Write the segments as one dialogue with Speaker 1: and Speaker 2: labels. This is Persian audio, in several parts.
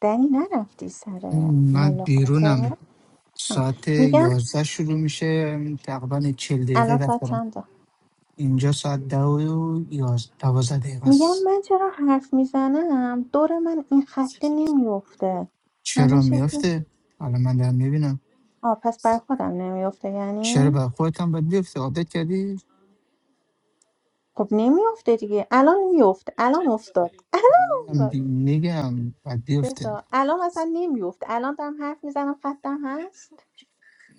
Speaker 1: دنی نرفتی سر
Speaker 2: من
Speaker 1: ملاقات
Speaker 2: بیرونم
Speaker 1: آه.
Speaker 2: ساعت
Speaker 1: میگم
Speaker 2: یازده شروع میشه تقریبا چل دقیقه
Speaker 1: الان
Speaker 2: وقت
Speaker 1: ساعت
Speaker 2: دارم
Speaker 1: چنده
Speaker 2: اینجا ساعت ده و یاز- دوازده دقیقه
Speaker 1: میگم
Speaker 2: است
Speaker 1: من چرا حرف میزنم دور من این خطه نمیفته
Speaker 2: چرا
Speaker 1: همش یه سری-
Speaker 2: میفته؟ حالا من دارم میبینم
Speaker 1: آه پس بر خودم نمیفته
Speaker 2: چرا
Speaker 1: یعنی
Speaker 2: برای خودت هم باید بیفته عادت کردی؟
Speaker 1: خب نمیفته دیگه الان میفته الان افتاد الان
Speaker 2: میگم
Speaker 1: افتاد
Speaker 2: دی- میگم باید بیفته
Speaker 1: بسا الان مثلا نمیفته الان دارم حرف میزنم خطم هست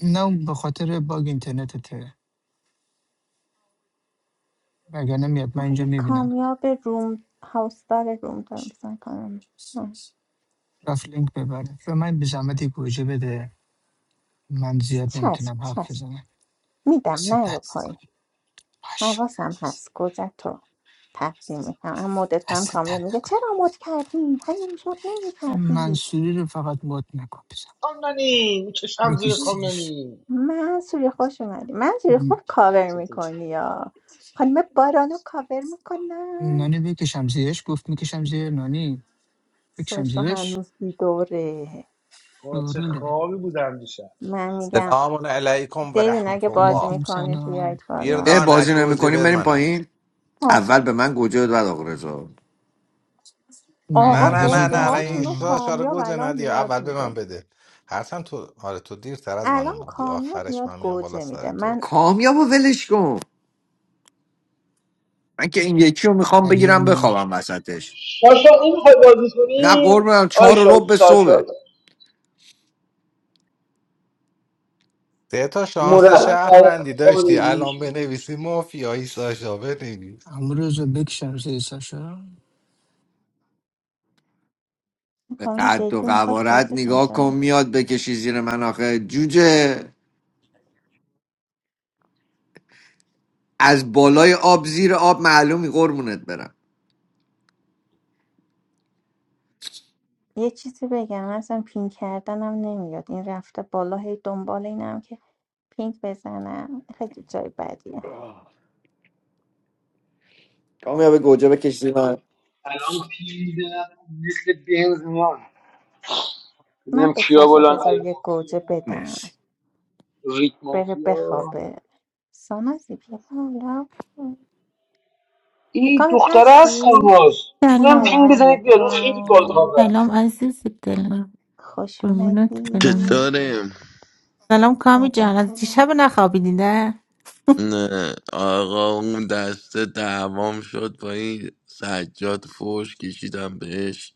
Speaker 2: نه اون به خاطر باگ اینترنتته وگرنه میاد من اینجا
Speaker 1: آقای
Speaker 2: میبینم
Speaker 1: کامیاب روم هاوسدار روم دارم مثلا کارم
Speaker 2: رفت لینک ببره و من به زحمتی گوجه بده من زیاد
Speaker 1: چسب
Speaker 2: نمیتونم حرف
Speaker 1: چسب
Speaker 2: بزنم
Speaker 1: میدم
Speaker 2: دست
Speaker 1: نه رو
Speaker 2: درد
Speaker 1: پای
Speaker 2: نکنه باش
Speaker 1: حواسم هست گوجه تو تقدیم میکنم اما مدت کنم
Speaker 2: دست
Speaker 1: کامیاب
Speaker 2: درد
Speaker 1: میگه
Speaker 2: نکنه
Speaker 1: چرا مد کردی هنوز مد نمیکردی
Speaker 2: منصوری رو فقط مد نکن بزن بکش زیرش
Speaker 1: منصوری خوش اومدی منصوری
Speaker 2: م.
Speaker 1: خوب کاور میکنی یا خانم بارانو کاور میکنم
Speaker 2: نانی بکشم زیرش گفت میکشم زیر نانی بکشم
Speaker 1: سوشو
Speaker 2: زیرش
Speaker 1: هنوز بیدوره
Speaker 2: شوروله
Speaker 1: من میگم
Speaker 3: سلام علیکم و
Speaker 1: دیوین اگه
Speaker 3: رحمت
Speaker 1: بازی
Speaker 3: الله
Speaker 2: علیکم
Speaker 1: میکنید
Speaker 2: سلام
Speaker 1: بیایید بالا
Speaker 4: اه
Speaker 3: بیردان
Speaker 4: بازی
Speaker 3: گوجه
Speaker 4: نمیکنیم بریم
Speaker 3: ورمنه
Speaker 4: پایین
Speaker 1: پس
Speaker 4: اول به من گوجه و بعد آقرزا
Speaker 3: نه
Speaker 1: آقا
Speaker 3: نه
Speaker 2: نیومده
Speaker 3: نه
Speaker 2: زود
Speaker 1: گوجه
Speaker 3: نه نه
Speaker 2: نخونه
Speaker 3: این
Speaker 1: هاتون رو
Speaker 2: رو
Speaker 3: شا شاره
Speaker 1: کامیاب
Speaker 3: گوجه
Speaker 1: الان
Speaker 3: ندی
Speaker 1: میاد
Speaker 3: اول به من
Speaker 1: میده
Speaker 3: بده هرچند تو آره تو دیرتر از من
Speaker 1: الان
Speaker 3: اومدی
Speaker 1: کامیاب
Speaker 3: آخرش
Speaker 1: میاد
Speaker 3: من میام بالا
Speaker 1: گوجه
Speaker 3: سر
Speaker 1: میده
Speaker 3: تو
Speaker 1: من
Speaker 4: کامیاب و ولش کن من که این یکی رو میخوام بگیرم
Speaker 2: ردیانی
Speaker 4: بخوابم وسطش
Speaker 5: ساشا این میخوای بازی
Speaker 4: نه
Speaker 5: کنی
Speaker 4: قربونم
Speaker 5: آی
Speaker 4: چهار و رب
Speaker 5: شا-
Speaker 4: صبح
Speaker 5: ساشا
Speaker 3: سه تا شانس
Speaker 5: مرخص
Speaker 1: بیایید بالا
Speaker 3: شهروندی
Speaker 5: خواب
Speaker 3: داشتی الان
Speaker 5: میشه
Speaker 3: بنویسی مافیایی ساشا بنویس
Speaker 2: امروز رو بکشم زیر ساشا
Speaker 1: این
Speaker 4: به
Speaker 1: خانم
Speaker 4: قد و
Speaker 1: دلجو میخواست
Speaker 4: قوارت
Speaker 1: بازی کنه
Speaker 4: نگاه
Speaker 1: چرا
Speaker 4: کن میاد بکشی زیر من آخه جوجه از بالای آب زیر آب معلومی قربونت برم
Speaker 1: یه چیزی بگم من اصلا پین کردنم نمیاد این رفته بالا هی دنبال اینم که پینک بزنم خیلی جای بدیه
Speaker 4: کامیاب گوجه بکش زیر من
Speaker 5: الان پی میدم مثل بنز میان
Speaker 1: من
Speaker 5: ببینم
Speaker 1: به
Speaker 5: کیا
Speaker 1: ساشا
Speaker 5: بلان
Speaker 1: بذار یه گوجه
Speaker 5: المافیا
Speaker 1: بدم
Speaker 4: مرسی
Speaker 5: ریت
Speaker 1: بره
Speaker 5: مافیا
Speaker 1: بخوابه سانازی بیا بالا
Speaker 5: این
Speaker 1: کام
Speaker 5: دختره هست
Speaker 1: پستی؟
Speaker 5: ساناز اونم
Speaker 6: سلام
Speaker 1: سلام
Speaker 5: پینگ بزنید بیاد اون خیلی گل
Speaker 1: علیکم
Speaker 5: کاوه
Speaker 6: سلام عزیز دلم
Speaker 1: خوش
Speaker 6: قربونت بدم
Speaker 1: اومدی
Speaker 7: چطوریم؟
Speaker 6: سلام کامی جان از
Speaker 1: عداتم
Speaker 6: دیشب نخوابیدی نه
Speaker 7: نه آقا اون دسته دعوام شد با این سجاد فوش کشیدم بهش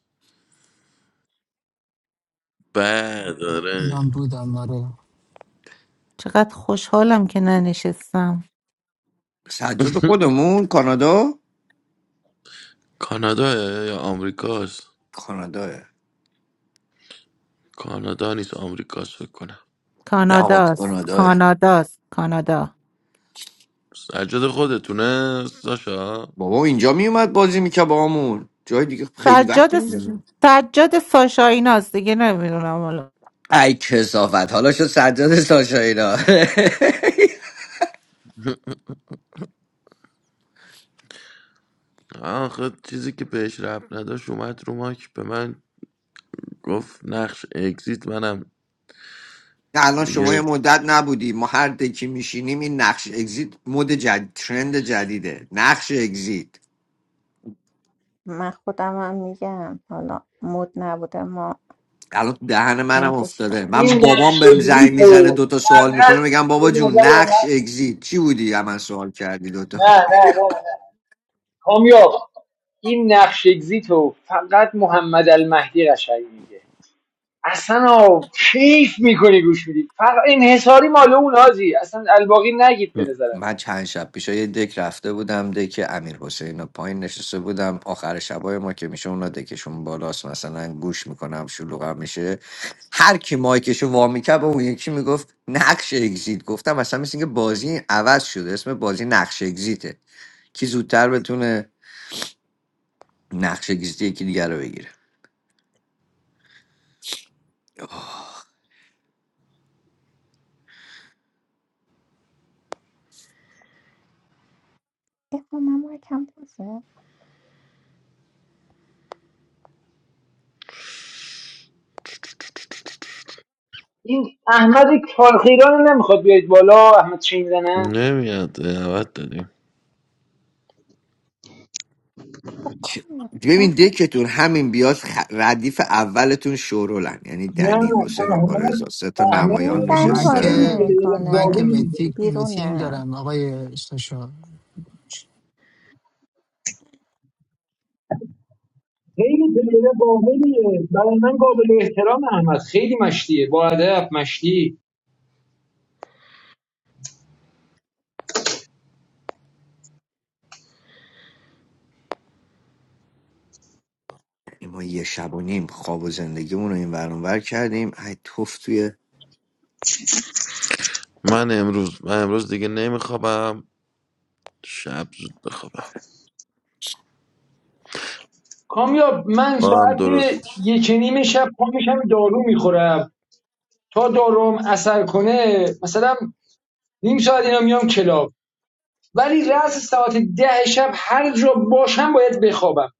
Speaker 7: بعد آره
Speaker 2: من بودم آره
Speaker 6: چقدر خوشحالم که ننشستم
Speaker 4: سجاد خودمون کانادا
Speaker 7: کانادا یا آمریکاست
Speaker 4: کاناداه
Speaker 7: کانادا نیست آمریکاست فکر کنم
Speaker 4: نه آقا
Speaker 6: کاناداست
Speaker 4: کاناداه
Speaker 6: کاناداست کانادا
Speaker 7: سجاد خودتونه ساشا
Speaker 4: بابا اینجا میومد بازی میکرد باهامون جای دیگه خیلی
Speaker 6: سجاد
Speaker 4: وقت میشه
Speaker 7: مم.
Speaker 6: سجاد ساشا ایناست دیگه نمیدونم حالا
Speaker 4: ای کسافت حالا شد سجاد ساشا اینا
Speaker 7: آخه چیزی که بهش رب نداشت اومد رو ماک به من گفت نقش اگزیت منم
Speaker 4: الان شما یه
Speaker 7: دیگه
Speaker 4: مدت نبودی ما هر دکی میشینیم این نقش اگزییت مد جدید ترند جدیده نقش اگزییت
Speaker 1: من خودم هم میگم حالا مود نبوده ما
Speaker 4: الان تو دهن منم
Speaker 1: مودش
Speaker 4: افتاده
Speaker 1: کرده
Speaker 4: من
Speaker 5: این
Speaker 1: بودی
Speaker 4: بابام بهم زنگ
Speaker 5: نقشزی
Speaker 4: میزنه
Speaker 5: تو
Speaker 4: دوتا سوال
Speaker 5: فقط
Speaker 4: میکنه میگم
Speaker 5: به
Speaker 4: بابا جون
Speaker 5: نظر
Speaker 4: نقش
Speaker 5: من
Speaker 4: اگزییت چی بودی از من سوال کردی دوتا
Speaker 5: نه نه نه نه کامیاب این نقش اگزیتو فقط محمد المهدی قشنگ میگه اصلا آه، کیف میکنی گوش میدی فقط انحصاری مال اون حاجی اصلا الباقی نگید به نظر من
Speaker 4: من چند شب پیش یه دک رفته بودم دک امیر حسین و پایین نشسته بودم آخر شبای ما که میشه اونا دکشون بالاست مثلا گوش میکنم شلوغم میشه هر کی مایکشو وا میکرد به اون یکی میگفت نقش اگزییت گفتم اصلا مثل اینکه بازی عوض شده اسم بازی نقش اگزییته کی زودتر بتونه نقش اگزییت یکی دیگر رو بگیره
Speaker 1: افهمم رو کم بازه
Speaker 5: این احمد کارخیران نمیخواد بیاید بالا احمد چین زنم
Speaker 7: نمیاد دعوت دادیم
Speaker 1: با
Speaker 4: چه-
Speaker 1: کار
Speaker 4: ببین
Speaker 1: رخون
Speaker 4: دکتون همین بیاد خ- ردیف اولتون شورولن یعنی
Speaker 5: نه
Speaker 4: دنی حسین
Speaker 5: نه،
Speaker 4: آقا رضا سه تا
Speaker 5: احمد
Speaker 1: این
Speaker 4: نمایان
Speaker 5: من
Speaker 1: دنی
Speaker 2: من
Speaker 1: بازی
Speaker 4: نشستن
Speaker 5: خیلی
Speaker 2: که
Speaker 5: پلیر
Speaker 2: من که
Speaker 5: قابلی
Speaker 1: نمیکنه
Speaker 5: میدونه
Speaker 2: متی- متینگ
Speaker 1: بیرونه
Speaker 2: دارم آقای ساشا
Speaker 5: خیلی پلیر قابلیه برای من قابل احترام احمد خیلی مشتیه با ادب مشتی
Speaker 4: ما یه شب و نیم خواب و زندگیمون رو این ور اون ور کردیم ای توف توی
Speaker 7: من امروز من امروز دیگه نمیخوابم شب زود بخوابم
Speaker 5: کامیاب من
Speaker 7: ما هم
Speaker 5: ساعت
Speaker 7: درست
Speaker 5: یک و نیم شب پا میشم دارو میخورم تا داروم اثر کنه مثلا نیم ساعت اینا میام کلاب ولی رأس ساعت ده شب هر جا باشم باید بخوابم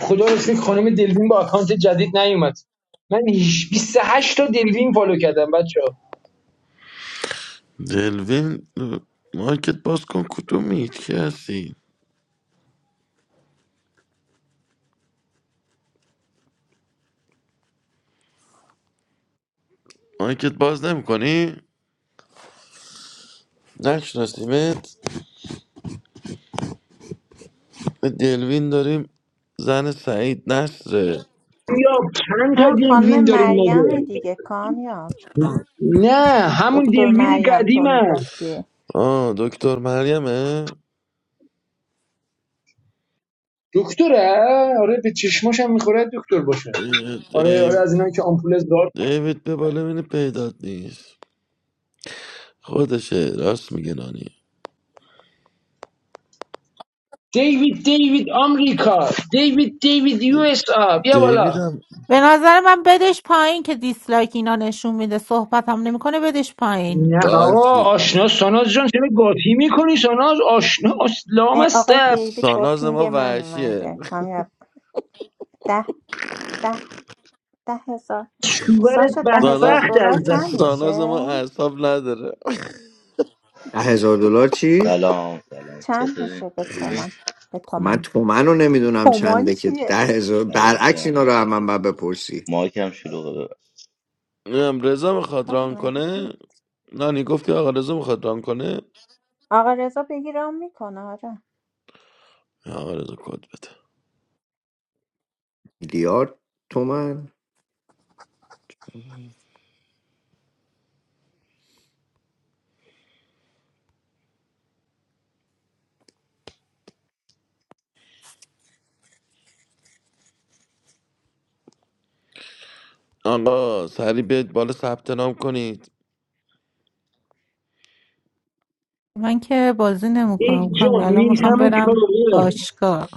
Speaker 5: خدا رو شکر خانم دلوین با اکانت جدید نیومد من هیچ- 28 تا دلوین فالو کردم بچه
Speaker 7: دلوین مایکت باز کن کدومی که هستی مایکت باز نمیکنی نشناسیمت به دلوین داریم زن سعید نصره
Speaker 5: یا چند تا
Speaker 1: هم خانم
Speaker 5: دلوین داریم
Speaker 1: مریم
Speaker 5: مگه
Speaker 1: دیگه کامیاب
Speaker 5: نه همون
Speaker 1: دکتر
Speaker 5: دلوین
Speaker 1: مریم تو
Speaker 5: قدیمه
Speaker 1: میگفتی
Speaker 7: آه دکتر مریمه
Speaker 5: دکتره آره به چشماشم میخوره دکتر باشه
Speaker 7: اه،
Speaker 5: آره آره
Speaker 7: دیو
Speaker 5: از اینا که آمپول دار
Speaker 7: دیوید به بالا مینه پیدات نیست خودشه راست میگه نانی
Speaker 5: دیوید دیوید آمریکا دیوید دیوید یو اس آ بیا بالا
Speaker 7: دیوید هم
Speaker 6: به نظر من بدش پایین که دیسلایک اینا نشون میده صحبت هم نمیکنه بدش پایین
Speaker 5: نه
Speaker 7: آه،
Speaker 5: آقا آشنا ساناز جان چرا قاطی میکنی ساناز آشنا اسلام
Speaker 1: اه،
Speaker 5: است
Speaker 1: آقای دیوید با
Speaker 7: ساناز
Speaker 1: پینگ
Speaker 7: ما
Speaker 1: من
Speaker 7: وحشیه
Speaker 1: اومده کامیاب ده ده ده هزار
Speaker 5: شوورت
Speaker 1: ساشا ده هزار
Speaker 7: ساناز,
Speaker 5: بدبخت از
Speaker 1: دلار
Speaker 5: دست
Speaker 1: چند
Speaker 7: ساناز
Speaker 1: میشه؟
Speaker 7: ما اعصاب نداره
Speaker 4: ده هزار دلار چی
Speaker 1: چند میشه به تومان
Speaker 8: Assalamualaikum.
Speaker 1: به
Speaker 4: خب
Speaker 1: تومن
Speaker 4: من تومن رو نمیدونم
Speaker 1: تومان
Speaker 4: چنده که ده
Speaker 1: چیه؟
Speaker 4: هزار برعکس اینا رو هم من باید بپرسی
Speaker 8: Maik hamshiloga be.
Speaker 7: نمیدونم رضا میخواد
Speaker 1: کاش
Speaker 7: ران
Speaker 1: اومدید بود.
Speaker 7: کنه نانی گفتی آقا رضا میخواد ران کنه
Speaker 1: آقا رضا بگیرم میکنه آره
Speaker 7: آقا رضا کد بده
Speaker 4: میلیارد تومن
Speaker 7: آقا سری بیاید بالا ثبت نام کنید
Speaker 6: من که بازی نمیکنم
Speaker 5: ای
Speaker 6: کامی
Speaker 5: جان
Speaker 6: الان میخوام
Speaker 5: میسم
Speaker 6: برم
Speaker 5: کاوه
Speaker 6: باشگاه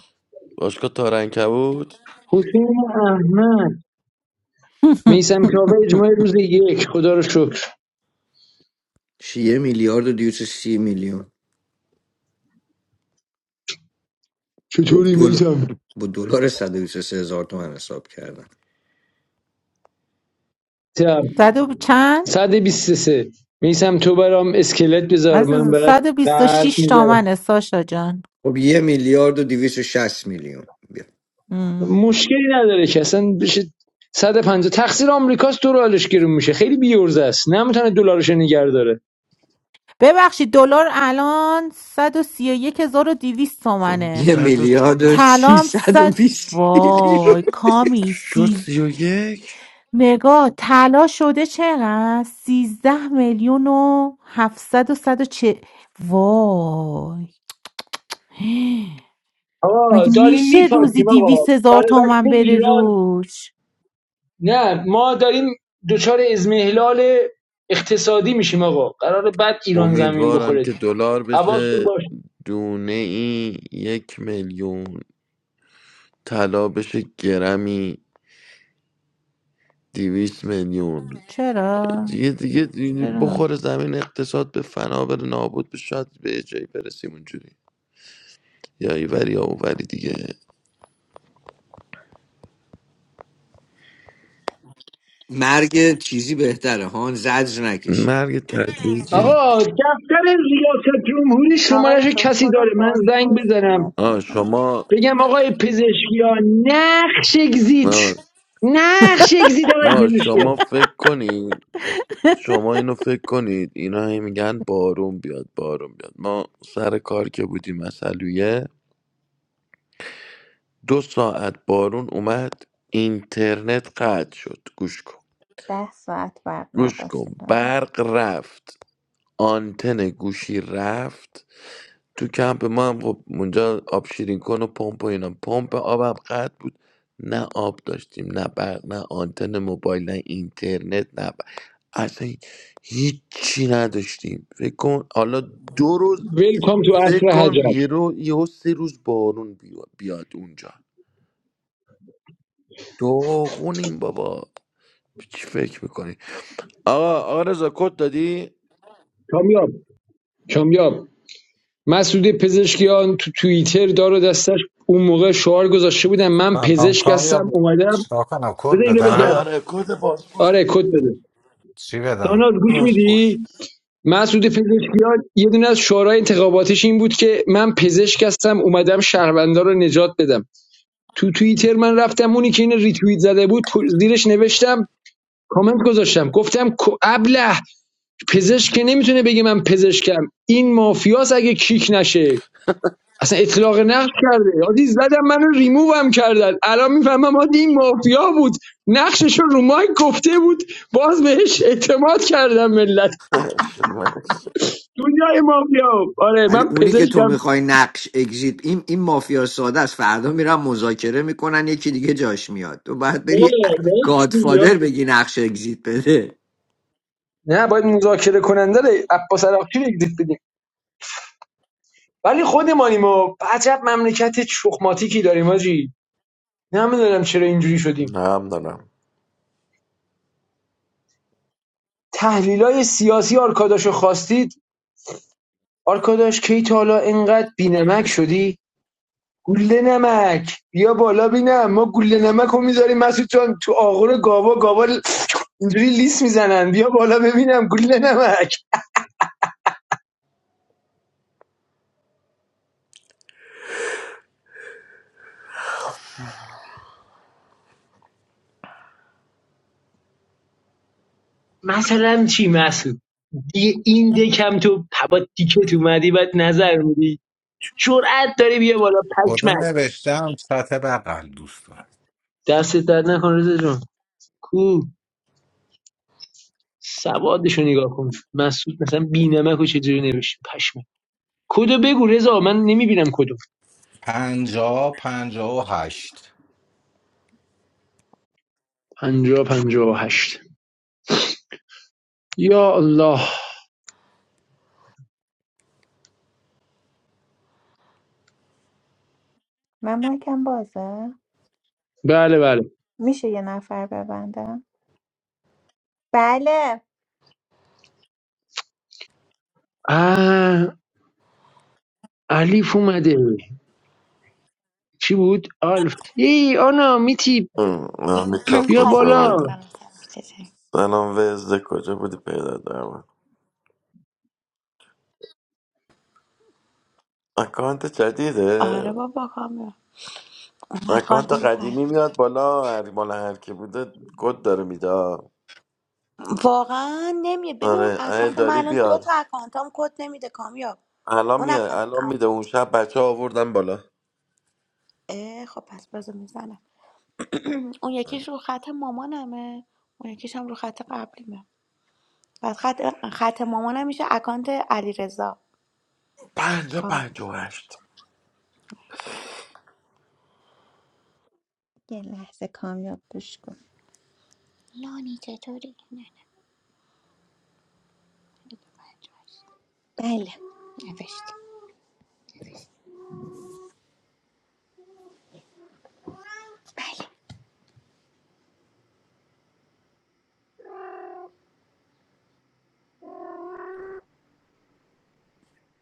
Speaker 7: باشگاه تارنکه بود
Speaker 5: حسین احمد میسم کاوه اجماع روز یک خدا رو شکر
Speaker 4: شیه میلیارد و دیوت سی میلیون
Speaker 5: چطوری
Speaker 4: دل...
Speaker 5: میسم
Speaker 4: با دلار 123 هزار تومن حساب کردم
Speaker 5: تب
Speaker 6: صد و چند
Speaker 5: 123 میسم تو برام اسکلت بذار من
Speaker 6: عزیزم
Speaker 5: برات قلب
Speaker 6: 126
Speaker 5: میذارم
Speaker 6: تومنه ساشا جان
Speaker 4: خب یه میلیارد و 260 میلیون بیا.
Speaker 6: مم.
Speaker 5: مشکلی نداره که اصلا بشه صد و پنجاه تقصیر آمریکاست دلارش گرون میشه خیلی بیورزه است نمیتونه دلارش رو نگه داره
Speaker 6: ببخشید دلار الان 131200
Speaker 4: خب
Speaker 6: تومنه
Speaker 4: یه
Speaker 7: صد و
Speaker 4: میلیارد و
Speaker 6: طلا هم 100
Speaker 4: 320 میلیون
Speaker 6: وای کامی
Speaker 7: شد
Speaker 6: سیز
Speaker 7: سی و یک
Speaker 6: نگاه طلا شده چقدر 13 میلیون و 700 و 140 وای
Speaker 5: آقا
Speaker 6: مگه
Speaker 5: داریم
Speaker 6: میشه روزی
Speaker 5: میپاتیم آقا
Speaker 6: دویست هزار
Speaker 5: برای وقت
Speaker 6: تومن بره
Speaker 5: ایران
Speaker 6: روش
Speaker 5: نه ما داریم دچار ازمهلال اقتصادی میشیم آقا قرار بعد ایران زمین
Speaker 7: امیدوارم
Speaker 5: بخوره
Speaker 7: که دلار
Speaker 5: حواستون
Speaker 7: بشه
Speaker 5: باشه
Speaker 7: دونه ای یک میلیون طلا بشه گرمی دویست میلیون
Speaker 6: چرا
Speaker 7: دیگه دیگه دیگه
Speaker 6: چرا
Speaker 7: بخور زمین اقتصاد به فنا بره نابود بشه شاید به یه جایی برسیم اونجوری یا ایوری یا اووری دیگه
Speaker 4: مرگ چیزی بهتره هان زجر نکشی
Speaker 7: مرگ تدریجی
Speaker 5: آقا دفتر ریاست جمهوری
Speaker 1: آقا
Speaker 5: شمارش
Speaker 1: رضا
Speaker 5: کسی
Speaker 1: کد
Speaker 5: داره من زنگ
Speaker 1: بازپرس به
Speaker 5: بزنم
Speaker 1: نظر
Speaker 7: آه
Speaker 1: هم بگیر
Speaker 7: شما
Speaker 5: بگم آقای پزشکی ها نقش اگزیت
Speaker 7: آه,
Speaker 5: نقش اگزیت آقای
Speaker 7: آه
Speaker 5: پزشکی ها
Speaker 7: شما فکر کنید شما اینو فکر کنید اینا هی میگن بارون بیاد بارون بیاد ما سر کار که بودیم مسئلویه دو ساعت بارون اومد اینترنت قطع شد گوش کن
Speaker 1: ده ساعت وقت
Speaker 7: گوش
Speaker 1: نداشته
Speaker 7: کن
Speaker 1: دارم
Speaker 7: برق رفت آنتن گوشی رفت تو کمپ ما هم خب اونجا آب شیرین کن و پمپ و اینا پمپ آبم قطع بود نه آب داشتیم نه برق نه آنتن موبایل نه اینترنت نه ب... اصلا هیچی نداشتیم فکر کن حالا دو روز
Speaker 5: ویلکام تو
Speaker 7: فکر
Speaker 5: اصر حجر
Speaker 7: کن یه رو یه سه روز بارون بیا- بیاد اونجا داغونیم بابا چی فکر میکنی آقا آقا رضا کد دادی
Speaker 5: کامیاب کامیاب مسعود پزشکیان تو توییتر داره دستش اون موقع شعار گذاشته بودن من
Speaker 3: سلام
Speaker 5: پزشک هستم
Speaker 3: کامیاب
Speaker 5: اومدم
Speaker 3: چرا کنم کد
Speaker 5: بده اینو
Speaker 7: آره
Speaker 5: بگم
Speaker 3: بدم
Speaker 7: آره کد پاسپورت
Speaker 5: آره کد بده
Speaker 3: چی بدم
Speaker 5: داناز گوش
Speaker 7: پاسپورت
Speaker 5: میدی مسعود پزشکیان یه دونه از شعارهای انتخاباتش این بود که من پزشک هستم اومدم شهروندا رو نجات بدم تو توییتر من رفتم اونی که این ریتوییت زده بود زیرش نوشتم کامنت گذاشتم گفتم کو- ابله پزشک که نمیتونه بگه من پزشکم این مافیاس اگه کیک نشه اصلا اطلاق نقش کرده یادی زدم منو ریموو هم کردن الان میفهمم آدی این مافیا بود نقشش رو رو مایک گفته بود باز بهش اعتماد کردم ملت دنیای مافیا آره
Speaker 4: ولی
Speaker 5: من
Speaker 4: اونی که تو
Speaker 5: پزشکم
Speaker 4: میخوای نقش اگزیت این این مافیا ساده است فردا میرن مذاکره میکنن یکی دیگه جاش میاد تو باید
Speaker 5: نه
Speaker 4: بری گادفادر بگی نقش اگزیت بده
Speaker 5: باید مذاکره کننده رو عباس عراقچی رو اگزییت بدیم ولی خودمانیم ما عجب مملکت چخماتیکی داریم آجی نمیدونم چرا اینجوری شدیم
Speaker 7: نه هم دارم
Speaker 5: تحلیلای سیاسی آرکاداشو خواستید آرکاداش کی تا حالا اینقدر بینمک شدی گوله نمک بیا بالا بینم ما گوله نمک رو میذاریم مسعود جان تو آغور گاوا گاوا ل- اینجوری لیس میزنن بیا بالا ببینم گوله نمک مثلا چی مسعود دیگه این دکم تو با تیکت اومدی بعد نظر میدی جرأت داری بیا بالا
Speaker 3: کد
Speaker 5: پشمک
Speaker 3: نوشتم سطح بغل دوستان
Speaker 5: دست درد نکن رضا جان کو سوادشو نگاه کن مسعود مثلا بینمک رو چجوری نوشت پشمک کدو بگو رضا من نمیبینم کدو
Speaker 3: پنجاه پنجاه و هشت
Speaker 5: پنجاه پنجا هشت یا الله
Speaker 1: من مایکم بازه
Speaker 5: بله بله
Speaker 1: میشه یه نفر ببندم بله
Speaker 5: اه الیف اومده چی بود آلف. ای آنا میتی
Speaker 7: ام، همینطور
Speaker 9: سلام
Speaker 5: بیا
Speaker 7: خوش
Speaker 9: سلام
Speaker 5: بالا
Speaker 9: سلام
Speaker 7: آمده
Speaker 9: سلام چطوری
Speaker 7: سلام وزده کجا بودی پیدا دارم اکانت جدیده
Speaker 9: آره بابا کامل
Speaker 7: اکانت
Speaker 9: اکانتم پای
Speaker 7: قدیمی میاد بالا هر مال هر کی بوده کد داره میده
Speaker 9: واقعا نمیه ببین اون
Speaker 7: آره اه
Speaker 9: اکانت من
Speaker 7: داری
Speaker 9: الان دو تا
Speaker 7: بیار
Speaker 9: اکانتام کد نمیده کامیاب
Speaker 7: الان
Speaker 9: اون
Speaker 7: میاد
Speaker 9: اکانت
Speaker 7: الان
Speaker 9: اول-
Speaker 7: میده اون شب بچه ها آوردن بالا
Speaker 9: اه، خب پس بازو میزنم اون یکیش رو خط مامانمه اون یکیش هم رو خط قبلیمه بعد خط خط مامانم میشه اکانت علیرضا
Speaker 7: پنجا
Speaker 9: کامیاب
Speaker 7: پنجا و هشت
Speaker 1: یه لحظه کامیاب گوش کن
Speaker 9: نانی چطوری نه نه دیگه بچه‌هاش.
Speaker 1: بله
Speaker 9: نوشتی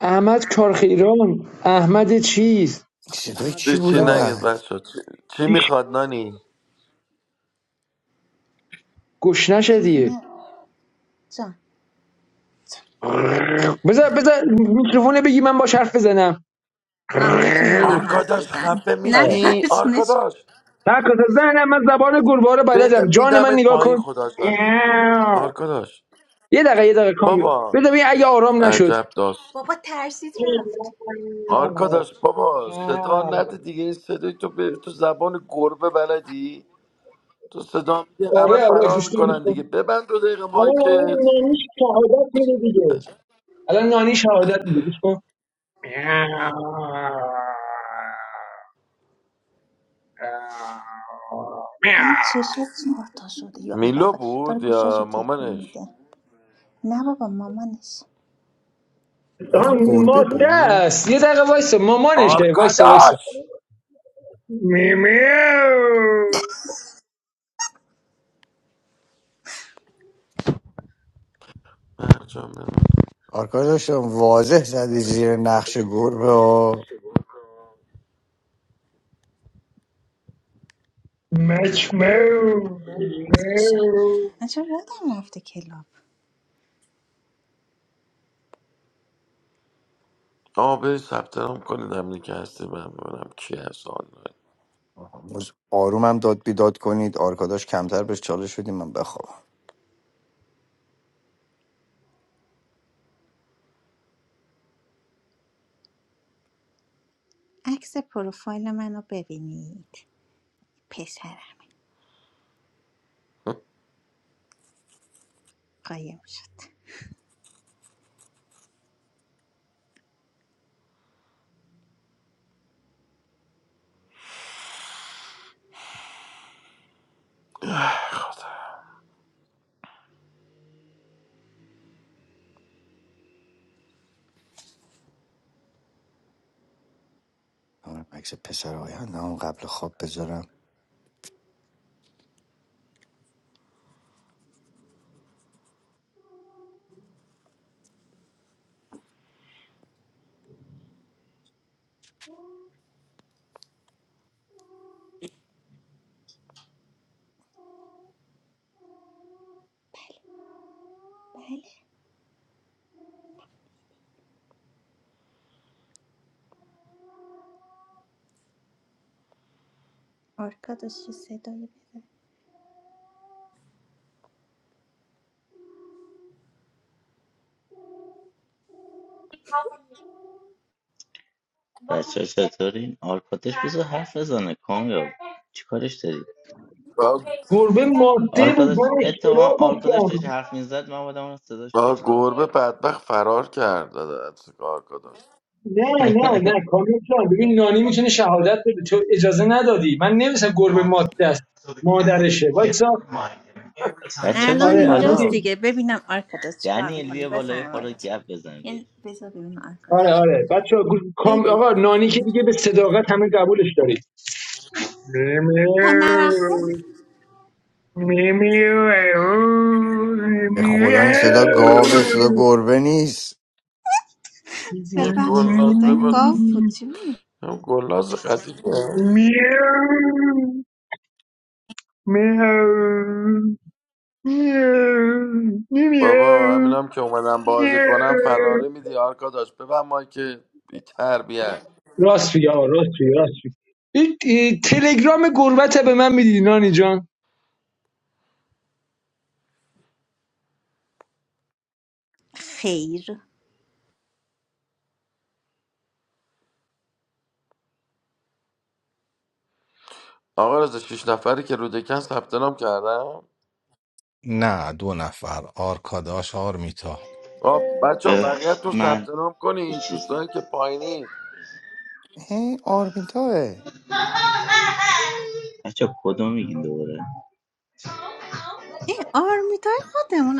Speaker 5: احمد کارخیران احمد چیز
Speaker 4: صدای چی
Speaker 7: چی
Speaker 5: احمد
Speaker 4: بود
Speaker 7: چی
Speaker 5: رضا
Speaker 7: نگید
Speaker 4: اومد
Speaker 7: بچه چی, چی
Speaker 5: ایش
Speaker 7: میخواد نانی
Speaker 5: گشنش
Speaker 1: چیزی
Speaker 5: دیگه
Speaker 1: نه جان
Speaker 5: بذار بذار میکروفونه بگی من با حرف بزنم
Speaker 1: آه میتونی الان حرف
Speaker 7: آرکاداش
Speaker 1: بزنی
Speaker 7: خفه
Speaker 1: نه
Speaker 5: آره
Speaker 7: میشی
Speaker 1: ترسونش
Speaker 7: آرکاداش
Speaker 5: تکات زنم من زبان گربه رو
Speaker 7: بد-
Speaker 5: بلدم جان من
Speaker 7: میدمت
Speaker 5: نگاه
Speaker 7: پایین
Speaker 5: کن
Speaker 7: خدا شد آرکاداش
Speaker 5: یه دقیقه یه دقیقه کام
Speaker 7: بابا
Speaker 5: بذار ببین اگه آرام نشد
Speaker 7: عجب
Speaker 1: بابا ترسید رفت
Speaker 7: آرکاداش بابا صدا نده دیگه این صدای تو به تو زبان گربه بلدی تو صدا میدی همه
Speaker 5: آره آره
Speaker 7: فرار
Speaker 5: گوش کن گوش
Speaker 7: میکنن دیگه
Speaker 5: کن
Speaker 7: ببند دو دقیقه مایکت
Speaker 5: شهادت میده دیگه الان نانی شهادت میده گوش کن
Speaker 1: من چشم چهار تا شده یا اول
Speaker 7: میلو
Speaker 1: داره
Speaker 7: بود
Speaker 1: گوشاشو
Speaker 7: یا
Speaker 1: تکون
Speaker 7: مامانش
Speaker 1: میده نه بابا مامانش
Speaker 4: آه،
Speaker 5: آها،
Speaker 4: این گربه
Speaker 5: ماده
Speaker 4: بود
Speaker 5: است یه دقیقه وایسه مامانشه وایسه وایسه
Speaker 7: آرکاداش مرجان بمن
Speaker 4: آرکار داشتم واضح زدی زیر نقش گربه ها.
Speaker 1: شه. من چرا یادم رفته کلاب
Speaker 7: آه برید ثبت نام کنید هم که هستی من ببینم کی هست آنلاین
Speaker 4: امروز آرومم داد بیداد کنید آرکاداش کمتر بهش چالش شدیم من بخوابم
Speaker 1: عکس پروفایل منو ببینید پسرم قایم شد
Speaker 4: دارم عکس پسر آینده هم قبل خواب بذارم
Speaker 1: بله آرکادوس چه صدایی بده
Speaker 8: Acha acha tarin. Arkadaş bize her fazane. Khamga. Çikarış tarin.
Speaker 7: آه
Speaker 5: گربه ماده بود
Speaker 8: Arkadaş
Speaker 5: من
Speaker 8: ettevan.
Speaker 5: اشتباه
Speaker 8: Arkadaş da
Speaker 5: گفتم
Speaker 8: şahminzat. Ma adamı
Speaker 7: آه،
Speaker 8: sadaşbiş tam.
Speaker 7: گربه بدبخت فرار کرد از آرکاداش
Speaker 5: نه نه نه کامیون جان ببین نانی میتونه شهادت بده تو اجازه ندادی من نمی‌دونستم گربه ماده است مادرشه وایسا
Speaker 8: Acha
Speaker 1: الان
Speaker 8: bii
Speaker 5: آره
Speaker 1: اینجاست
Speaker 8: bala.
Speaker 5: عمودی
Speaker 1: دیگه ببینم آرکادوس چیکار
Speaker 8: Diani
Speaker 1: میکنی
Speaker 8: Elvia bala.
Speaker 1: بفرمایید
Speaker 8: Yaxshim.
Speaker 1: یه بذار ببینم
Speaker 5: آره
Speaker 1: آرکادوس
Speaker 5: آره بچه ها کام
Speaker 1: بگو
Speaker 5: آقا نانی که دیگه به صداقت همه قبولش دارید
Speaker 1: تا
Speaker 5: میمیو
Speaker 1: نرفته
Speaker 5: میمیو
Speaker 4: به خدا این صدا گاوه صدا گربه نیست
Speaker 7: این
Speaker 1: ببخشید
Speaker 7: گلناز
Speaker 1: صدا این
Speaker 7: ببین
Speaker 1: گاو بود چی بود
Speaker 7: این گلناز خطیبه بابا همینم که اومدم بازی کنم فراری میدی آرکا داشت ببن مایک که بی تربیت
Speaker 5: راست میگه آقا راست میگه راست میگه این این تلگرام گربت به من میدی نانی جان
Speaker 1: خیر
Speaker 7: آقا رضا شیش نفری که رودکن ثبت نام کردم
Speaker 3: نه دو نفر آرکاداش آرمیتا
Speaker 7: بچه ها بقیه تو ثبت نام کنید
Speaker 8: Kuchizni.
Speaker 7: دوستانی که پایینید
Speaker 4: این آرمیتاه
Speaker 8: Acha kodam ikin doira.
Speaker 1: این آرمیتای خودمون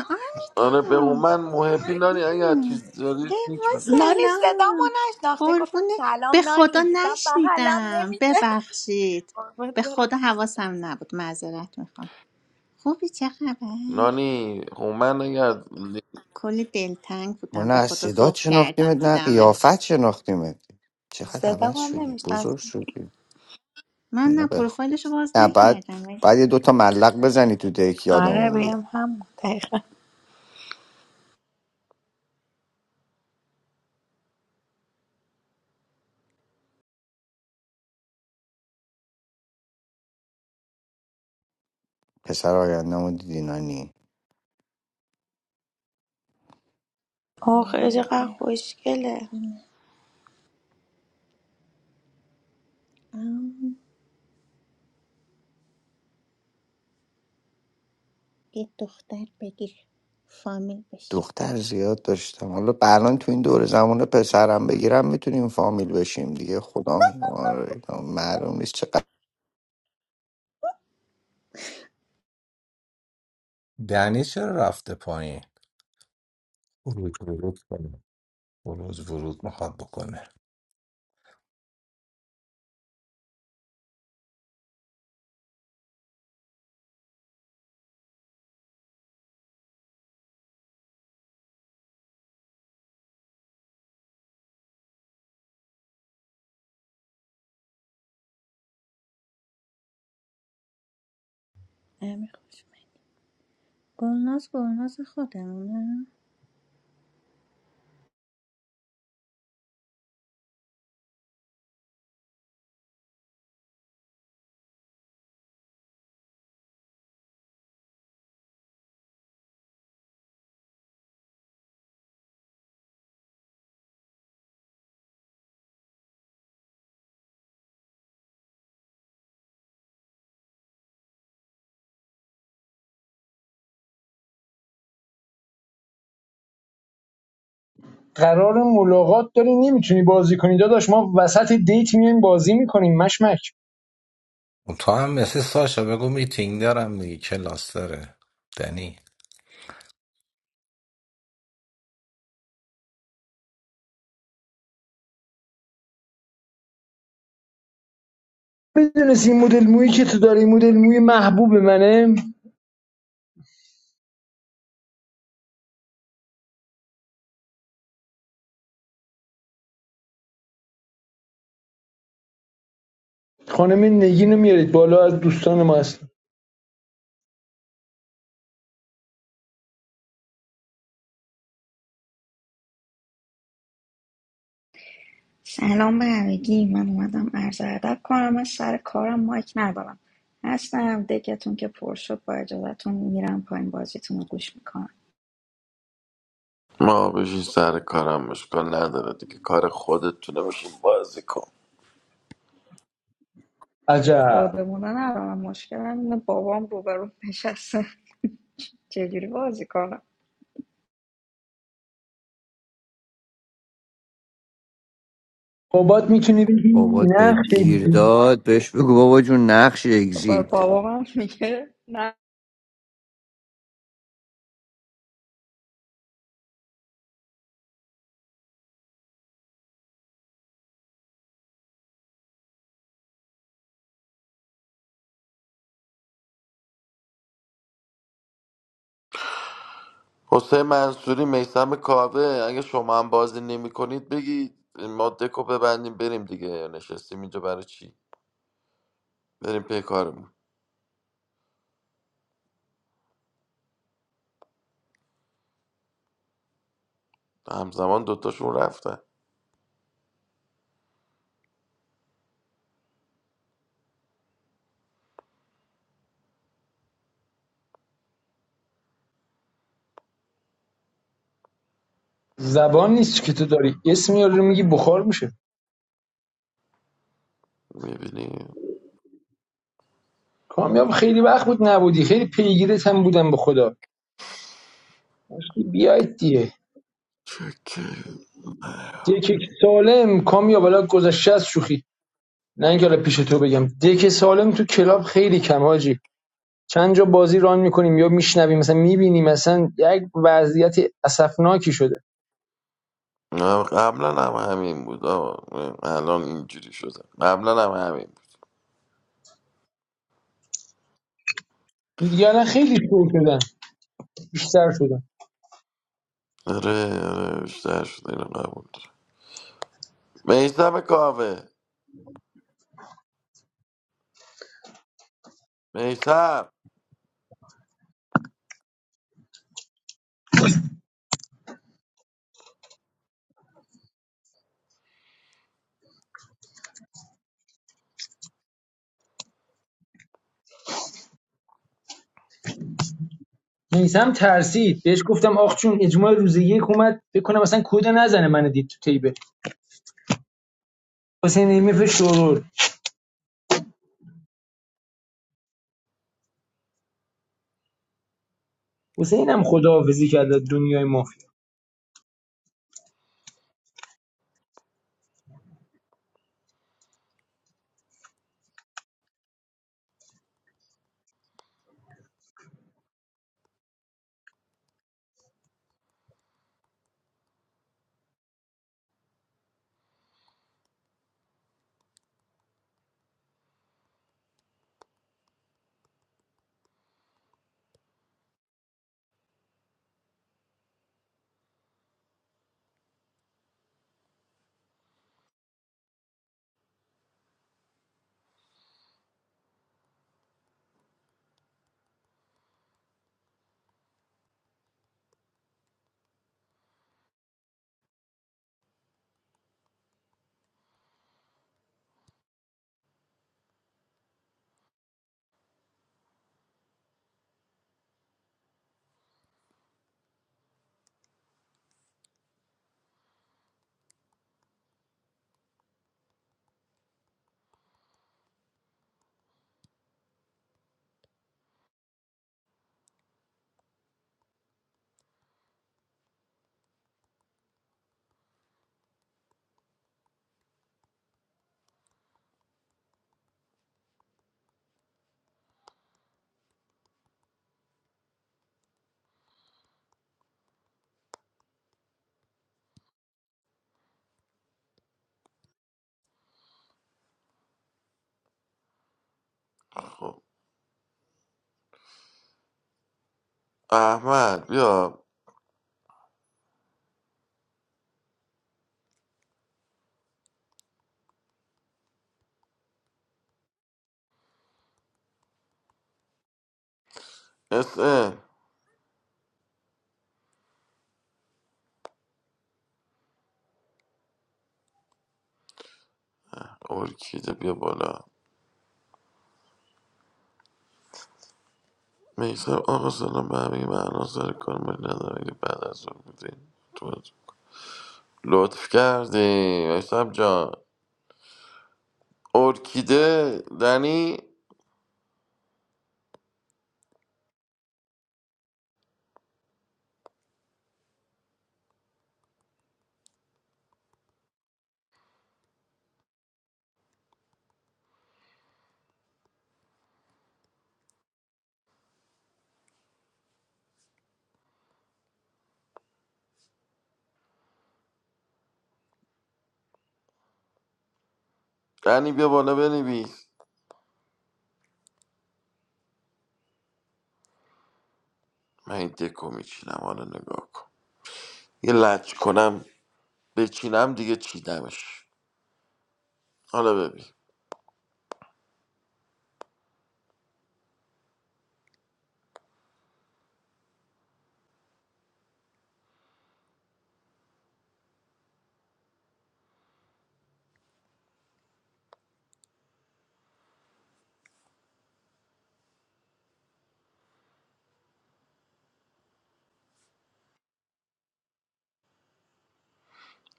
Speaker 7: آره به
Speaker 1: آرمیتا
Speaker 7: هومن محبی نانی اگر چیز دارید
Speaker 1: ای
Speaker 7: لینک
Speaker 1: وای
Speaker 7: بده.
Speaker 9: نانی صدامو
Speaker 1: سلام
Speaker 9: نشناخته گفتم
Speaker 1: قربونه
Speaker 9: سلام
Speaker 1: به خدا
Speaker 9: نانی دیدم بغلم
Speaker 1: نشنیدم
Speaker 9: نمیشه
Speaker 1: ببخشید
Speaker 9: قربونت
Speaker 1: به
Speaker 9: برم
Speaker 1: خدا حواسم نبود معذرت میخوام خوبی چه خبر
Speaker 7: نانی هومن اگر
Speaker 1: کلی دلتنگ
Speaker 4: ما
Speaker 1: بودم
Speaker 4: نه
Speaker 1: به
Speaker 4: از
Speaker 1: خدا
Speaker 4: صدات
Speaker 1: ذوق کردم
Speaker 4: شناختیمت نه
Speaker 1: دیدمت
Speaker 4: قیافت شناختیمت چقدر
Speaker 9: صدام
Speaker 4: عوض
Speaker 9: هم
Speaker 4: شدی بزرگ
Speaker 9: نمیشنسی
Speaker 4: شدی
Speaker 1: من
Speaker 4: نه
Speaker 1: نه
Speaker 4: به
Speaker 1: پروفایلشو باز
Speaker 4: نه بعد
Speaker 1: نکردم ولی
Speaker 4: بعد یه دوتا ملق بزنی تو دک
Speaker 9: آره
Speaker 4: یادمون بیاد
Speaker 9: بیم هم دقیقا
Speaker 4: پسر آیندهمون دیدی نانی
Speaker 9: اوه
Speaker 1: آه،
Speaker 9: خیلی
Speaker 1: یه
Speaker 9: چقدر
Speaker 1: لحظه
Speaker 9: خوشگله
Speaker 1: ببینم. آه. یه دختر بگیر فامیل بشیم
Speaker 4: دختر زیاد داشتم حالا الان تو این دور زمان پسرم بگیرم میتونیم فامیل بشیم دیگه خدا آره، معلوم نیست چقدر
Speaker 3: دنی چرا رفته پایین ورود ورود کنه ورود ورود میخواد بکنه
Speaker 1: امیر خوشمند گلناز گلناز خودمونه
Speaker 5: قرار ملاقات داری نمیتونی بازی کنی داداش ما وسط دیت میایم بازی میکنیم مشمک
Speaker 3: اون تو هم مثل ساشا بگو میتینگ دارم دیگه کلاس داره دنی
Speaker 5: میدونستی این مدل مویی که تو داری مدل موی محبوب منه خانم نگین رو میارید بالا از دوستان ما هست
Speaker 10: سلام به همگی من اومدم عرض ادب کنم من سر کارم مایک ندارم هستم دکتون که پر شد با اجازهتون میرم پایین بازیتون رو گوش میکنم
Speaker 7: ما بشین سر کارم مشکل نداره دیگه کار خودتونه بشین بازی کن
Speaker 10: خود
Speaker 5: عجب
Speaker 10: بمونه ندارم مشکلم اینه بابام روبرو نشسته چجوری بازی کنم
Speaker 5: بابات میتونی بگی
Speaker 4: بابات به
Speaker 5: نقش
Speaker 4: گیر داد بهش بگو بابا جون نقش
Speaker 10: با-
Speaker 4: اگزیت
Speaker 10: بابام هم میگه نه
Speaker 7: حسین منصوری میسم کاوه اگه شما هم بازی نمی کنید بگید ما دکو ببندیم بریم دیگه نشستیم اینجا برای چی بریم پی کارمون همزمان دوتاشون رفتن
Speaker 5: زبان نیست که تو داری اسم یارو رو میگی بخار میشه
Speaker 7: میبینی
Speaker 5: کامیاب خیلی وقت بود نبودی خیلی پیگیرت هم بودم به خدا بیاید دیگه
Speaker 7: چکه
Speaker 5: یک سالم کامیاب حالا گذشته از شوخی نه اینکه حالا پیش تو بگم دک سالم تو کلاب خیلی کم حاجی چند جا بازی ران میکنیم یا میشنویم مثلا میبینیم مثلا یک وضعیت اسفناکی شده
Speaker 7: نه، قبلا هم همین بود آقا. الان اینجوری شده قبلا هم همین بود
Speaker 5: دیگه خیلی شور شدن بیشتر شدن
Speaker 7: آره آره بیشتر شده اینو قبول دارم. میسم کاوه میسم
Speaker 5: میسم ترسید بهش گفتم آخ چون اجماع روز یک اومد بکنم مثلا کد نزنه من دید تو تیبه حسین ایمیف شورور حسین هم خداحافظی کرد از دنیای مافیا
Speaker 7: خب احمد بیا اس ارکیده بیا بالا میسم آقا سلام به همه معنا سر کار ما ندارم اگه بعد از اون بودین تو از- لطف کردی میسم جان ارکیده دنی دنی بیا بالا بنویس من این دکو میچینم حالا نگاه کن یه لچ کنم بچینم دیگه چیدمش حالا ببین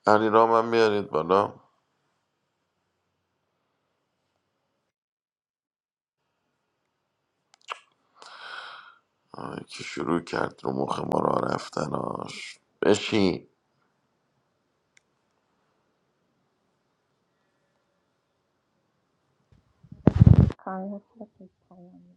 Speaker 7: علی رام هم بیارید بالا آه، که شروع کرد رو مخ ما را رفتناش بشین
Speaker 1: کار خودت پیام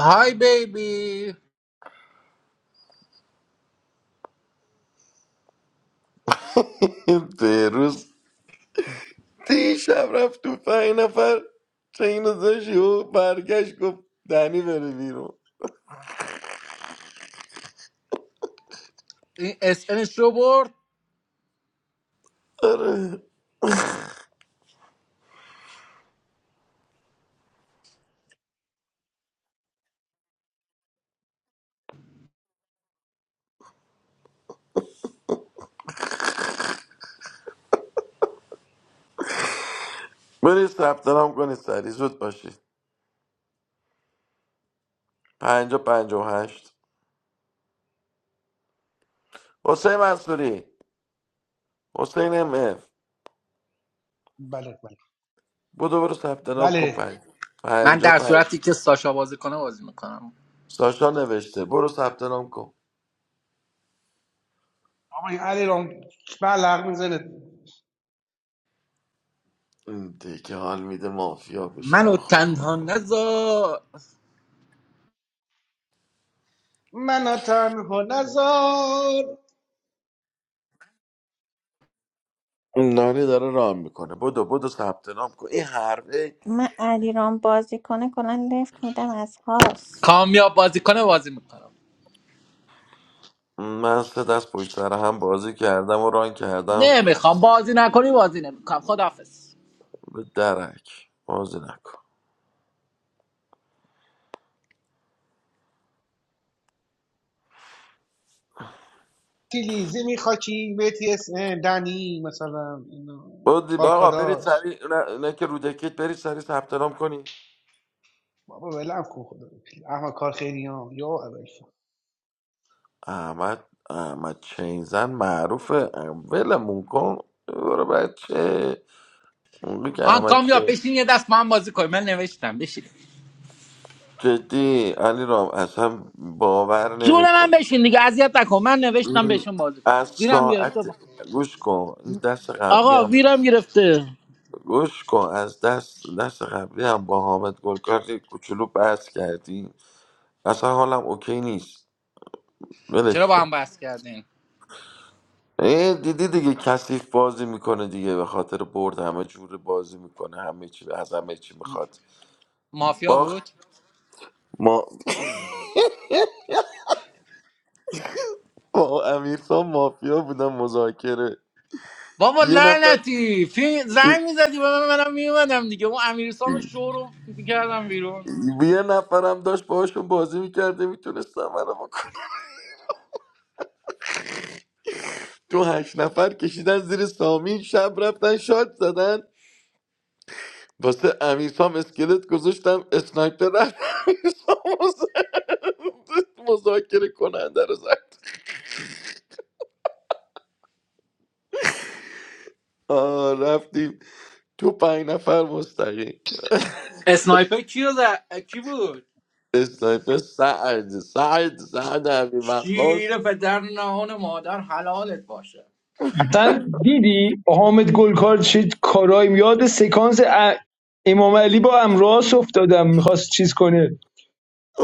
Speaker 11: های بیبی
Speaker 7: به تی شب رفت تو پنج نفر چین زشی و برگشت گفت دنی بره بیرون
Speaker 11: این اس انش رو برد
Speaker 7: آره برید ثبت نام کنید سری زود باشید پنجا پنجا و هشت حسین منصوری حسین ام اف بودو برو ثبت نام کن پنج
Speaker 11: من
Speaker 7: پنجا
Speaker 11: در
Speaker 7: پنج
Speaker 11: صورتی که ساشا بازی کنه بازی میکنم
Speaker 7: ساشا نوشته برو ثبت نام کن این دیگه حال میده مافیا بشی
Speaker 11: منو
Speaker 7: آخ آخ
Speaker 11: تنها
Speaker 7: آخ آخ.
Speaker 11: نذار
Speaker 7: نانی داره رام میکنه بودو بودو ثبت نام کن این حرفه
Speaker 1: من علیرام بازی کنه کلا لفت میدم از هاست
Speaker 11: کامیاب بازی کنه بازی میکنم
Speaker 7: من سه دست پشت سر هم بازی کردم و ران کردم
Speaker 11: نمیخوام
Speaker 7: خستم
Speaker 11: بازی نکنی بازی نمیکنم خداحافظ
Speaker 7: به درک بازی نکن بودی آقا برید سری نه, نه که رو دکت برید سری ثبت نام کنی احمد احمد چینزن معروفه ولمون کن برو بچه اونی که
Speaker 11: آن
Speaker 7: احمد
Speaker 11: کامیاب
Speaker 7: چین
Speaker 11: بشین یه دست با هم بازی کنیم من نوشتم بشین
Speaker 7: جدی علی رام اصلا باور
Speaker 11: جون من
Speaker 7: نمیکنی
Speaker 11: بشین دیگه اذیت نکن من نوشتم بهشون بازی
Speaker 7: از
Speaker 11: کنیم ویرم گرفته
Speaker 7: ساعت گوش کن این دست قبلی
Speaker 11: آقا
Speaker 7: هم
Speaker 11: ویرم گرفته
Speaker 7: گوش کن از دست دست قبلی هم با حامد گلکار یه کوچولو بحث کردیم اصلا حالم اوکی نیست
Speaker 11: چرا
Speaker 7: ولش
Speaker 11: با هم
Speaker 7: کن
Speaker 11: بحث کردین
Speaker 7: ای دیدی دیگه کثیف بازی میکنه دیگه به خاطر برد همه جور بازی میکنه همه چی از همه چی میخواد
Speaker 11: مافیا
Speaker 7: باخت
Speaker 11: بود
Speaker 7: ما با امیرسان مافیا بودن مذاکره
Speaker 11: بابا
Speaker 7: یه نفر
Speaker 11: لعنتی فی زنگ میزدی به من منم میومدم دیگه اون امیرسام شو رو میکردم بیرون
Speaker 7: یه نفرم داشت باهاشون بازی میکرده میتونستم منو بکنه تو هشت نفر کشیدن زیر سامی شب رفتن شاد زدن واسه امیرسام اسکلت گذاشتم اسنایپر رفت امیرسام رو زد. مذاکره کننده رو زد آه، رفتیم تو پنج نفر مستقیم
Speaker 11: اسنایپر کی رو زد؟ کی بود
Speaker 7: اسنایپر سعد سعد سعد عبی وقاص
Speaker 11: شیر پدر نهان مادر حلالت باشه
Speaker 5: مثلا دیدی حامد گلکار چه کارایی یاد سکانس ا- امام علی با امراس افتادم میخواست چیز کنه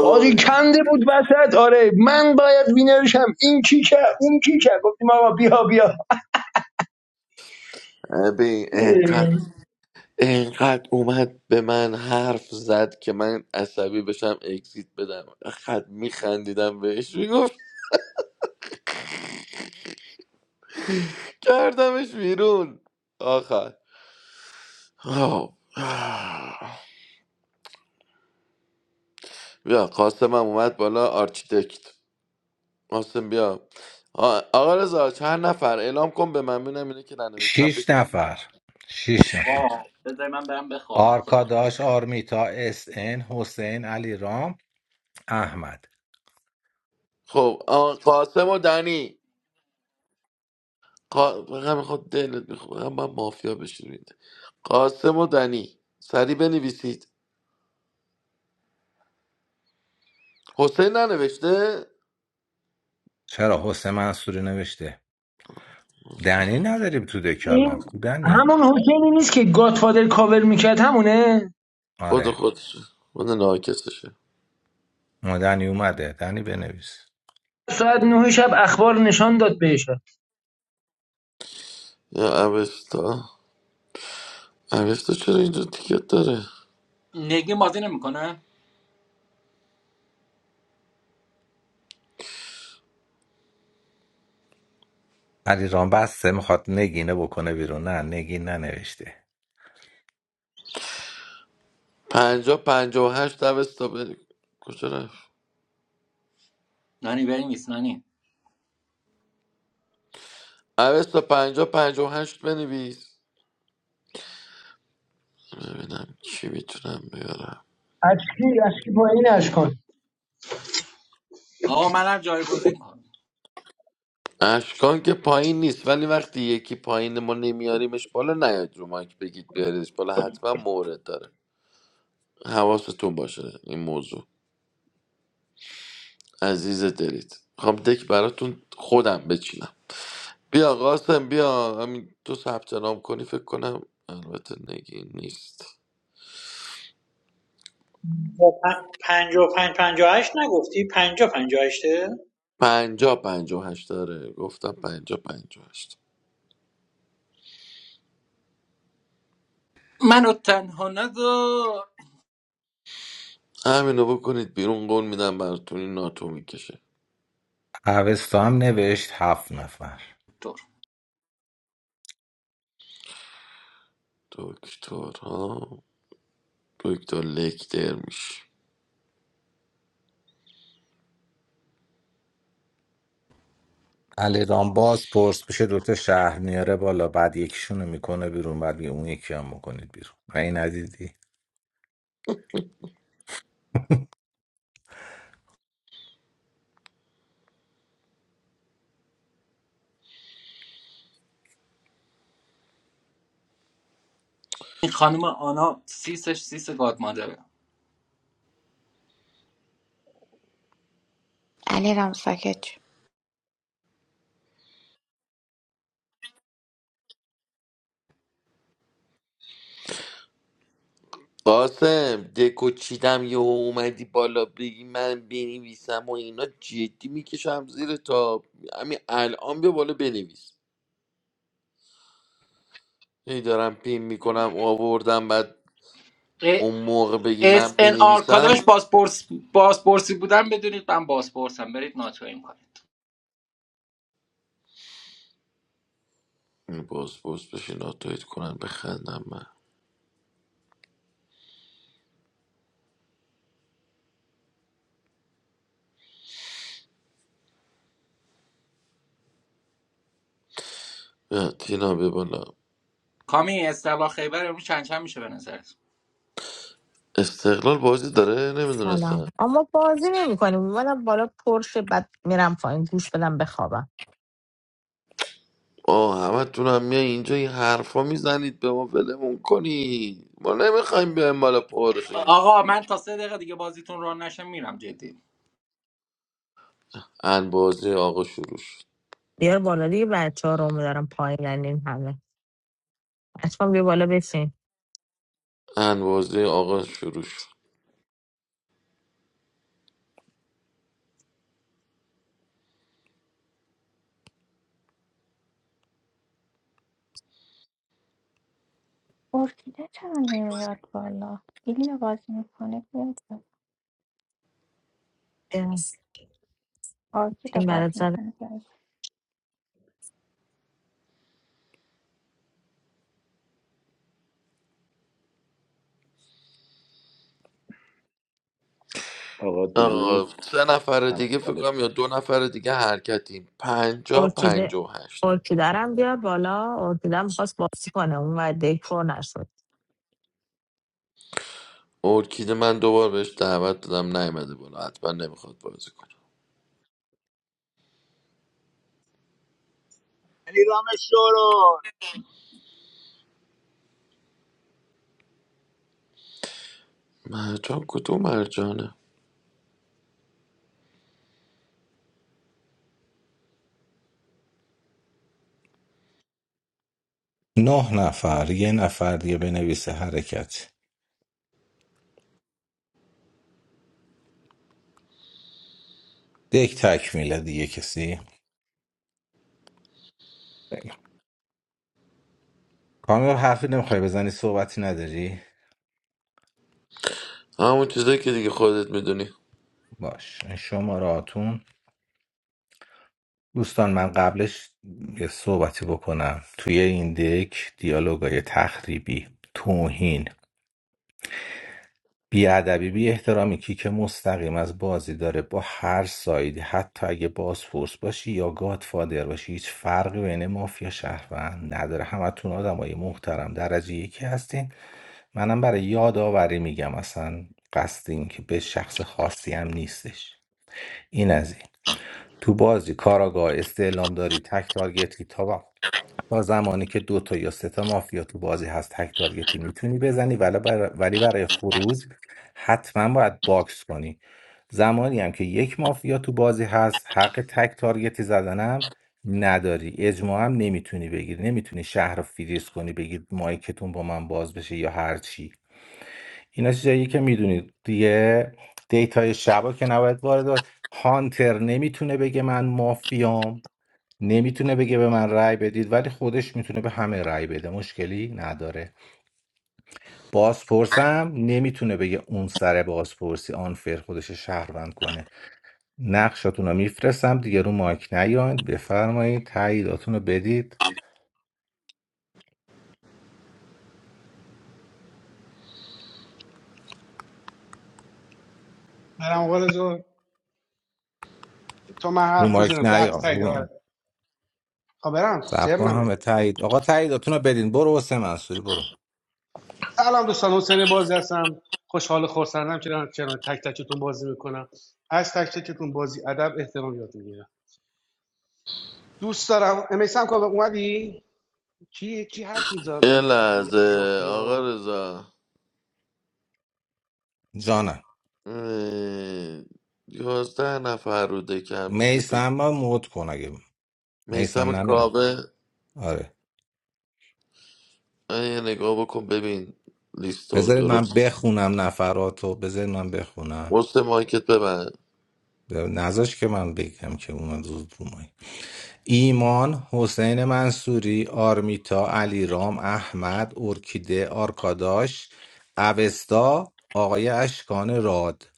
Speaker 5: بازی کنده بود وسط آره من باید وینرشم این کیکه اون کیکه گفتیم آقا بیا بیا
Speaker 7: ببین انقدر انقدر اومد به من حرف زد که من عصبی بشم اکسیت بدم خد میخندیدم بهش میگفت کردمش بیرون آخر آه. بیا قاسم هم اومد بالا آرکیتکت قاسم بیا آ- آقا رضا چند نفر اعلام کن به من ببینم اینه که ننوشتم
Speaker 3: شیش
Speaker 7: بکش
Speaker 3: نفر شیش نفر
Speaker 11: واه بذار من برم بخوابم خدا
Speaker 3: آرکاداش آرمیتا اس ان حسین علی رام احمد
Speaker 7: خب آ، قاسم و دنی قا... بقیه میخواد دلت میخواد من مافیا بشینید قاسم و دنی سریع بنویسید حسین ننوشته
Speaker 3: چرا حسین منصوری نوشته دنی نداریم تو
Speaker 5: این
Speaker 3: دکلان کو دنی
Speaker 5: همون حسینی نیست که گاتفادر کاور میکرد همونه
Speaker 7: خود
Speaker 3: آره
Speaker 7: خودشه خود ناکسشه
Speaker 3: ما دنی اومده دنی بنویس
Speaker 5: ساعت نه شب اخبار نشان داد بهش
Speaker 7: یا اوستا اوستا چرا اینجا تیکت داره
Speaker 11: نگی بازی نمیکنه
Speaker 3: علیرام بسته میخواد نگینه بکنه بیرون نه نگین ننوشته
Speaker 7: پنجا پنجا و هشت اوستا بری کجا رفت
Speaker 11: نانی بریم نیست نانی
Speaker 7: اوستا پنجا پنجا و هشت بنویس ببینم چی میتونم بیارم
Speaker 5: اشکی اشکی با این اشکان
Speaker 11: آقا منم جایگزین کن
Speaker 7: اشکان که پایین نیست ولی وقتی یکی پایین ما نمیاریمش بالا نیاد رو مایک بگید بیاریدش بالا حتما مورد داره حواستون باشه این موضوع عزیز دلید خب دک براتون خودم بچینم بیا قاسم بیا همین تو ثبت نام کنی فکر کنم البته نگین نیست
Speaker 12: با پ- پنج و پنج پنجاه و هشت نگفتی پنجا پنجا هشته
Speaker 7: پنجا پنجا و هشت داره گفتم پنجا پنجا و هشت
Speaker 11: منو تنها نذار
Speaker 7: همینو بکنید بیرون قول میدم براتون این ناتو میکشه
Speaker 3: اوستا هم نوشت هفت نفر
Speaker 11: دور
Speaker 7: دکتر ها دکتر لکتر میشه
Speaker 3: علیرام باز پرس بشه دوتا شهر میاره بالا بعد یکیشونو میکنه بیرون بعد میگه اون یکی هم بکنید بیرون و این ندیدی
Speaker 11: این خانم آنا سیسش سیس گاد مادره
Speaker 9: علی رم ساکت شو.
Speaker 7: قاسم دکو چیدم یه اومدی بالا بگی من بنویسم و اینا جدی میکشم زیر تا همین الان بیا بالا بنویس هی دارم پیم میکنم آوردم بعد اون موقع بگی من
Speaker 11: اس ان آر
Speaker 7: بنویسم
Speaker 11: کاداش بازپرس بازپرسی بودن بدونید من بازپرسم برید ناتویم کنید
Speaker 7: باز باز بشین ناتویت کنن بخندم من اه، تینا بیا بالا
Speaker 11: کامی استلا خیبر امروز چند چند میشه به نظرت
Speaker 7: استقلال بازی داره نمیدونستم
Speaker 13: سلام اما بازی نمی کنیم اومدم بالا پرشه بعد میرم پایین گوش بدم بخوابم
Speaker 7: آه همه تونم میای اینجا این حرفا میزنید به ما ولمون کنید ما نمیخوایم بیایم بالا پارشیم
Speaker 11: آقا من تا سه دقیقه دیگه بازیتون ران نشه میرم جدی
Speaker 7: انبازه آقا شروع شد
Speaker 13: بیار بالا دیگه بچه ها رو میدارم پایین این همه اتفاقا بیا بالا بشین
Speaker 7: انبازه آقا شروع شد
Speaker 1: ارکیده چرا نمیاد بالا ایلیا بازی میکنه بیاد بالا.
Speaker 13: بیا.
Speaker 1: ارکیده
Speaker 13: این برات
Speaker 1: بازی
Speaker 13: زن
Speaker 1: میکنه
Speaker 14: آقا
Speaker 7: آقا
Speaker 14: درود
Speaker 7: سه نفر دیگه فکر کنم یا
Speaker 14: احوالتون
Speaker 7: دو نفر دیگه حرکتیم پنجا
Speaker 13: ارکیده
Speaker 7: پنجا و هشت
Speaker 13: ارکیده رو بیار بالا ارکیده هم خواست بازی کنه اون و دکور نشد
Speaker 7: ارکید من دوبار بهش دعوت دادم نیومده بالا حتما نمیخواد بازی کنه
Speaker 15: علی رام شورون
Speaker 7: مرجان کدوم مرجانه
Speaker 3: نه نفر یه نفر دیگه بنویسه حرکت یک تکمیله دیگه کسی خیلی خوب. کامیاب حرفی نمیخوای بزنی صحبتی نداری
Speaker 7: همون چیزایی که دیگه خودت میدونی
Speaker 3: باش این شماراتون دوستان من قبلش یه صحبتی بکنم توی این دک دیالوگای تخریبی توهین بیادبی بی احترامی کی که مستقیم از بازی داره با هر سایدی حتی اگه بازپرس باشی یا گادفادر باشی هیچ فرقی بین مافیا شهروند نداره همتون آدمای محترم درجه یکی هستین منم برای یادآوری میگم اصلا قصد این که به شخص خاصی هم نیستش این از این تو بازی کاراگاه استعلام داری تک تارگت تا تا زمانی که دو تا یا سه تا مافیا تو بازی هست تک تارگتی میتونی بزنی ولی برای, ولی برای خروج حتما باید باکس کنی زمانی هم که یک مافیا تو بازی هست حق تک تارگتی زدنم نداری اجماع هم نمیتونی بگیری نمیتونی شهر رو فریز کنی بگید مایکتون با من باز بشه یا هر چی اینا چیزایی که میدونید دیگه دیتای شبا که نباید وارد هانتر نمیتونه بگه من مافیام نمیتونه بگه به من رأی بدید ولی خودش میتونه به همه رأی بده مشکلی نداره بازپرسم نمیتونه بگه اون سر بازپرسی آنفر خودش شهروند کنه نقشاتون رو میفرستم دیگه رو مایک نیاین بفرمایید تاییداتون رو بدید رو مایک نیاین رو سب کن همه تایید آقا تاییداتون رو بدین برو واسه منصوری برو
Speaker 7: یه لحظه آقا رضا
Speaker 3: جانم
Speaker 7: اه، یازده نفر رو دکم میشه بگی
Speaker 3: میسم ما مود کن اگه
Speaker 7: میسم
Speaker 3: میسم نه نمی
Speaker 7: کاوه
Speaker 3: آره
Speaker 7: اه، یه نگاه بکن ببین لیستو
Speaker 3: بذارید من
Speaker 7: درست
Speaker 3: بخونم نفراتو بذارید من بخونم
Speaker 7: وسط مایکت ببند
Speaker 3: نذاش که من بگم که اومد زود رو مایی. ایمان حسین منصوری آرمیتا علیرام احمد ارکیده آرکاداش اوستا آقای اشکان راد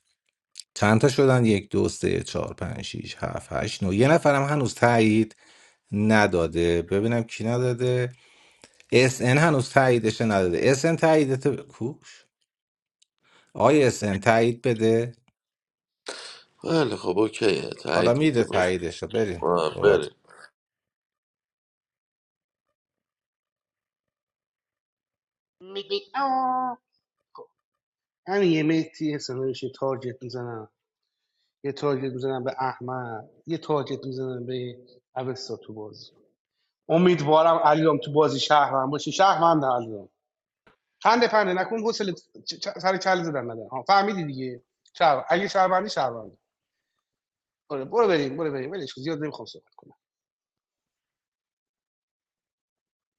Speaker 3: چند تا شدن یک دو سه چهار پنج شیش هفت هشت نه یه نفرم هنوز تایید نداده ببینم کی نداده اس ان هنوز تاییدش نداده اس ان تاییدت کوش آقای اس ان تایید بده
Speaker 7: خیلی خب اوکیه
Speaker 3: حالا
Speaker 7: تایید
Speaker 3: میده
Speaker 7: میده باش
Speaker 3: تاییدش بریم
Speaker 7: آه، بریم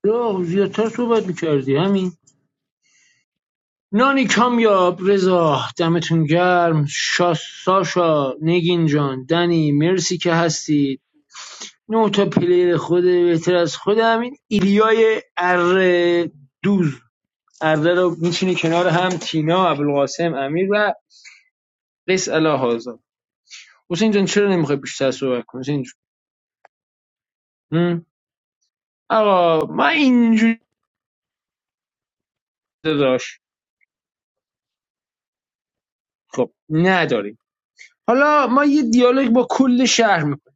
Speaker 5: رو زیادتر صحبت میکردی همین نانی کامیاب رضا دمتون گرم شا ساشا نگین جان دنی مرسی که هستی نه تا پلیر خود بهتر از خودم این ایلیای اره دوز اره رو میچینه کنار هم تینا ابوالقاسم امیر و قیس الله حاضر حسین جان چرا نمیخوای بیشتر صحبت کنی حسین جون آقا ما اینجوری داداش خب نداریم حالا ما یه دیالوگ با کل شهر میکنیم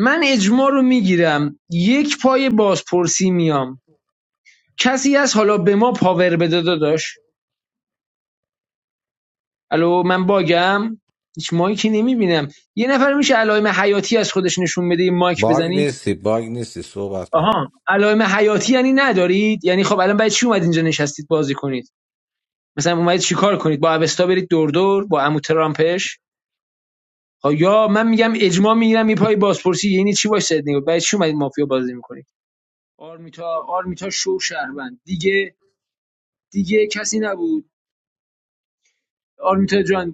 Speaker 5: من اجماع رو میگیرم یک پای بازپرسی میام کسی از حالا به ما پاور بده داداش الو من باگم هیچ مایکی نمیبینم یه نفر میشه علائم حیاتی از خودش نشون بده یه مایک
Speaker 3: باگ
Speaker 5: بزنی
Speaker 3: نیستی باگ نیستی صحبت کن
Speaker 5: آها علائم حیاتی یعنی ندارید یعنی خب الان باید چی اومد اینجا نشستید بازی کنید مثلا اومدید چیکار کنید با اوستا برید دور دور با عمو ترامپش خب یا من میگم اجماع میگیرم میپای بازپرسی یعنی چی باش سد نگو باید چی اومدید مافیا بازی میکنید آرمیتا آرمیتا شو شهروند دیگه دیگه کسی نبود آرمیتا جان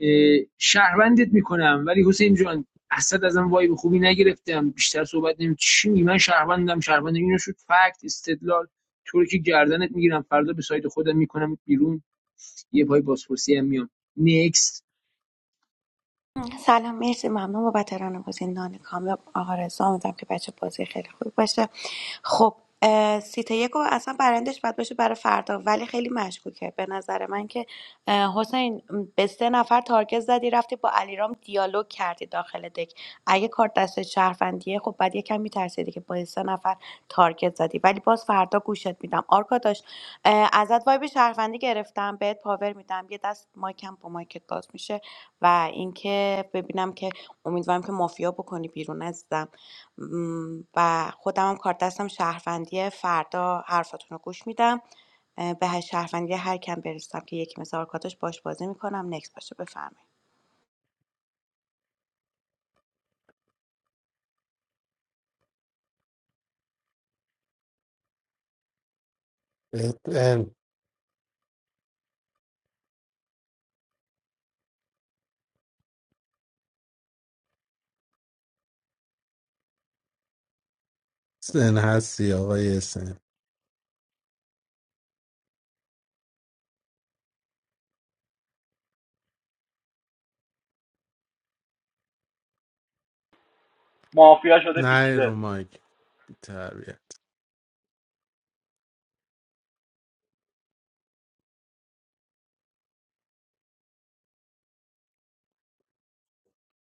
Speaker 5: اه، شهروندت میکنم ولی حسین جان اصلا ازم وای به خوبی نگرفتم بیشتر صحبت نمی چی می من شهروندم شهروندم اینو شد فکت استدلال تو که گردنت میگیرم فردا به سایت خودم میکنم بیرون یه پای بازپرسی هم میام نیکست
Speaker 9: سلام مرسی ممنون بابت رانوازی نان کامل آقا رضا امیدوارم که بچه بازی خیلی خوبی باشه خب اه، سیت یکو اصلا برندش باید باشه برای فردا ولی خیلی مشکوکه به نظر من که اه، حسین م، به سه نفر تارگت زدی رفتی با علیرام دیالوگ کردی داخل دک اگه کارت دست شهروندیه خب بعد یکم میترسیدی که با سه نفر تارگت زدی ولی باز فردا گوشت میدم آرکا داشت ازت وایب شهروندی گرفتم بهت پاور میدم یه دست مایکم با مایکت باز میشه و اینکه ببینم که امیدوارم که مافیا بکنی بیرون عزیزم م، و خودم هم کار دستم شهروندی فردا حرفاتون رو گوش میدم اه، به هر شهروندی هر کم برسم که یکی مثل آرکاداش باش بازی میکنم نکس باشه بفرمایید
Speaker 16: SN has the air SN.
Speaker 11: مافیا شده پیچیده
Speaker 16: Nayromaj. Biharbiat.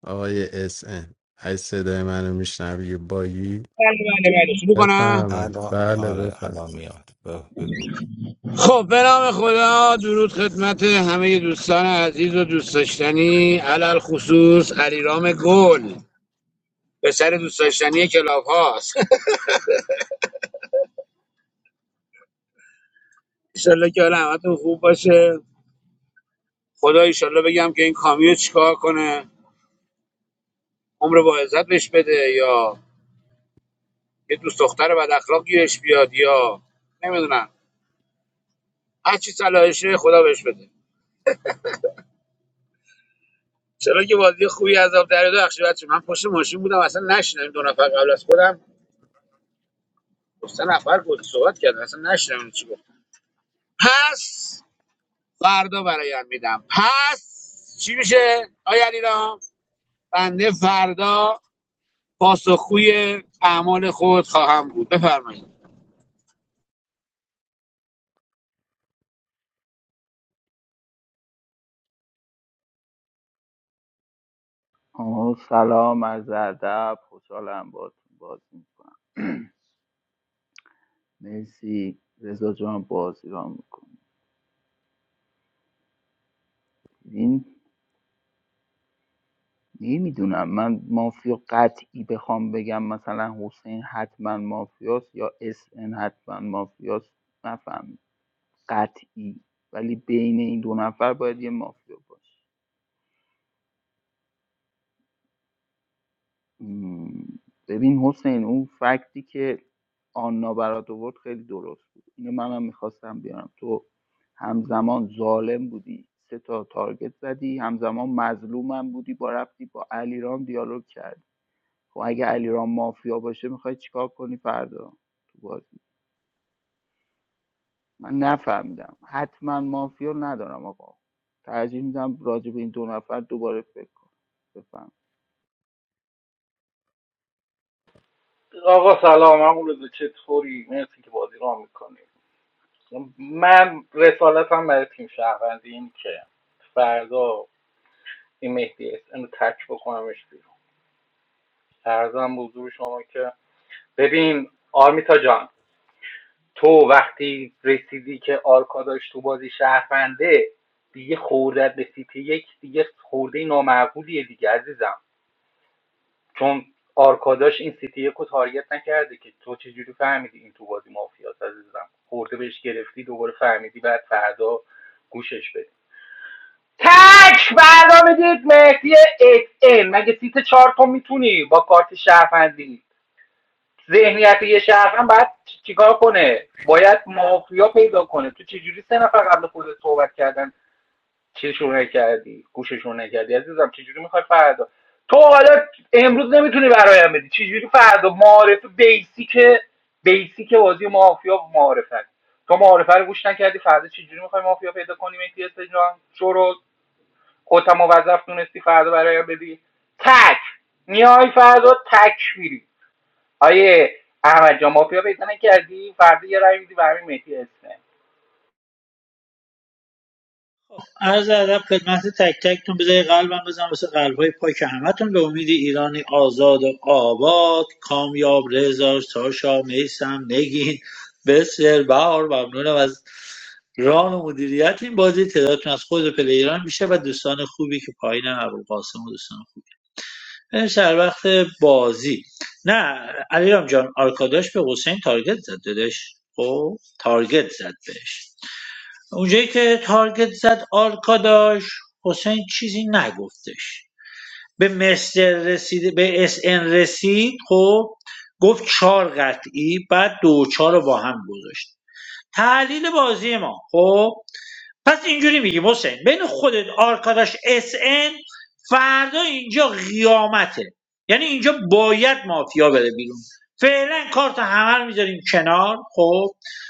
Speaker 16: Air SN. I said I'm going to be a boy.
Speaker 15: بله بله شروع
Speaker 16: I'm
Speaker 15: کنم
Speaker 16: a
Speaker 3: الان
Speaker 16: boy.
Speaker 3: آره الان میاد ب- بگو
Speaker 15: خب به نام خدا درود خدمت همه دوستان عزیز و دوست داشتنی علل خصوص علیرام گل به سر دوست داشتنی کلاب هاست انشالله که حال همتون خوب باشه خدا انشالله بگم که این کامیو چیکار کنه عمر با عزت بهش بده یا یه دوست دختر بد اخلاق گیرش بیاد یا نمیدونم هر چی صلاحشه خدا بهش بده چرا که بازی خوبی از آب دریا بخش بچه من پشت ماشین بودم اصلا نشنیدم دو نفر قبل از خودم دو سه نفر بود صحبت کردن اصلا نشنیدم چی گفت پس فردا برایم میدم پس چی میشه آیا علیرام بنده فردا پاسخگوی اعمال خود خواهم بود بفرمایید
Speaker 17: آه، سلام از ادب خوشحالم باهاتون بازی میکنم مرسی رضا جان بازی را میکنم این نمیدونم من مافیا قطعی بخوام بگم مثلا حسین حتما مافیاست یا اس ان حتما مافیاست نفهم قطعی ولی بین این دو نفر باید یه مافیا باشه م، ببین حسین اون فکتی که آنا برات آورد خیلی درست بود اینو منم میخواستم بیارم تو همزمان ظالم بودی سه تا تارگت زدی همزمان مظلومم بودی با رفتی با علیرام دیالوگ کردی خب اگه علیرام مافیا باشه میخوای چیکار کنی فردا تو بازی من نفهمیدم حتما مافیا ندارم آقا ترجیح میدم راجع به این دو نفر دوباره فکر کنم
Speaker 11: آقا سلام همون روز چطوری مرسی که بازی را میکنی من رسالتم برای تیم شهروندی این که فردا این مهدی اسم رو تک بکنمش بیرون فردا هم حضور شما که ببین آرمیتا جان تو وقتی رسیدی که آرکاداش تو بازی شهرونده دیگه خوردت به سیتی یک دیگه خورده نامعقولیه دیگه عزیزم چون آرکاداش این سیتی یک رو تارگت نکرده که تو چجوری فهمیدی این تو بازی مافیاس عزیزم خورده بهش گرفتی دوباره فهمیدی بعد فردا گوشش بدی تک فردا بدید مهدی ات ام. مگه سیت چهار تو میتونی با کارت شهروندی ذهنیت یه شهروند باید چیکار کنه باید مافیا پیدا کنه تو چجوری سه نفر قبل خودت صحبت کردن چشون نکردی گوششون نکردی عزیزم چجوری میخوای فردا تو حالا امروز نمیتونی برایم بدی چجوری فردا معارف بیسیک بیسیک بازی مافیا معارفه تو معارفه رو گوش نکردی فردا چجوری میخوای مافیا پیدا کنی مهدی جان شروع خودت هم موظف دونستی فردا برایم بدی تک میای فردا تک میری آیه احمد جان مافیا پیدا نکردی فردا یه رای میدی برای مهدی اسم
Speaker 12: عرض ادب خدمت تک تکتون بذاری قلبم بزنم واسه قلبهای پاک همتون به امید ایرانی آزاد و آباد کامیاب رضا ساشا میسم نگین بسیار بهار ممنونم از ران و مدیریت این بازی تعدادتون از خود پلیران میشه و دوستان خوبی که پایینم ابوالقاسم و دوستان برش در وقت بازی نه علیرام جان آرکاداش به حسین تارگت زد دادش خب تارگت زد بهش اونجایی که تارگت زد آرکاداش حسین چیزی نگفتش به مستر رسید به اس ان رسید خب گفت چهار قطعی بعد دو و چهار رو با هم گذاشت تحلیل بازی ما خب پس اینجوری میگیم حسین بین خودت آرکاداش اس ان فردا اینجا قیامته یعنی اینجا باید مافیا بره بیرون فعلا کارت همه رو میذاریم کنار خب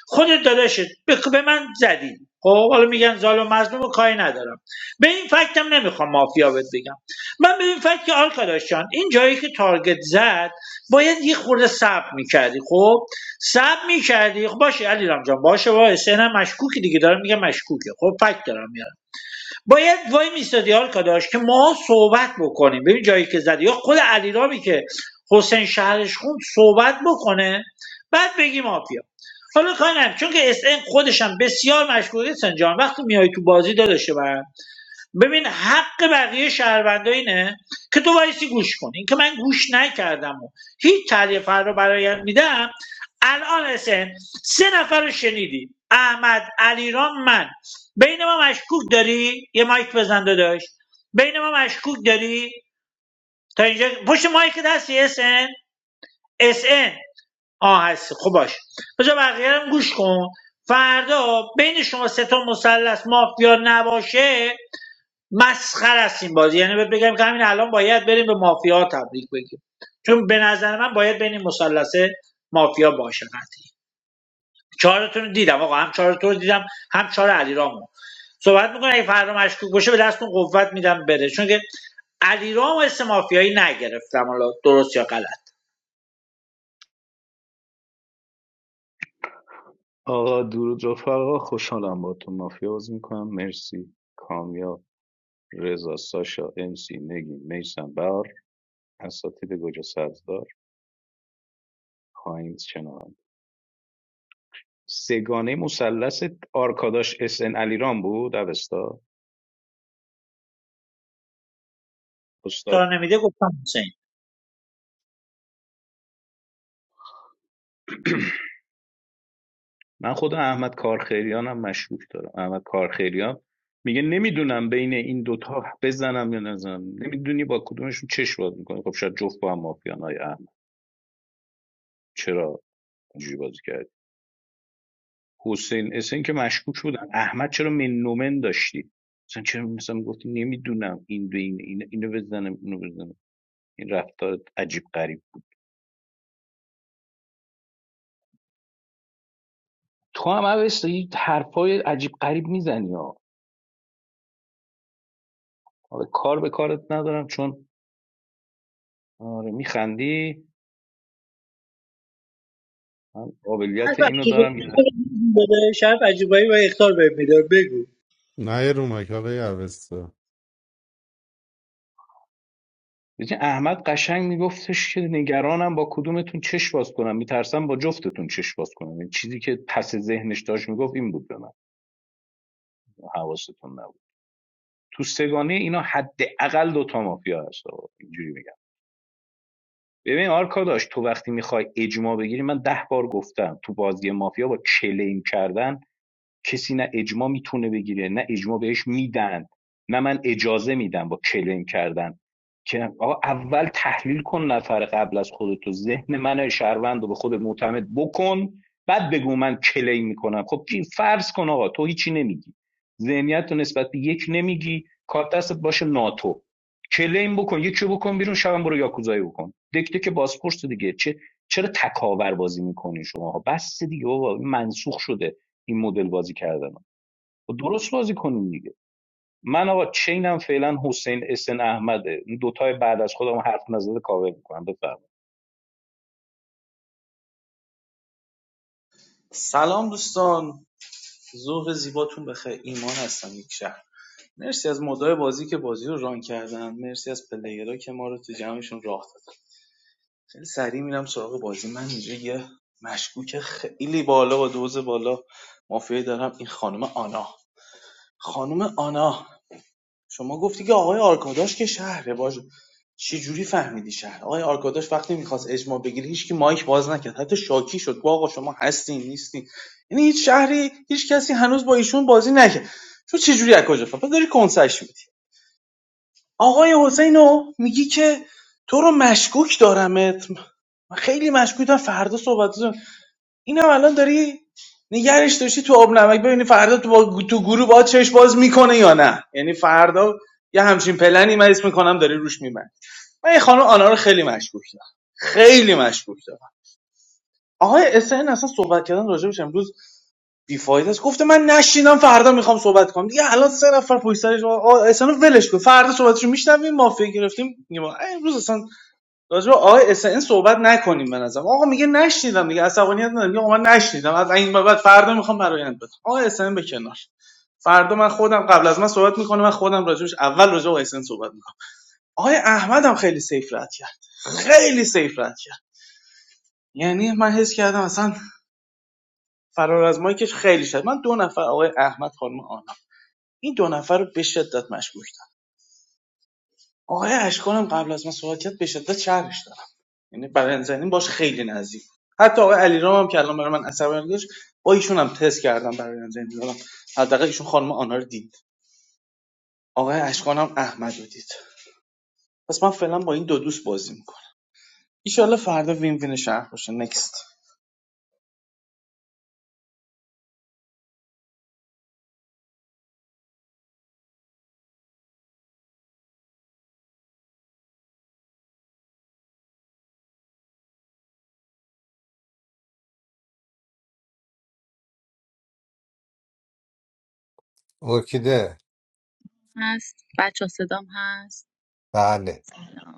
Speaker 12: خودت داداشت به به من زدی خب حالا میگن ظالم مظلوم و کاری ندارم به این فکتم نمیخوام مافیا بهت بگم من به این فکت که آرکاداش جان این جایی که تارگت زد باید یه خورده صبر میکردی خب سب میکردی خب باشه علیرام جان باشه وای سنم مشکوکی دیگه دارم میگم مشکوکه خب فکت دارم میارم باید وای میستادی حال کاداش که ما صحبت بکنیم ببین جایی که زدی یا خود علیرامی که حسین شهرش خوند صحبت بکنه بعد بگی مافیا حالا کاری ندارم. چون که اس ان خودشم بسیار مشکوکه سن جان وقتی میای تو بازی داداش من ببین حق بقیه شهروندا اینه که تو وایسی گوش کنی این که من گوش نکردم و هیچ تعلیه فر رو برایم میدم الان اسن سه نفر رو شنیدی احمد علیرام من بین ما مشکوک داری یه مایک بزن داشت بین ما مشکوک داری تا اینجا پشت مایک هستی اسن اسن آه هستی خب باش بذار بقیه رو هم گوش کن فردا بین شما سه تا مثلث مافیا نباشه مسخر است این بازی یعنی بهت بگم که همین الان باید بریم به مافیا تبریک بگیم چون به نظر من باید بین این مافیا باشه قطعی چهارتون رو دیدم آقا هم چهارتون رو دیدم هم چهار علیرامو صحبت میکنه اگه فردا مشکوک باشه به دستون قوت میدم بره چون که علیرامو اسم مافیایی نگرفتم حالا درست یا غلط
Speaker 14: آقا درود رفقا خوشحالم با تو مافیا بازی میکنم مرسی کامیاب رضا ساشا ام سی نگین میسم بهار اساتید گوجه سبزدار پایین شنوند سگانه مثلث آرکاداش اس ان علیرام بود اوستا
Speaker 12: تا
Speaker 14: استاد
Speaker 12: نمیده گفتم حسین
Speaker 14: من خود احمد کارخیریانم مشکوک دارم احمد کارخیریان میگه نمیدونم بین این دوتا بزنم یا نزنم نمیدونی با کدومشون چش باز میکنی خب شاید جفت با هم مافیان های احمد چرا اینجوری بازی کرد حسین اسن که مشکوک بودن احمد چرا منومن داشتی مثلا چرا مثلا میگفتی نمیدونم این به این این- اینو بزنم اینو بزنم این رفتار عجیب غریب تو هم اوست یه حرفای عجیب غریب میزنی ها حالا کار به کارت ندارم چون آره میخندی من
Speaker 12: هر
Speaker 14: قابلیت
Speaker 12: وقت
Speaker 14: اینو
Speaker 12: چیزی
Speaker 14: دارم یه وقت-
Speaker 12: بده شب عجیبایی و اختار بهم میده بگو
Speaker 16: Nayromaj. What are you doing?
Speaker 14: احمد قشنگ میگفتش که نگرانم با کدومتون چش باز کنم میترسم با جفتتون چش باز کنم این چیزی که پس ذهنش داشت میگفت این بود به من حواستون نبود تو سگانه اینا حداقل دو دوتا مافیا هست اینجوری میگم ببین آرکاداش تو وقتی میخوای اجماع بگیری من ده بار گفتم تو بازی مافیا با کلیم کردن کسی نه اجماع میتونه بگیره نه اجماع بهش میدن نه من اجازه میدم با کلیم کردن که آقا اول تحلیل کن نفر قبل از خودتو ذهن من شهروند رو به خودت معتمد بکن بعد بگو من کلیم میکنم خب کی فرض کن آقا تو هیچی نمیگی ذهنیت رو نسبت به یک نمیگی کارت دستت باشه ناتو کلیم بکن یکی رو بکن بیرون شبم برو یاکوزایی بکن دکته که بازپرس دیگه چه چرا تکاور بازی میکنین شما بس دیگه بابا منسوخ شده این مدل بازی کردنم و درست بازی کنیم دیگه من آقا چینم فعلا حسین اسن احمده این دوتای بعد از خودم حرف نزده کاور میکنم بفرمایید
Speaker 18: سلام دوستان ظهر زیباتون بخیر ایمان هستم یک شهر مرسی از مدای بازی که بازی رو ران کردن مرسی از پلیرها که ما رو تو جمعشون راه دادن خیلی سریع میرم سراغ بازی من اینجا یه مشکوک خیلی بالا و دوز بالا مافیایی دارم این خانم آنا خانم آنا شما گفتی که آقای آرکاداش که شهره باشه چی جوری فهمیدی شهر آقای آرکاداش وقتی میخواست اجماع بگیری هیچکی مایک باز نکرد حتی شاکی شد گفت آقا شما هستین نیستین یعنی هیچ شهری هیچ کسی هنوز با ایشون بازی نکرد تو چه جوری از کجا فهمیدی داری کنسش میدی آقای حسینو میگی که تو رو مشکوک دارمت من خیلی مشکوکم فردا صحبت اینم الان داری نگرش داشتی تو آب نمک ببینی فردا تو, با... تو گروه با چشم باز میکنه یا نه یعنی فردا یه همچین پلنی من اسم میکنم داری روش میبند من یه خانم آنا رو خیلی مشکوک دارم خیلی مشکوک دارم آقای اسن اصلا صحبت کردن راجبش امروز بیفاید است گفته من نشینم فردا میخوام صحبت کنم دیگه الان سه نفر پشت سرش آقا اسن رو ولش کن فردا صحبتشو میشنویم مافیا گرفتیم میگیم امروز اصلا راجع به اس SN صحبت نکنیم به نظرم آقا میگه نشنیدم دیگه عصبانیت ندارم میگه آقا من نشنیدم از این به بعد فردا میخوام برایند بدم آقای SN به کنار فردا من خودم قبل از من صحبت میکنه من خودم راجبش اول راجع به اس SN صحبت میکنم آقای احمد هم خیلی سیف رد کرد خیلی سیف رد کرد یعنی من حس کردم اصلا فرار از مایکش خیلی شد من دو نفر آقای احمد خانم آنا این دو نفر رو به شدت مشکوک آقای اشکانم قبل از من صحبت کرد به شدت شهرش دارم یعنی بدنزنی باش خیلی نزدیک حتی آقای علیرام هم که الان برای من اثر داشت با ایشون هم تست کردم برای زنی دادم حداقل ایشون خانم آنا رو دید آقای اشکانم احمد رو دید پس من فعلا با این دو دوست بازی میکنم ایشالله فردا وین وین شهر باشه نکست
Speaker 3: ارکیده
Speaker 19: هست بچه صدام هست
Speaker 3: بله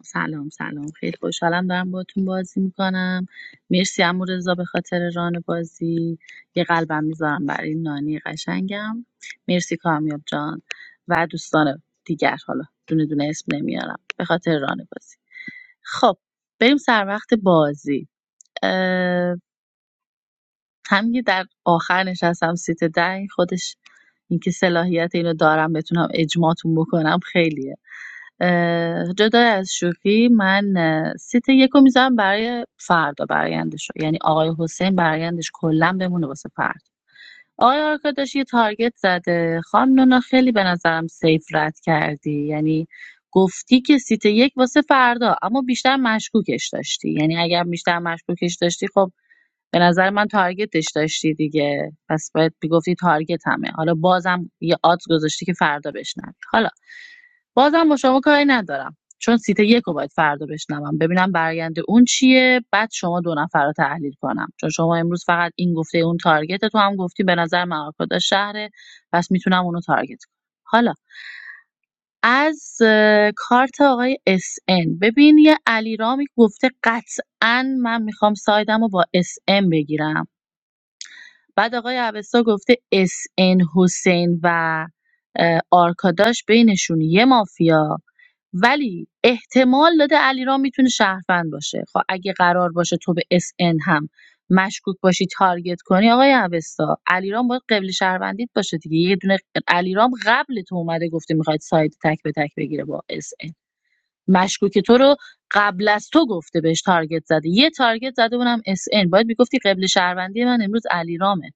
Speaker 19: سلام سلام خیلی خوشحالم دارم باتون بازی میکنم مرسی امو رضا به خاطر ران بازی یه قلبم میذارم برای این نانی قشنگم مرسی کامیاب جان و دوستان دیگر حالا دونه دونه اسم نمیارم به خاطر ران بازی خب بریم سر وقت بازی همین که در آخر نشستم سیت ده خودش اینکه صلاحیت اینو دارم بتونم اجماتون بکنم خیلیه اه، جدا از شوخی من اه، سیت یکو میذارم برای فردا برایندش رو. یعنی آقای حسین برایندش کلا بمونه واسه فرد آقای آرکاداش یه تارگت زده خانم نونا خیلی به نظرم سیف رد کردی یعنی گفتی که سیت یک واسه فردا اما بیشتر مشکوکش داشتی یعنی اگر بیشتر مشکوکش داشتی خب به نظر من تارگتش داشتی دیگه پس باید میگفتی تارگت همه حالا بازم یه آت گذاشتی که فردا بشنوی حالا بازم با شما کاری ندارم چون سیت یک رو باید فردا بشنوم ببینم برگنده اون چیه بعد شما دو نفر رو تحلیل کنم چون شما امروز فقط این گفته اون تارگت تو هم گفتی به نظر من آرکادا شهره پس میتونم اونو تارگت کنم حالا از کارت آقای اس ان ببین یه علیرامی گفته قطعا من میخوام سایدم رو با اس ان بگیرم بعد آقای اوستا گفته اس ان حسین و آرکاداش بینشون یه مافیا ولی احتمال داده علیرام میتونه شهروند باشه خب اگه قرار باشه تو به اس ان هم مشکوک باشی تارگت کنی آقای اوستا علیرام باید قبل شهروندیت باشه دیگه یه دونه علیرام قبل تو اومده گفته میخواد ساید تک به تک بگیره با اس ان مشکوک تو رو قبل از تو گفته بهش تارگت زده یه تارگت زده اونم اس ان باید میگفتی قبل شهروندی من امروز علیرامه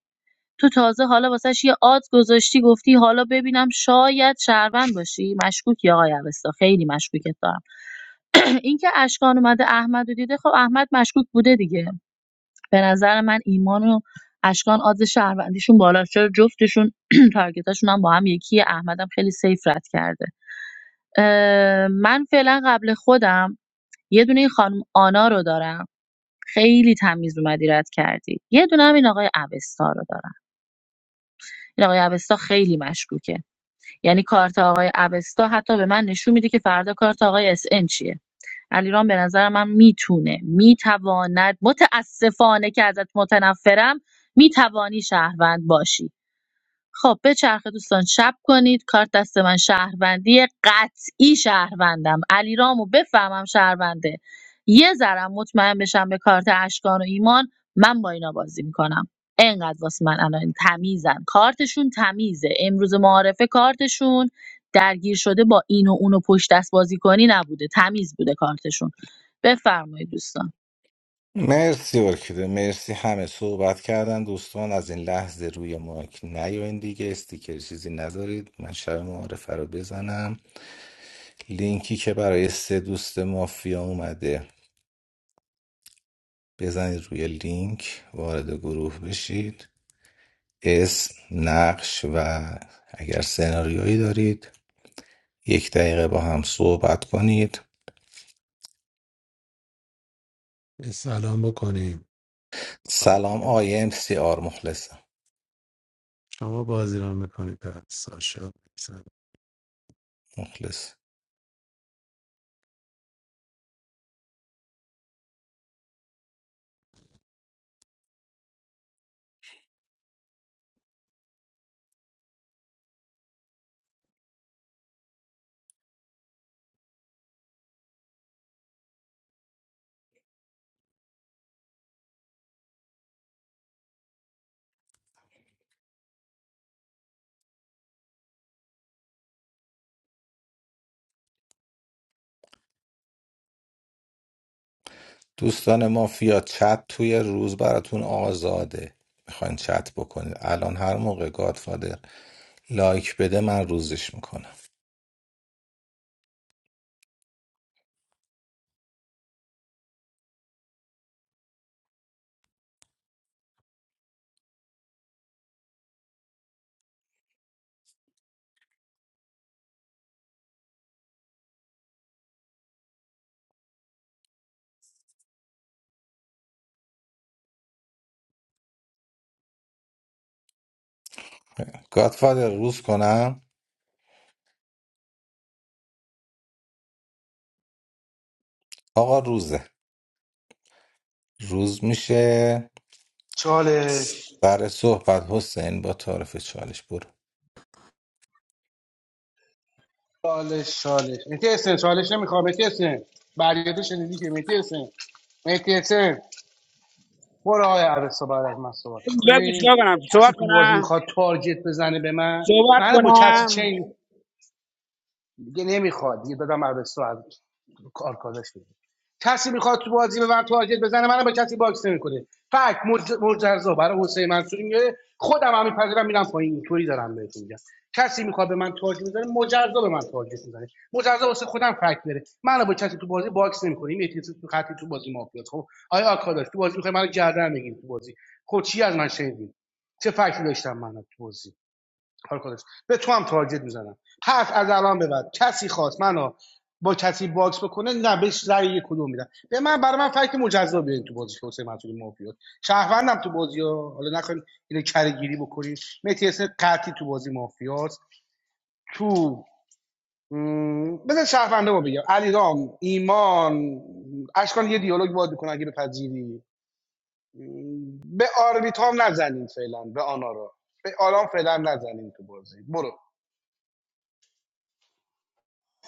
Speaker 19: تو تازه حالا واسش یه آدز گذاشتی گفتی حالا ببینم شاید شهروند باشی مشکوکی آقای اوستا خیلی مشکوکت دارم اینکه اشکان اومده احمد رو دیده خب احمد مشکوک بوده دیگه به نظر من ایمان و اشکان آدز شهروندیشون بالا چرا جفتشون تارگتاشون هم با هم یکی احمدم خیلی سیف رد کرده اه، من فعلا قبل خودم یه دونه این خانم آنا رو دارم خیلی تمیز اومدی رد کردی یه دونه هم این آقای اوستا رو دارم این آقای اوستا خیلی مشکوکه یعنی کارت آقای اوستا حتی به من نشون میده که فردا کارت آقای اس ان چیه علیرام به نظر من میتونه میتواند متاسفانه که ازت متنفرم میتوانی شهروند باشی خب بچرخه دوستان شب کنید کارت دست من شهروندی قطعی شهروندم علیرامو بفهمم شهرونده یه ذرم مطمئن بشم به کارت اشکان و ایمان من با اینا بازی میکنم انقدر واسه من الان تمیزن کارتشون تمیزه امروز معارفه کارتشون درگیر شده با این و اون و پشت دست بازی کنی نبوده تمیز بوده کارتشون بفرمایید دوستان
Speaker 3: مرسی ارکیده مرسی همه صحبت کردن دوستان از این لحظه روی مایک نیاین دیگه استیکر چیزی ندارید من شب معارفه رو بزنم لینکی که برای سه دوست مافیا اومده بزنید روی لینک وارد گروه بشید اسم نقش و اگر سناریویی دارید یک دقیقه با هم صحبت کنید
Speaker 16: Peace be upon you. Come
Speaker 3: سلام آی ام سی آر مخلصم
Speaker 16: on, play with me, Sasha.
Speaker 3: مخلص دوستان مافیا چت توی روز براتون آزاده میخواین چت بکنید الان هر موقع گادفادر لایک بده من روزش میکنم گادفادر روز کنم آقا روزه روز میشه سر صحبت حسین با تعارف چالش برو
Speaker 15: بگو چیکار کنم صحبت کنم صحبت کنم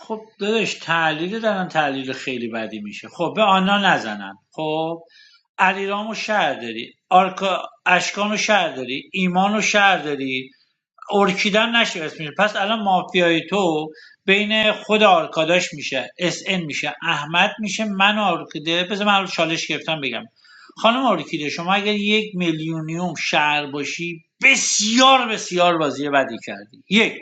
Speaker 12: خب داداش تحلیل دارن تحلیل خیلی بدی میشه خب به آنها نزنن خب علیرامو شهر داری آرکا اشکانو شهر داری ایمانو شهر داری ارکیدن نشه اسمش پس الان مافیای تو بین خود آرکاداش میشه اس ان میشه احمد میشه من و ارکیده بذار من رو چالش گرفتم بگم خانم ارکیده شما اگر یک میلیونیوم شهر باشی بسیار بسیار بازی بدی کردی یک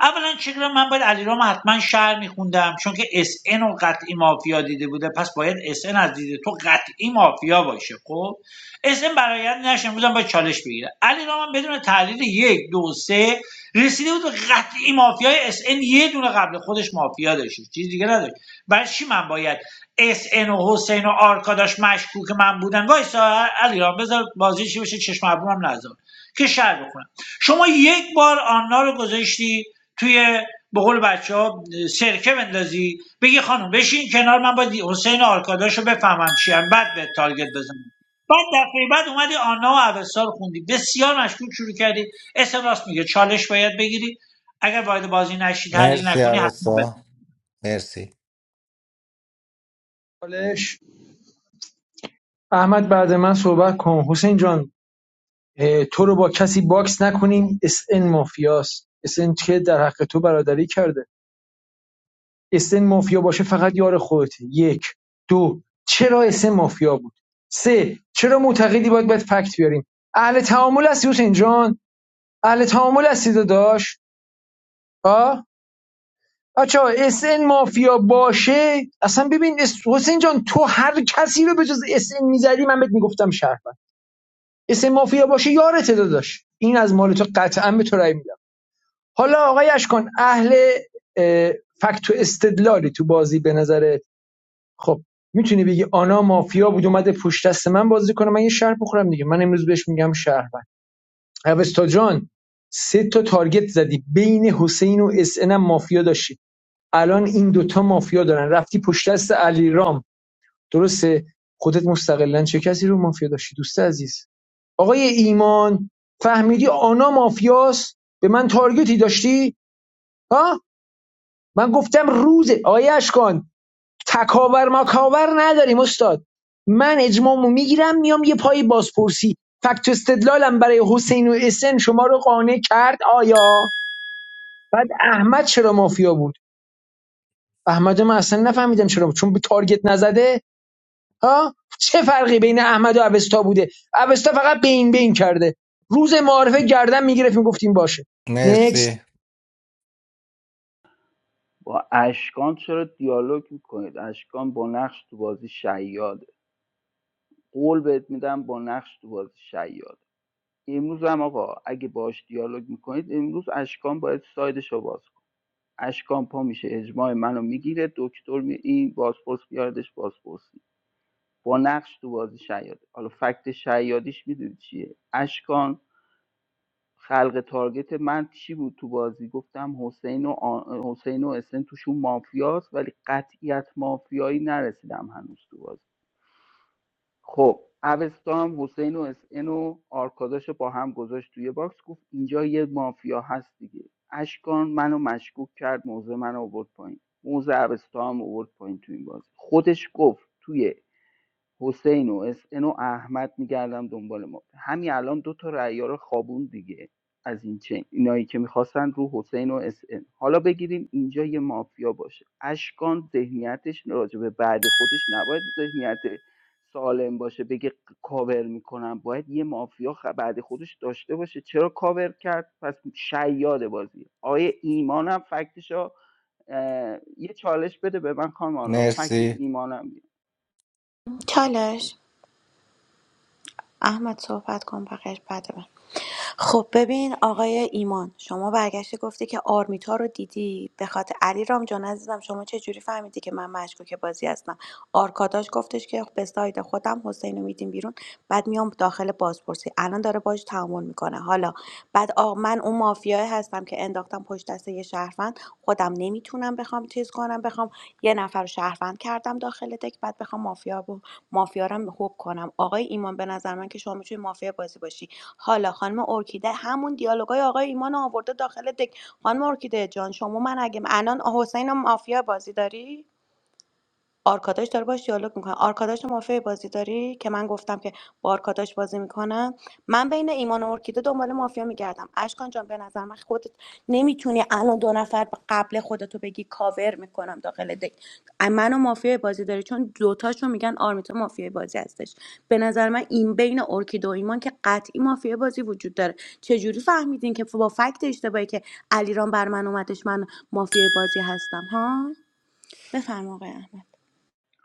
Speaker 12: اولا چرا من باید علیرام حتما شهر میخوندم چون که اس ان و قطعی مافیا دیده بوده پس باید اس ان از دید تو قطعی مافیا باشه خب اسم برایند نشه امروز با چالش بگیره علی رام بدون تحلیل یک دو سه رسیده بود به قطعی مافیای اس ان یه دونه قبل خودش مافیا داشت چیز دیگه نداشت برای چی من باید اس ان و حسین و آرکاداش مشکوک من بودن وایسا علی رام بذار بازی چی بشه چشم ابروم نذار که شر بکنم شما یک بار آنا رو گذاشتی توی به قول بچه ها سرکه بندازی بگی خانم بشین کنار من باید حسین آرکاداش رو بفهمم چی هم، بعد به تارگت بزنم بعد دفعه بعد اومدی آنا و اوستا رو خوندی بسیار مشکوک شروع کردی اسم راست میگه چالش باید بگیری اگر باید بازی نشی تحلیل
Speaker 3: مرسی
Speaker 12: نکنی حتما بده
Speaker 3: عوسا مرسی
Speaker 5: حالش احمد بعد من صحبت کن حسین جان تو رو با کسی باکس نکنیم اس ان مافیاست اس ان که در حق تو برادری کرده اسن مافیا باشه فقط یار خودته یک دو چرا اسن مافیا بود سه چرا معتقدی باید باید فکت بیاریم اهل تعامل هستی حسین جان اهل تعامل هستی داداش ها بچه اسن مافیا باشه اصلا ببین اس- حسین جان تو هر کسی رو به جز اسن میزدی من بهت میگفتم شهروند اسن مافیا باشه یارته داداش این از مال تو قطعا به تو رأی میدم حالا آقای اشکان اهل فکت و استدلالی تو بازی به نظر خب میتونی بگی آنا مافیا بود اومده پشت دست من بازی کنه من یه شهر بخورم دیگه من امروز بهش میگم شهروند اوستا جان سه تا تارگت زدی بین حسین و اس هم مافیا داشتی الان این دوتا مافیا دارن رفتی پشت دست علیرام درسته خودت مستقلا چه کسی رو مافیا داشتی دوست عزیز آقای ایمان فهمیدی آنا مافیاست به من تارگتی داشتی ها من گفتم روزه آقای اشکان تکاور مکاور نداریم استاد من اجماعمو میگیرم میام یه پای بازپرسی فکت و استدلالم برای حسین و اسن شما رو قانع کرد آیا بعد احمد چرا مافیا بود احمد من اصلا نفهمیدم چرا بود چون به تارگت نزده ها چه فرقی بین احمد و اوستا بوده اوستا فقط بین بین کرده روز معارفه گردن میگرفت گفتیم باشه
Speaker 3: مرسی
Speaker 5: نکست
Speaker 17: با اشکان چرا دیالوگ میکنید اشکان با نقش تو بازی شیاده قول بهت میدم با نقش تو بازی شیاده امروز هم آقا اگه باش دیالوگ میکنید امروز اشکان باید سایدش رو باز کن اشکان پا میشه اجماع منو میگیره دکتر می این بازپرس بیاردش بازپرسی با نقش تو بازی شیاده حالا فکت شیادیش میدونی چیه اشکان خلق تارگت من چی بود تو بازی گفتم حسین و آ... حسین و اسن توشون مافیاست ولی قطعیت مافیایی نرسیدم هنوز تو بازی خب اوستا هم حسین و اسن و آرکاداش با هم گذاشت توی باکس گفت اینجا یه مافیا هست دیگه اشکان منو مشکوک کرد موزه منو آورد پایین موزه اوستا هم آورد پایین تو این بازی خودش گفت توی حسین و اس ان و احمد میگردم دنبال ما همین الان دو تا رعیا رو خوابون دیگه از این چین اینایی که میخواستن رو حسین و اس ان. حالا بگیریم اینجا یه مافیا باشه اشکان ذهنیتش راجع به بعد خودش نباید ذهنیت سالم باشه بگه کاور میکنم باید یه مافیا خ- بعد خودش داشته باشه چرا کاور کرد پس شیاد بازی آیه ایمانم فکتشو اه، یه چالش بده به من کامان فکت
Speaker 3: مرسی
Speaker 17: ایمانم
Speaker 9: چالش احمد صحبت کن بقیهش بعد من خب ببین آقای ایمان شما برگشتی گفتی که آرمیتا رو دیدی به خاطر علی رام جان عزیزم شما چه جوری فهمیدی که من مشکوک بازی هستم آرکاداش گفتش که به ساید خودم حسین رو میدیم بیرون بعد میام داخل بازپرسی الان داره باش تعامل میکنه حالا بعد آ... من اون مافیای هستم که انداختم پشت دست یه شهروند خودم نمیتونم بخوام چیز کنم بخوام یه نفر رو شهروند کردم داخل دک بعد بخوام مافیا مافیا رو هم خوب کنم آقای ایمان به نظر من که شما میتونی مافیا بازی باشی حالا خانم ارکیده همون دیالوگای آقای ایمان آورده داخل دک خانم ارکیده جان شما من اگه الان حسین مافیا بازی داری آرکاداش داره باش دیالوگ میکنه آرکاداش رو مافیا بازی داری که من گفتم که با آرکاداش بازی میکنم من بین ایمان و ارکیده دنبال مافیا میگردم اشکان جان به نظر من خودت نمیتونی الان دو نفر قبل خودتو بگی کاور میکنم داخل دک منو مافیا بازی داری چون دوتاشون میگن آرمیتا مافیا بازی هستش به نظر من این بین ارکیده و ایمان که قطعی مافیا بازی وجود داره چجوری فهمیدین که با فکت اشتباهی که علیرام بر من اومدش من مافیا بازی هستم ها بفرما آقای احمد.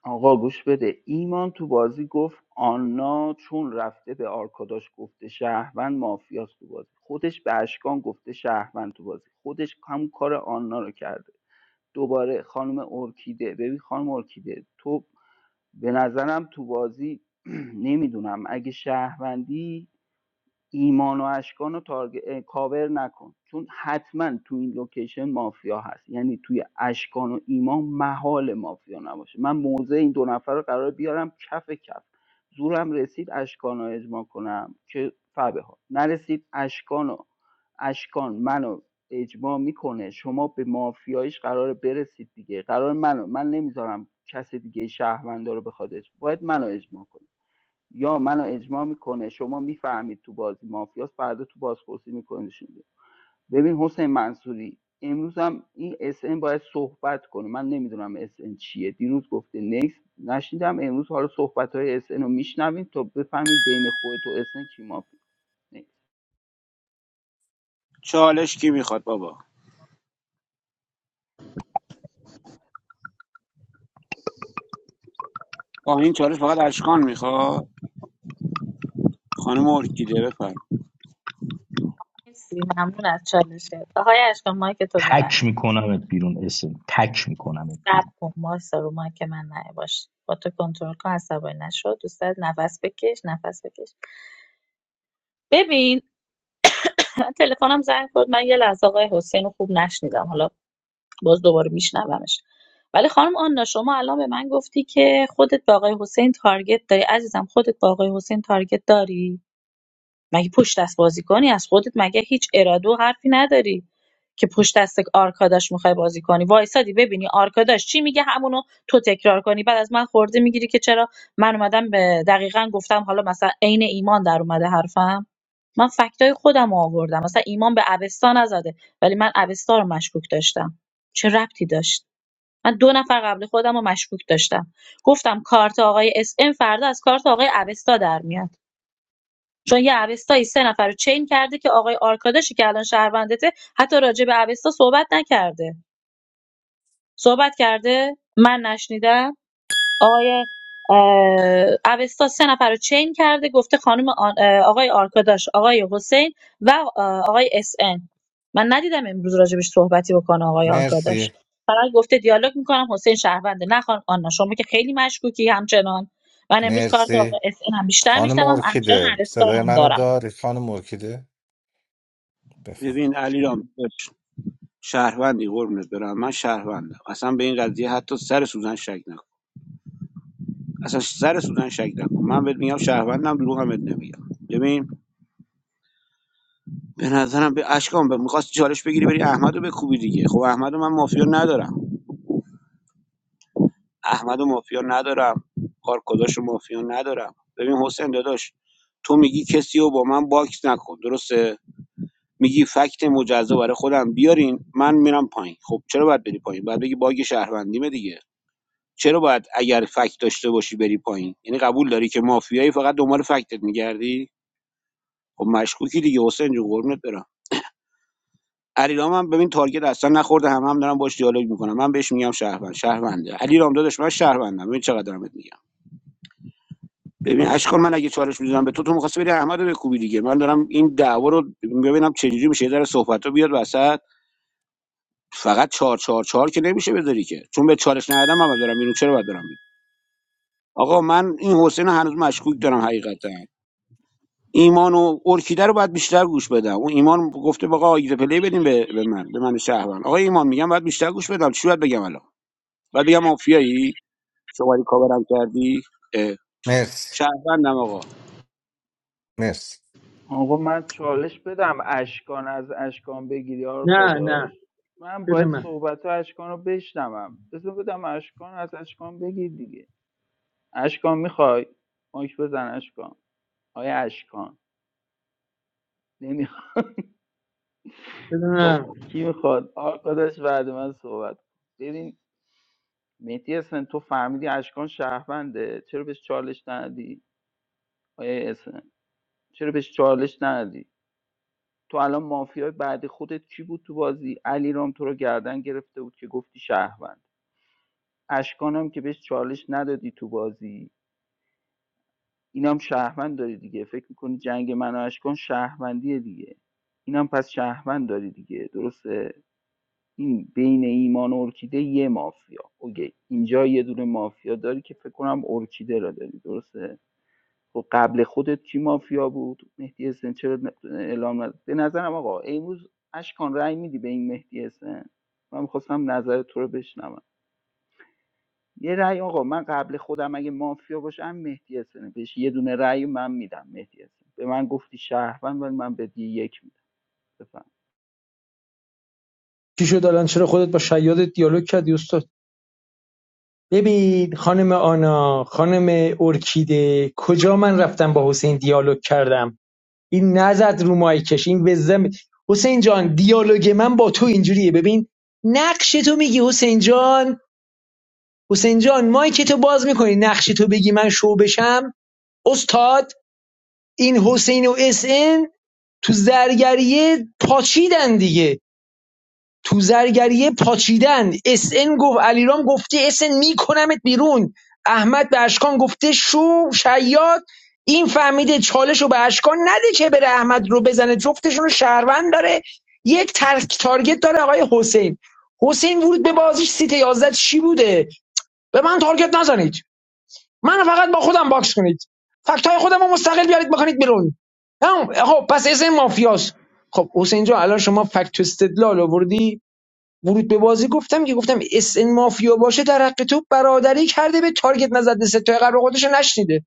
Speaker 17: آقا گوش بده ایمان تو بازی گفت آنا چون رفته به آرکاداش گفته شهروند مافیاست تو بازی خودش به اشکان گفته شهروند تو بازی خودش هم کار آنا رو کرده دوباره خانم ارکیده ببین خانم ارکیده تو به نظرم تو بازی نمیدونم اگه شهروندی ایمان و اشکان رو تارگ... کاور نکن چون حتما تو این لوکیشن مافیا هست یعنی توی اشکان و ایمان محال مافیا نباشه من موضع این دو نفر رو قرار بیارم کف کف زورم رسید اشکان رو اجماع کنم که فبه ها نرسید اشکان و اشکان منو اجماع میکنه شما به مافیایش قرار برسید دیگه قرار منو من نمیذارم کس دیگه شهروندا رو بخواد اجماع باید منو اجماع کنه یا منو اجماع میکنه شما میفهمید تو بازی مافیاس فردا تو بازپرسی میکنیدشون ببین حسین منصوری امروز هم این اس ان باید صحبت کنه من نمیدونم اس ان چیه دیروز گفته نیست نشیدم امروز حالا صحبت های اس ان رو میشنویم تا بفهمیم بین خودت و اس ان کی مافیا
Speaker 15: چالش کی میخواد بابا آه این چالش فقط اشکان میخواد خانم ارکیده بفرم
Speaker 19: مرسی ممنون از چالشه آقای اشکان مایک تو ببند
Speaker 14: تک میکنمت بیرون اسم تک میکنمت
Speaker 19: صبر
Speaker 14: بیرون
Speaker 19: کن وایسا رو ما که من نیا باش با تو کنترل کن عصبانی نشو دوست دارد نفس بکش نفس بکش ببین تلفنم زنگ خورد من یه لحظه آقای حسین رو خوب نشنیدم حالا باز دوباره میشنومش ولی خانم آنا شما الان به من گفتی که خودت با آقای حسین تارگت داری عزیزم خودت با آقای حسین تارگت داری مگه پشت دست بازی کنی از خودت مگه هیچ اراده و حرفی نداری که پشت دست آرکاداش میخوای بازی کنی وایسادی ببینی آرکاداش چی میگه همونو تو تکرار کنی بعد از من خورده میگیری که چرا من اومدم به دقیقا گفتم حالا مثلا عین ایمان در اومده حرفم من فکتای خودم آوردم مثلا ایمان به اوستا نزده ولی من اوستا رو مشکوک داشتم چه ربطی داشت من دو نفر قبل خودم رو مشکوک داشتم گفتم کارت آقای اس ام فردا از کارت آقای اوستا در میاد چون یه اوستایی سه نفر رو چین کرده که آقای آرکاداشی که الان شهروندته حتی راجع به اوستا صحبت نکرده صحبت کرده من نشنیدم آقای اه، اوستا سه نفر رو چین کرده گفته خانم آن- اه، آقای آرکاداش آقای حسین و اه، آقای اس ان. من ندیدم امروز راجبش صحبتی بکنه آقای آرکاداش
Speaker 3: مرسی
Speaker 19: فقط گفته دیالوگ میکنم حسین شهرونده نه خانم آنا شما که خیلی مشکوکی همچنان من امروز کارت آقای
Speaker 3: مرسی
Speaker 19: اس ان هم بیشتر
Speaker 3: خانم
Speaker 19: میشنوم همچنان
Speaker 3: ارکیده
Speaker 19: اوستا رو
Speaker 3: صدای
Speaker 19: هم
Speaker 3: منو
Speaker 19: دارم
Speaker 3: داری خانم ارکیده بفهم
Speaker 15: ببین علیرام شهروندی قربونت برم من شهروندم اصلا به این قضیه حتی سر سوزن شک نکن اصلا سر سوزن شک نکن من بهت میگم شهروندم دروغمت نمیگم ببین به نظرم به اشکام به میخواست چالش بگیری بری احمدو رو بکوبی دیگه خب احمدو من مافیا ندارم احمدو مافیا ندارم کارکداش و مافیا ندارم ببین حسین داداش تو میگی کسی رو با من باکس نکن درسته میگی فکت مجزا برای خودم بیارین من میرم پایین خب چرا باید بری پایین باید بگی باگ شهروندیمه دیگه چرا باید اگر فکت داشته باشی بری پایین یعنی قبول داری که مافیایی فقط دنبال فکتت میگردی خب مشکوکی دیگه حسین جون قربونت برم علیرام هم ببین تارگت اصلا نخورده هم هم دارم باش دیالوگ میکنم من بهش میگم شهروند شهرونده علیرام داداش من شهروندم ببین چقدر دارم بهت میگم ببین اشکال من اگه چالش میزنم به تو تو می‌خواستی بری احمدو بکوبی دیگه من دارم این دعوا رو ببینم چجوری میشه در صحبت بیاد وسط فقط چهار چهار چهار که نمیشه بذاری که چون به چالش ندادم من دارم اینو چرا باید برم آقا من این حسین هنوز مشکوک دارم حقیقتا ایمان و ارکیده رو باید بیشتر گوش بدم اون ایمان گفته آقا آیده پلی بدیم به, به من به من شهروند آقا ایمان میگم باید بیشتر گوش بدم چی باید بگم الان باید بگم مافیایی شماری کاورم کردی اه،
Speaker 3: مرسی
Speaker 15: شهروندم آقا
Speaker 3: مرسی
Speaker 17: آقا من چالش بدم اشکان از اشکان بگیری آرکا
Speaker 5: نه نه
Speaker 17: داشت من
Speaker 5: بده
Speaker 17: باید
Speaker 5: من
Speaker 17: صحبت اشکان رو بشنوم بذار بدم اشکان از اشکان بگیر دیگه اشکان میخوای مایک بزن اشکان آیا اشکان نمیخواد
Speaker 5: بده
Speaker 17: خب
Speaker 5: من
Speaker 17: کی میخواد آقا داشت بعد من صحبت ببین مهدی اسن تو فهمیدی اشکان شهرونده چرا بهش چالش ندی آیا اسن چرا بهش چالش ندی تو الان مافیای بعد خودت کی بود تو بازی علی رام تو رو گردن گرفته بود که گفتی شهروند اشکانم که بهش چالش ندادی تو بازی اینم شهروند داری دیگه فکر میکنی جنگ من و اشکان شهروندیه دیگه اینم پس شهروند داری دیگه درسته این بین ایمان و ارکیده یه مافیا اوکی اینجا یه دونه مافیا داری که فکر کنم ارکیده را داری درسته خب قبل خودت کی مافیا بود مهدی حسن چرا ن- اعلام ند... به نظرم آقا امروز اشکان رأی میدی به این مهدی حسن من میخواستم نظر تو رو بشنوم یه رأی آقا من قبل خودم اگه مافیا باشم مهدی حسنه بهش یه دونه رأی من میدم مهدی حسن به من گفتی شهروند ولی من به یه یک میدم بفهم
Speaker 5: چی شد الان چرا خودت با شیاد دیالوگ کردی استاد ببین خانم آنا خانم ارکیده کجا من رفتم با حسین دیالوگ کردم این نزد رو مایکش این وزم حسین جان دیالوگ من با تو اینجوریه ببین نقش تو میگی حسین جان حسین جان مایک تو باز میکنی نقش تو بگی من شو بشم استاد این حسین و اس ان تو زرگریه پاچیدن دیگه تو زرگریه پاچیدن اس ان گفت علیرام گفته اس ان میکنمت بیرون احمد به اشکان گفته شو شیاد این فهمیده چالش رو به اشکان نده که بره احمد رو بزنه جفتشون رو شهروند داره یک ترک تارگت داره آقای حسین حسین ورود به بازیش سیت 11 چی بوده به من تارگت نزنید من فقط با خودم باکس کنید فکت های خودم رو مستقل بیارید بکنید بیرون تمام. خب پس اسم مافیاست خب حسین جان الان شما فکت استدلال آوردی ورود به بازی گفتم که گفتم اس ان مافیا باشه در حق تو برادری کرده به تارگت نزده ستای قبل خودش رو نشنیده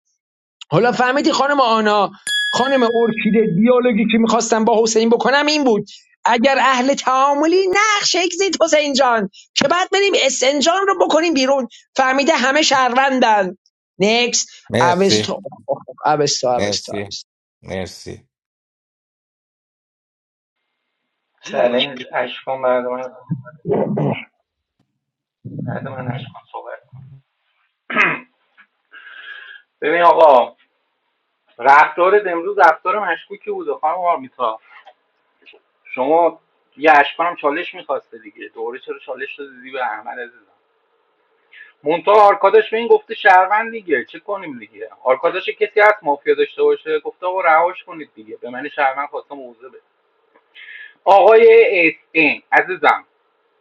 Speaker 5: حالا فهمیدی خانم آنا خانم ارکیده دیالوگی که میخواستم با حسین بکنم این بود اگر اهل تعاملی نقش اگزیت حسین جان که بعد بریم اس ان جان رو بکنیم بیرون فهمیده همه شهروندن نکس
Speaker 3: مرسی
Speaker 5: اوستا اوستا اوستا
Speaker 3: مرسی مرسی
Speaker 11: چلنج اشکان مردم ببین آقا رفتار امروز رفتار مشکوکی بوده خانم آرمیتا شما یه اشکانم چالش میخواسته دیگه دوره چرا چالش دادی به احمد عزیزم مونتا آرکاداش به این گفته شهروند دیگه چه کنیم دیگه آرکاداش کسی هست مافیا داشته باشه گفته آقا رهاش کنید دیگه به من شهروند خواسته موضوع بده آقای اس ان عزیزم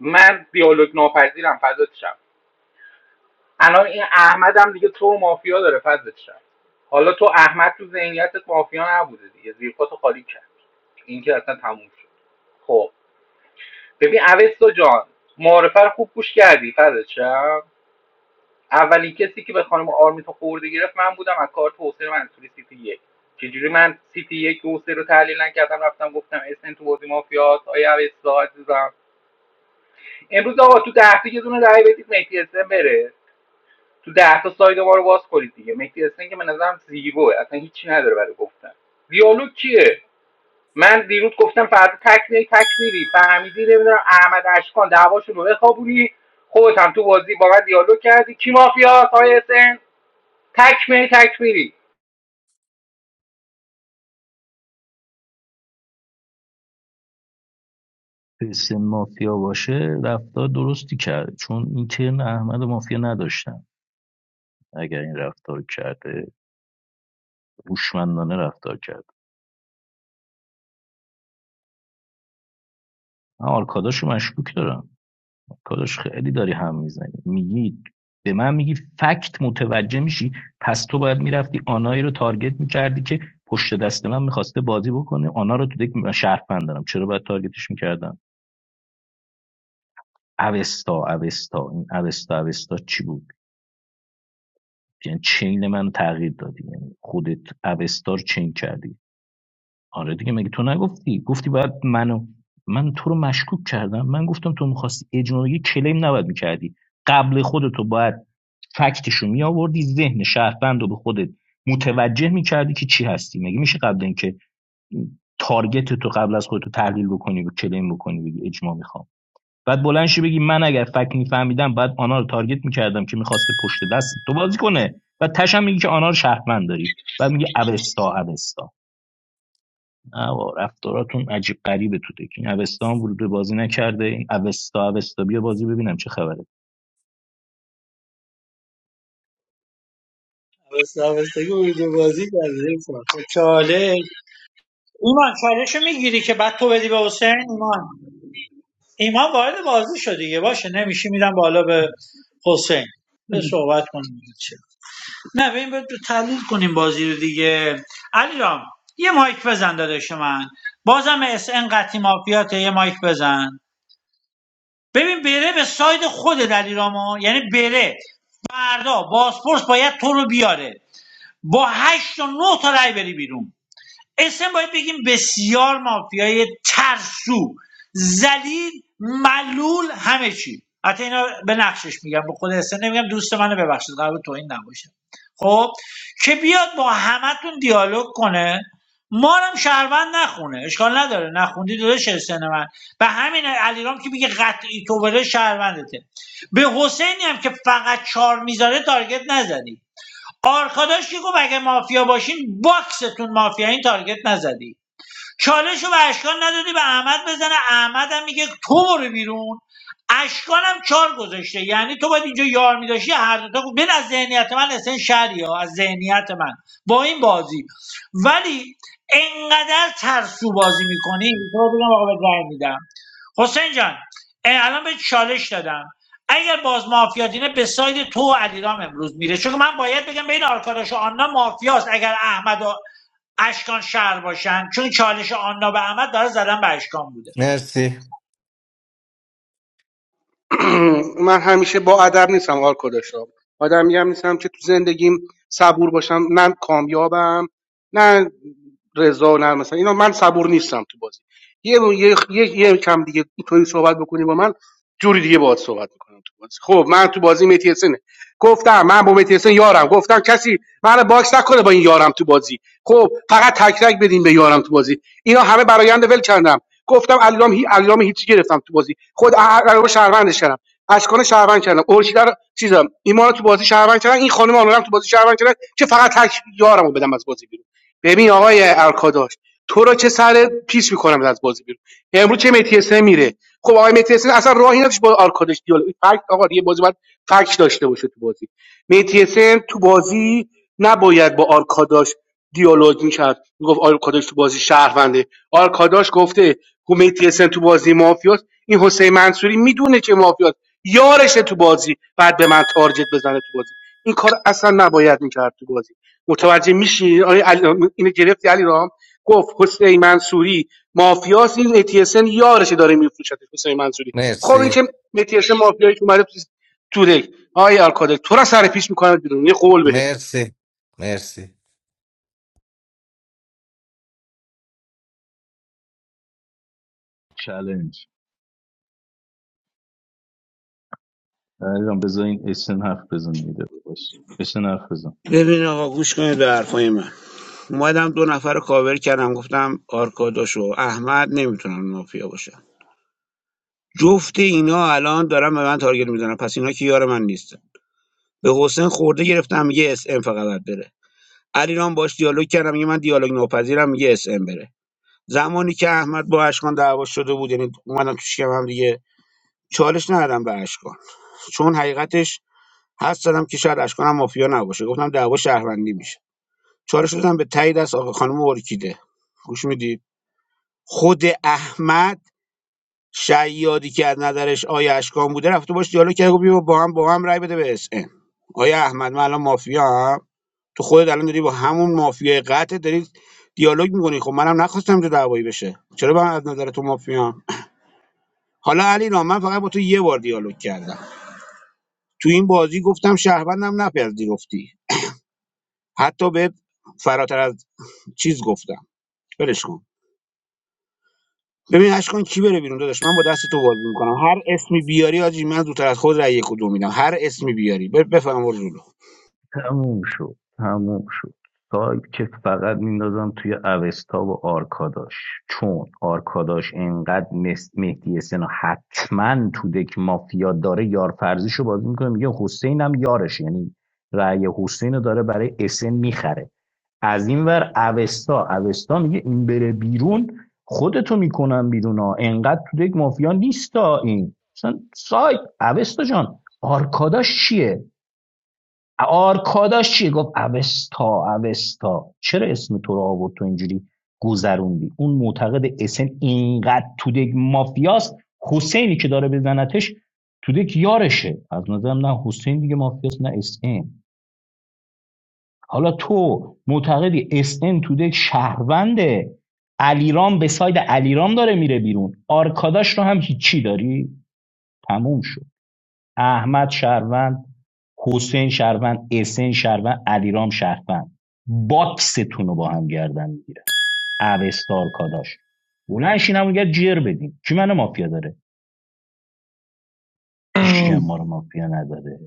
Speaker 11: من دیالوگ ناپذیرم فدات شم. الان این احمد هم دیگه تو مافیا داره فضلت شد حالا تو احمد تو ذهنیتت مافیا نبوده دیگه زیر پاتو خالی کرد این که اصلا تموم شد خب ببین اوستا جان معارفه رو خوب گوش کردی فضلت شد اولین کسی که به خانم آرمیتا خورده گرفت من بودم از کارت حسین منصوری سیتی یک چجوری من سیتی یک و حسین رو تحلیل نکردم رفتم گفتم اسن تو بازی مافیاست آیا اوستا عزیزم امروز آقا تو ده تا یه دونه رای بدید مهدی SN بره تو ده تا ساید ما رو باز کنید دیگه مهدی حسین که به نظرم زیروه اصلا هیچی نداره برای گفتن دیالوگ کیه من دیروز گفتم فردا تک میری تک میری فهمیدی نمیدونم احمد اشکان دعواشون رو بخوابونی خودت هم تو بازی با من دیالوگ کردی کی مافیا آقای حسین تک میری تک میری
Speaker 14: اسم مافیا باشه رفتار درستی کرده چون این ترن احمد مافیا نداشتن اگر این رفتار کرده هوشمندانه رفتار کرده من آرکاداشو مشکوک دارم کارش خیلی داری هم میزنی میگی به من میگی فکت متوجه میشی پس تو باید میرفتی آنایی رو تارگت میکردی که پشت دست من میخواسته بازی بکنه آنا رو تو دک شرف دارم چرا باید تارگتش میکردم اوستا اوستا این اوستا اوستا چی بود یعنی چین منو تغییر دادی یعنی خودت اوستا رو چین کردی آره دیگه مگه تو نگفتی گفتی باید منو من تو رو مشکوک کردم من گفتم تو میخواستی اجماع بگیری، کلیم نباید میکردی قبل خودتو باید فکتشو میآوردی ذهن شهروند رو به خودت متوجه میکردی که چی هستی مگه میشه قبل اینکه تارگت تو قبل از خودتو تحلیل بکنی و کلیم بکنی بگی اجماع میخوام بعد بلند شی بگی من اگر فکت میفهمیدم بعد آنها رو تارگت میکردم که میخواسته پشت دست تو بازی کنه و تشم میگی که آنها رو شهروند داری بعد میگه اوستا اوستا نه رفتاراتون عجیب غریبه تو دک این اوستا هم ورود به بازی نکرده این اوستا اوستا بیا بازی ببینم چه خبره
Speaker 12: اوستا اوستا که ورود بازی کرده خب چاله ایمان چالش رو میگیری که بعد تو بدی به حسین ایمان ایمان وارد بازی شدی یه باشه نمیشه میدم بالا به حسین به صحبت کنیم دیگه چه. نه ببین باید تحلیل کنیم بازی رو دیگه علی یه مایک بزن داداش من بازم اس ان قطی مافیاته یه مایک بزن ببین بره به ساید خود در ایران ما یعنی بره فردا بازپرس باید تو رو بیاره با هشت و نه تا رأی بری بیرون اسم باید بگیم بسیار مافیای ترسو زلیل ملول همه چی حتی اینا به نقشش میگم به خود اسم نمیگم دوست منو ببخشید قرار بود توهین نباشه خب که بیاد با همتون دیالوگ کنه ما رو هم شهروند نخونه اشکال نداره نخوندی داداش سن من به همین علیرام که میگه قطعی تو بره شهروندته به حسینی هم که فقط چار میذاره تارگت نزنی آرکاداش که گفت اگه مافیا باشین باکستون مافیا این تارگت نزدی چالش رو به اشکان ندادی به احمد بزنه احمد هم میگه تو برو بیرون اشکان هم چار گذاشته یعنی تو باید اینجا یار میداشی هر دوتا گفت بین از ذهنیت من اصلا شهری ها از ذهنیت من با این بازی ولی انقدر ترسو بازی میکنی تو رو بگم آقا بهت رأی میدم حسین جان الان به چالش دادم اگر باز مافیادینه دینه به ساید تو و علیرام امروز میره چون من باید بگم بین آرکاداش و آنها مافیاست اگر احمد و اشکان شهر باشن چون چالش آنها به احمد داره زدن به اشکان بوده
Speaker 3: مرسی
Speaker 20: صبور باشم نه کامیابم نه رضا نه مثلا اینا من صبور نیستم تو بازی یه یه یه, یه کم دیگه اینطوری صحبت بکنی با من جوری دیگه باهات صحبت میکنم تو بازی خب من تو بازی متیسنه گفتم من با متیسن یارم گفتم کسی من باکس نکنه با این یارم تو بازی خب فقط تک تک بدین به یارم تو بازی اینا همه برایند ول کردم گفتم علام هی علام هیچی گرفتم تو بازی خود علام شهروندش کردم اشکان شهروند کردم اورشیدا رو چیزم ایمان رو تو بازی شهروند کردم این خانم آنورم تو بازی شهروند کردم که فقط تک یارمو بدم از بازی بیرون ببین آقای ارکاداش تو را چه سر پیش میکنم از بازی بیرون امروز چه متی میره خب آقای متی اصلا راهی نداشت با آرکادش دیالوگ فکت آقا یه بازی باید فکت داشته باشه تو بازی متی تو بازی نباید با آرکاداش دیالوگ میکرد میگفت آرکاداش تو بازی شهرونده آرکاداش گفته خب متی تو بازی مافیاست این حسین منصوری میدونه که مافیاست یارش تو بازی بعد به من تارجت بزنه تو بازی این کار اصلا نباید میکرد تو بازی متوجه میشی آقای علی اینو گرفتی علی رام گفت حسین منصوری مافیاست این اتیسن یارشه داره میفروشتش حسین منصوری خب این
Speaker 3: مرسی
Speaker 20: که اتیسن مافیایش اومده تو تو ری آی آرکادل تو را سر پیش میکنه بیرون یه قول بهت میدم
Speaker 3: مرسی مرسی
Speaker 14: چالش علیرام بذار این اسن حرف بزن میده باش اسن حرف بزن.
Speaker 15: ببین آقا گوش کنید به حرفای من اومدم دو نفر رو کاور کردم گفتم آرکاداش و احمد نمیتونن مافیا باشن جفت اینا الان دارن به من تارگت میزنن پس اینا که یار من نیستن به حسین خورده گرفتم میگه اس ام فقط باید بره علیرام باش دیالوگ کردم میگه من دیالوگ ناپذیرم میگه اس ام بره زمانی که احمد با اشکان دعوا شده بود یعنی اومدن تو شکم هم دیگه چالش ندادم به اشکان چون حقیقتش حد زدم که شاید اشکان هم مافیا نباشه گفتم دعوا شهروندی میشه چالش دادم به تایید از آقا خانم ارکیده گوش میدی خود احمد شیادی که از نظرش آیا اشکان بوده رفته باش دیالوگ کرد گفت بیا با هم با هم رای بده به اس ام آیا احمد من الان مافیا هم تو خودت الان داری با همون مافیای قطع داری دیالوگ میکنی خب منم نخواستم که دعوایی بشه چرا من از نظر تو مافیام حالا علی رام من فقط با تو یه بار دیالوگ کردم تو این بازی گفتم شهروندم نپذیرفتی حتی به فراتر از چیز گفتم ولش کن ببین اش کن کی بره بیرون داداش من با دست تو بازی میکنم هر اسمی بیاری آجی من زودتر از خود رأی کدوم میدم هر اسمی بیاری ب- بفهم ورزولو
Speaker 14: تموم شد تموم شد سایت که فقط میندازم توی اوستا و آرکاداش چون آرکاداش اینقدر مس- مهدی سنا حتما تو دک مافیا داره یارفرزیشو بازی میکنه میگه حسین هم یارش یعنی رأی حسین رو داره برای اسن میخره از این ور اوستا اوستا میگه این بره بیرون خودتو میکنم بیرون ها انقدر تو دک مافیا نیستا این مثلا سایت اوستا جان آرکاداش چیه آرکاداش چیه گفت اوستا اوستا چرا اسم تو رو آورد تو اینجوری گذروندی اون معتقد اسن اینقدر توده مافیاست حسینی که داره بزنتش توده که یارشه از نظرم نه حسین دیگه مافیاست نه اسن حالا تو معتقدی اسن توده شهرونده علیرام به ساید علیرام داره میره بیرون آرکاداش رو هم هیچی داری تموم شد احمد شهروند حسین شهروند اسن شهروند علیرام شهروند باکستون رو با هم گردن میگیره اوستار کالاش بلنشین میگه جر بدین کی منو مافیا داره هیچ کی ما رو مافیا نداره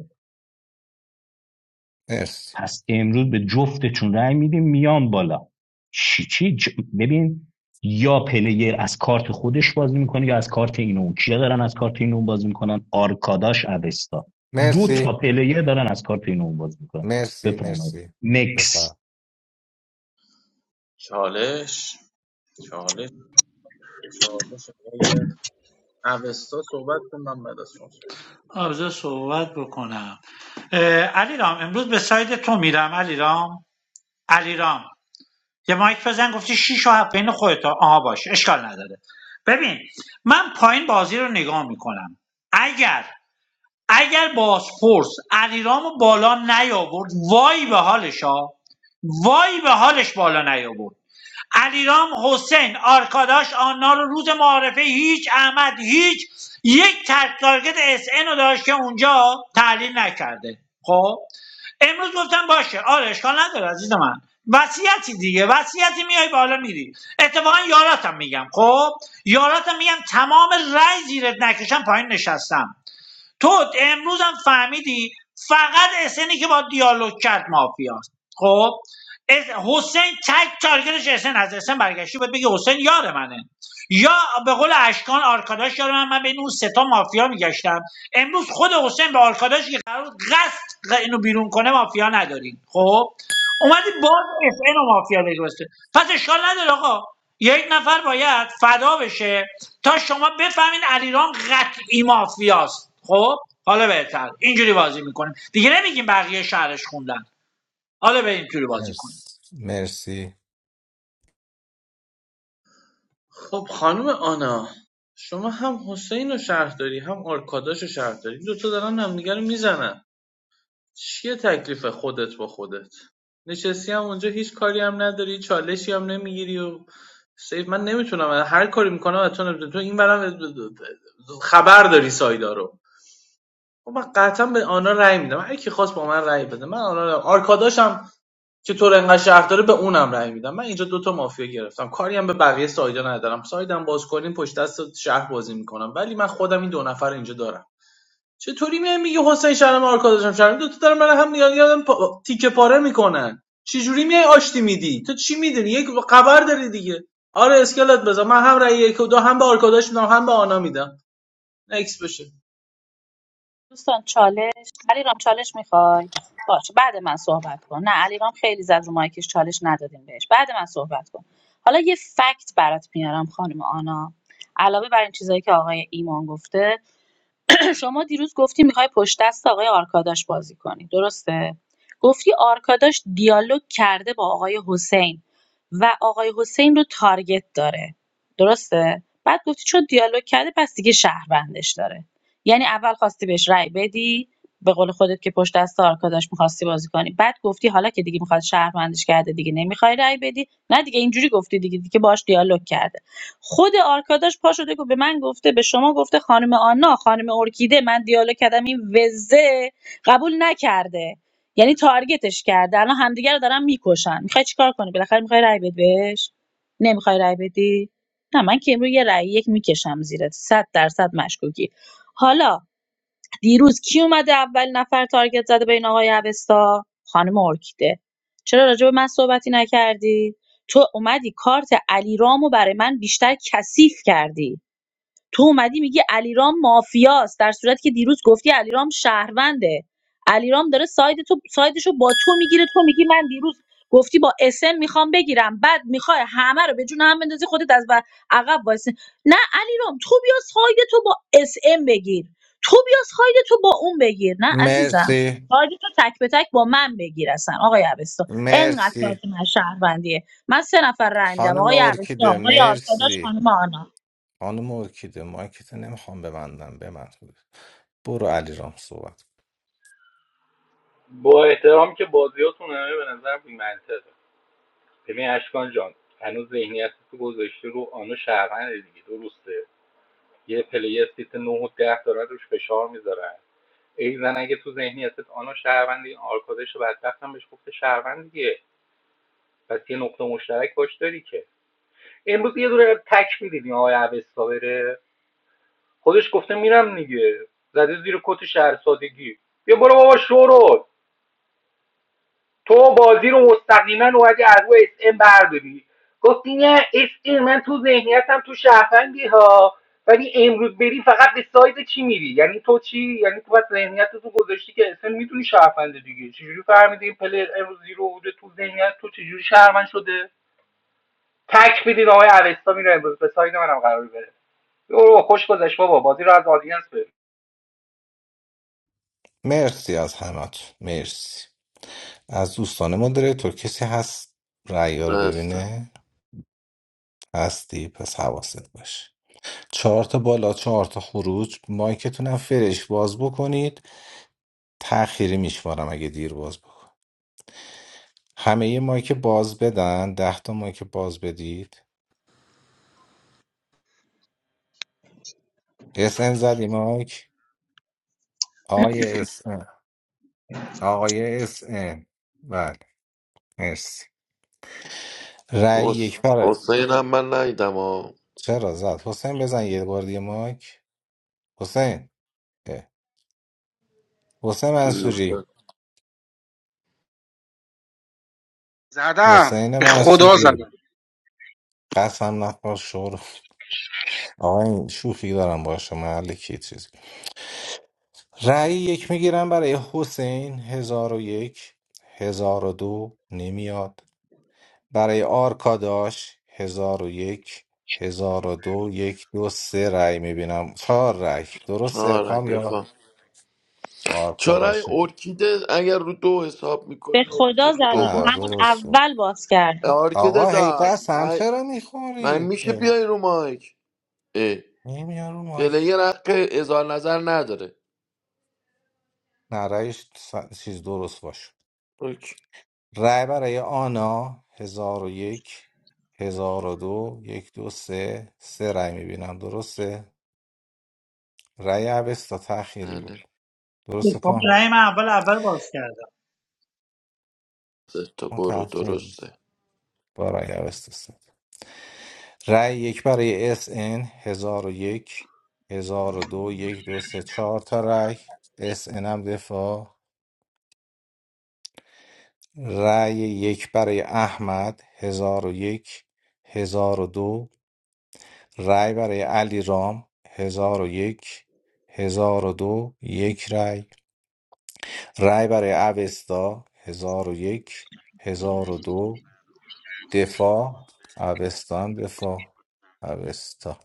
Speaker 3: مرسی
Speaker 14: پس امروز به جفتتون رأی میدیم میام بالا چی چی چ- ببین یا پلیر از کارت خودش بازی میکنه یا از کارت اینو و کیا دارن از کارت اینو و بازی میکنن آرکاداش اوستا دو تا
Speaker 3: مرسی
Speaker 14: پلیر دارن از کارت اینو و اون بازی میکنن
Speaker 3: مرسی
Speaker 14: بفرمایید
Speaker 3: مرسی
Speaker 14: نکس
Speaker 3: بفهم
Speaker 18: چالش چالش چالش آقای اوستا صحبت کن من بعد از شما.
Speaker 12: آرزو صحبت بکنم علیرام امروز به ساید تو میرم علیرام علیرام یه مایک بزن گفتی شیش و هفت بین خودتا آها باش اشکال نداره ببین من پایین بازی رو نگاه میکنم اگر اگر بازپرس علیرامو بالا نیاورد وای به حالش ها وای به حالش بالا نیاورد علیرام حسین آرکاداش آنا رو روز معارفه هیچ احمد هیچ یک ترک تارگت اس ان رو داشت که اونجا تحلیل نکرده خب امروز گفتم باشه آره اشکال نداره عزیز من وصیتی دیگه وصیتی میای بالا میری اتفاقا یاراتم میگم خب یاراتم میگم تمام رأی زیرت نکشم پایین نشستم تو امروز هم فهمیدی فقط اسنی که با دیالوگ کرد مافیاست خب اس- حسین تک تارگتش اسن از اسن برگشتی بهت بگه حسین یار منه یا به قول اشکان آرکاداش یارم من, من بین اون سه تا مافیا میگشتم امروز خود حسین به آرکاداش که قرار بود قصد اینو بیرون کنه مافیا نداریم خب اومدی باز اس اینو مافیا بگوسته پس اشکال نداره آقا یک نفر باید فدا بشه تا شما بفهمین علیرام قطعی مافیاست خب حالا بهتر اینجوری بازی میکنیم دیگه نمیگیم بقیه شهرش خوندن حالا به اینجوری بازی کنیم
Speaker 3: مرسی مرسی
Speaker 18: خب خانم آنا شما هم حسین رو شرح داری هم آرکاداش رو شرح داری این دوتا دارن همدیگه رو میزنن چیه تکلیف خودت با خودت نشستی هم اونجا هیچ کاری هم نداری چالشی هم نمیگیری و سیف من نمیتونم هر کاری میکنم از تو نمیتونم تو این برم خبر داری سایدا رو خب من قطعا به آنا رأی میدم هر کی خواست با من رأی بده من آنا رو- آرکاداش هم که تو رو انقدر شهر داره به اونم رأی میدم من اینجا دوتا مافیا گرفتم کاری هم به بقیه سایدا ندارم سایدم باز کنیم پشت دست شهر بازی میکنم ولی من خودم این دو نفر رو اینجا دارم چطوری میای میگه حسین شهرم آرکاداشم شهرم دو تا دارم برای هم نیاز یادم پا... تیکه پاره میکنن چجوری میای آشتی میدی تو چی میدونی یک خبر داری دیگه آره اسکلت بذار من هم رأی یک و دو هم به آرکاداش میدم هم به آنا میدم نکس بشه
Speaker 19: دوستان چالش علیرام چالش میخوای باشه بعد من صحبت کن نه علیرام خیلی زد رو مایکش چالش ندادیم بهش بعد من صحبت کن حالا یه فکت برات میارم خانم آنا علاوه بر این چیزایی که آقای ایمان گفته شما دیروز گفتی میخوای پشت دست آقای آرکاداش بازی کنی درسته گفتی آرکاداش دیالوگ کرده با آقای حسین و آقای حسین رو تارگت داره درسته بعد گفتی چون دیالوگ کرده پس دیگه شهروندش داره یعنی اول خواستی بهش رأی بدی به قول خودت که پشت دست آرکاداش میخواستی بازی کنی بعد گفتی حالا که دیگه میخواد شهروندش کرده دیگه نمیخوای رأی بدی نه دیگه اینجوری گفتی دیگه دیگه باش دیالوگ کرده خود آرکاداش پا شده که به من گفته به شما گفته خانم آنا خانم ارکیده من دیالوگ کردم این وزه قبول نکرده یعنی تارگتش کرده الان همدیگه رو دارن میکشن میخوای چیکار کنی بالاخره میخوای رای بدی بهش نمیخوای رای بدی نه من که امروز یه رای یک میکشم زیرت صد درصد مشکوکی حالا دیروز کی اومده اولین نفر تارگت زده بین آقای اوستا خانم ارکیده چرا راجع به من صحبتی نکردی تو اومدی کارت علیرامو برای من بیشتر کثیف کردی تو اومدی میگی علیرام مافیاست در صورتی که دیروز گفتی علیرام شهرونده علیرام داره ساید تو سایدشو با تو میگیره تو میگی من دیروز گفتی با اسم میخوام بگیرم بعد میخوای همه رو به جون هم بندازی خودت از و- عقب وایسی نه علیرام تو بیا ساید تو با اس ام بگیر تو بیا ساید تو با اون بگیر نه عزیزم
Speaker 3: مرسی
Speaker 19: ساید تو تک به تک با من بگیر اصلا آقای عبستان انقدر
Speaker 3: مرسی
Speaker 19: کارت من شهروندیه من سه نفر رای میدم
Speaker 3: خانم
Speaker 19: آقای عبستان
Speaker 3: ارکیده
Speaker 19: آقای آرکاداش
Speaker 3: مرسی
Speaker 19: خانم آنا
Speaker 3: خانم ارکیده ما که تو نمیخوام ببندم به من برو علی رام صحبت
Speaker 11: با احترامی که بازیاتون همه به نظر بی‌منطقه ببین اشکان جان هنوز ذهنیت تو گذاشته رو آنو شهروند دیگه درسته یه پلیر سیت 9 و 10 دارن روش فشار میذارن ای زن اگه تو ذهنیتت آنا شهروند این آرکادش بدبختم بهش گفته شهروند دیگه پس یه نقطه مشترک باش داری که امروز یه دونه تک میدیدی آقای اوستا بره خودش گفته میرم دیگه زده زیر کت شهرسادگی بیا برو بابا شورو تو بازی رو مستقیما اومدی از روی اس ام برداری گفتی نه اس ام من تو ذهنیتم تو شهروندی ها ولی امروز بری فقط به ساید چی میری یعنی تو چی یعنی تو بس ذهنیت تو گذاشتی که اصلا میدونی شهرونده دیگه چجوری فهمیدی این پلر امروز زیرو بوده تو ذهنیت تو چجوری شهروند شده تک بدید آقای اوستا میره امروز به ساید منم قرار بره برو خوش گذشت بابا بازی رو از آدینس بره
Speaker 3: مرسی از همت مرسی از دوستان مدریتور کسی هست رأی رو
Speaker 7: بستم
Speaker 3: ببینه هستی پس حواست باشه چهار تا بالا چهار تا خروج مایکتونم فرش باز بکنید تأخیری میشمارم اگه دیر باز بکن همه یه مایک باز بدن ده تا مایک باز بدید اس ان زدی مایک آقای اس ان آقای اس ان بله مرسی رأی
Speaker 7: حس-
Speaker 3: یک پره
Speaker 7: حسین هم من ندیدم ها
Speaker 3: چرا زد حسین بزن یه بار دیگه مایک حسین اه. حسین
Speaker 7: دیدی
Speaker 3: منصوری
Speaker 7: حسین؟
Speaker 20: زدم
Speaker 3: حسین
Speaker 20: به خدا
Speaker 3: منصوری
Speaker 20: زدم
Speaker 3: قسم نخور شور آقا این شوخی دارم باشه محل کی چیزی رأی یک میگیرم برای حسین هزار و یک هزار و دو نمیاد برای آرکاداش هزار و یک هزار و دو یک دو سه رأی میبینم چهار رأی درسته
Speaker 7: آره
Speaker 3: کام یا
Speaker 7: دفاع چرا این
Speaker 3: آرکاداش
Speaker 7: ارکیده اگر رو دو حساب
Speaker 19: به
Speaker 7: میکنی ارکیده
Speaker 19: خدا
Speaker 7: رو دو
Speaker 19: زدم
Speaker 3: نه
Speaker 7: باز
Speaker 19: همون
Speaker 7: کرد
Speaker 3: درست بود
Speaker 19: اول باز کردم
Speaker 7: ارکیده
Speaker 3: آقا هی
Speaker 7: جان
Speaker 3: قسم
Speaker 7: من,
Speaker 3: چرا
Speaker 7: من
Speaker 3: میخورید
Speaker 7: میشه بیای رو مایک
Speaker 3: نمیارو مایک
Speaker 7: پلیر حق اظهار نظر نداره
Speaker 3: نه رأیش س- چیز درست باشه
Speaker 7: اوکی
Speaker 3: رای برای آنا هزار و یک هزار و دو یک دو سه سه رای میبینم درسته رای اوستا تأخیری بود
Speaker 7: بله
Speaker 3: درسته
Speaker 12: خب،
Speaker 3: کام
Speaker 12: رأی من اول اول
Speaker 7: سه تا
Speaker 3: اون
Speaker 7: برو
Speaker 3: تأخیر بود.
Speaker 7: درسته
Speaker 3: با رای اوستا سه رای یک برای اس ان هزار و یک هزار و دو یک دو سه چهار تا رای اس ان هم دفاع رای یک برای احمد هزار و یک هزار و دو رای برای علی رام هزار و یک هزار و دو یک رأی رأی برای اوستا هزار و یک هزار و دو دفاع اوستا هم دفاع اوستا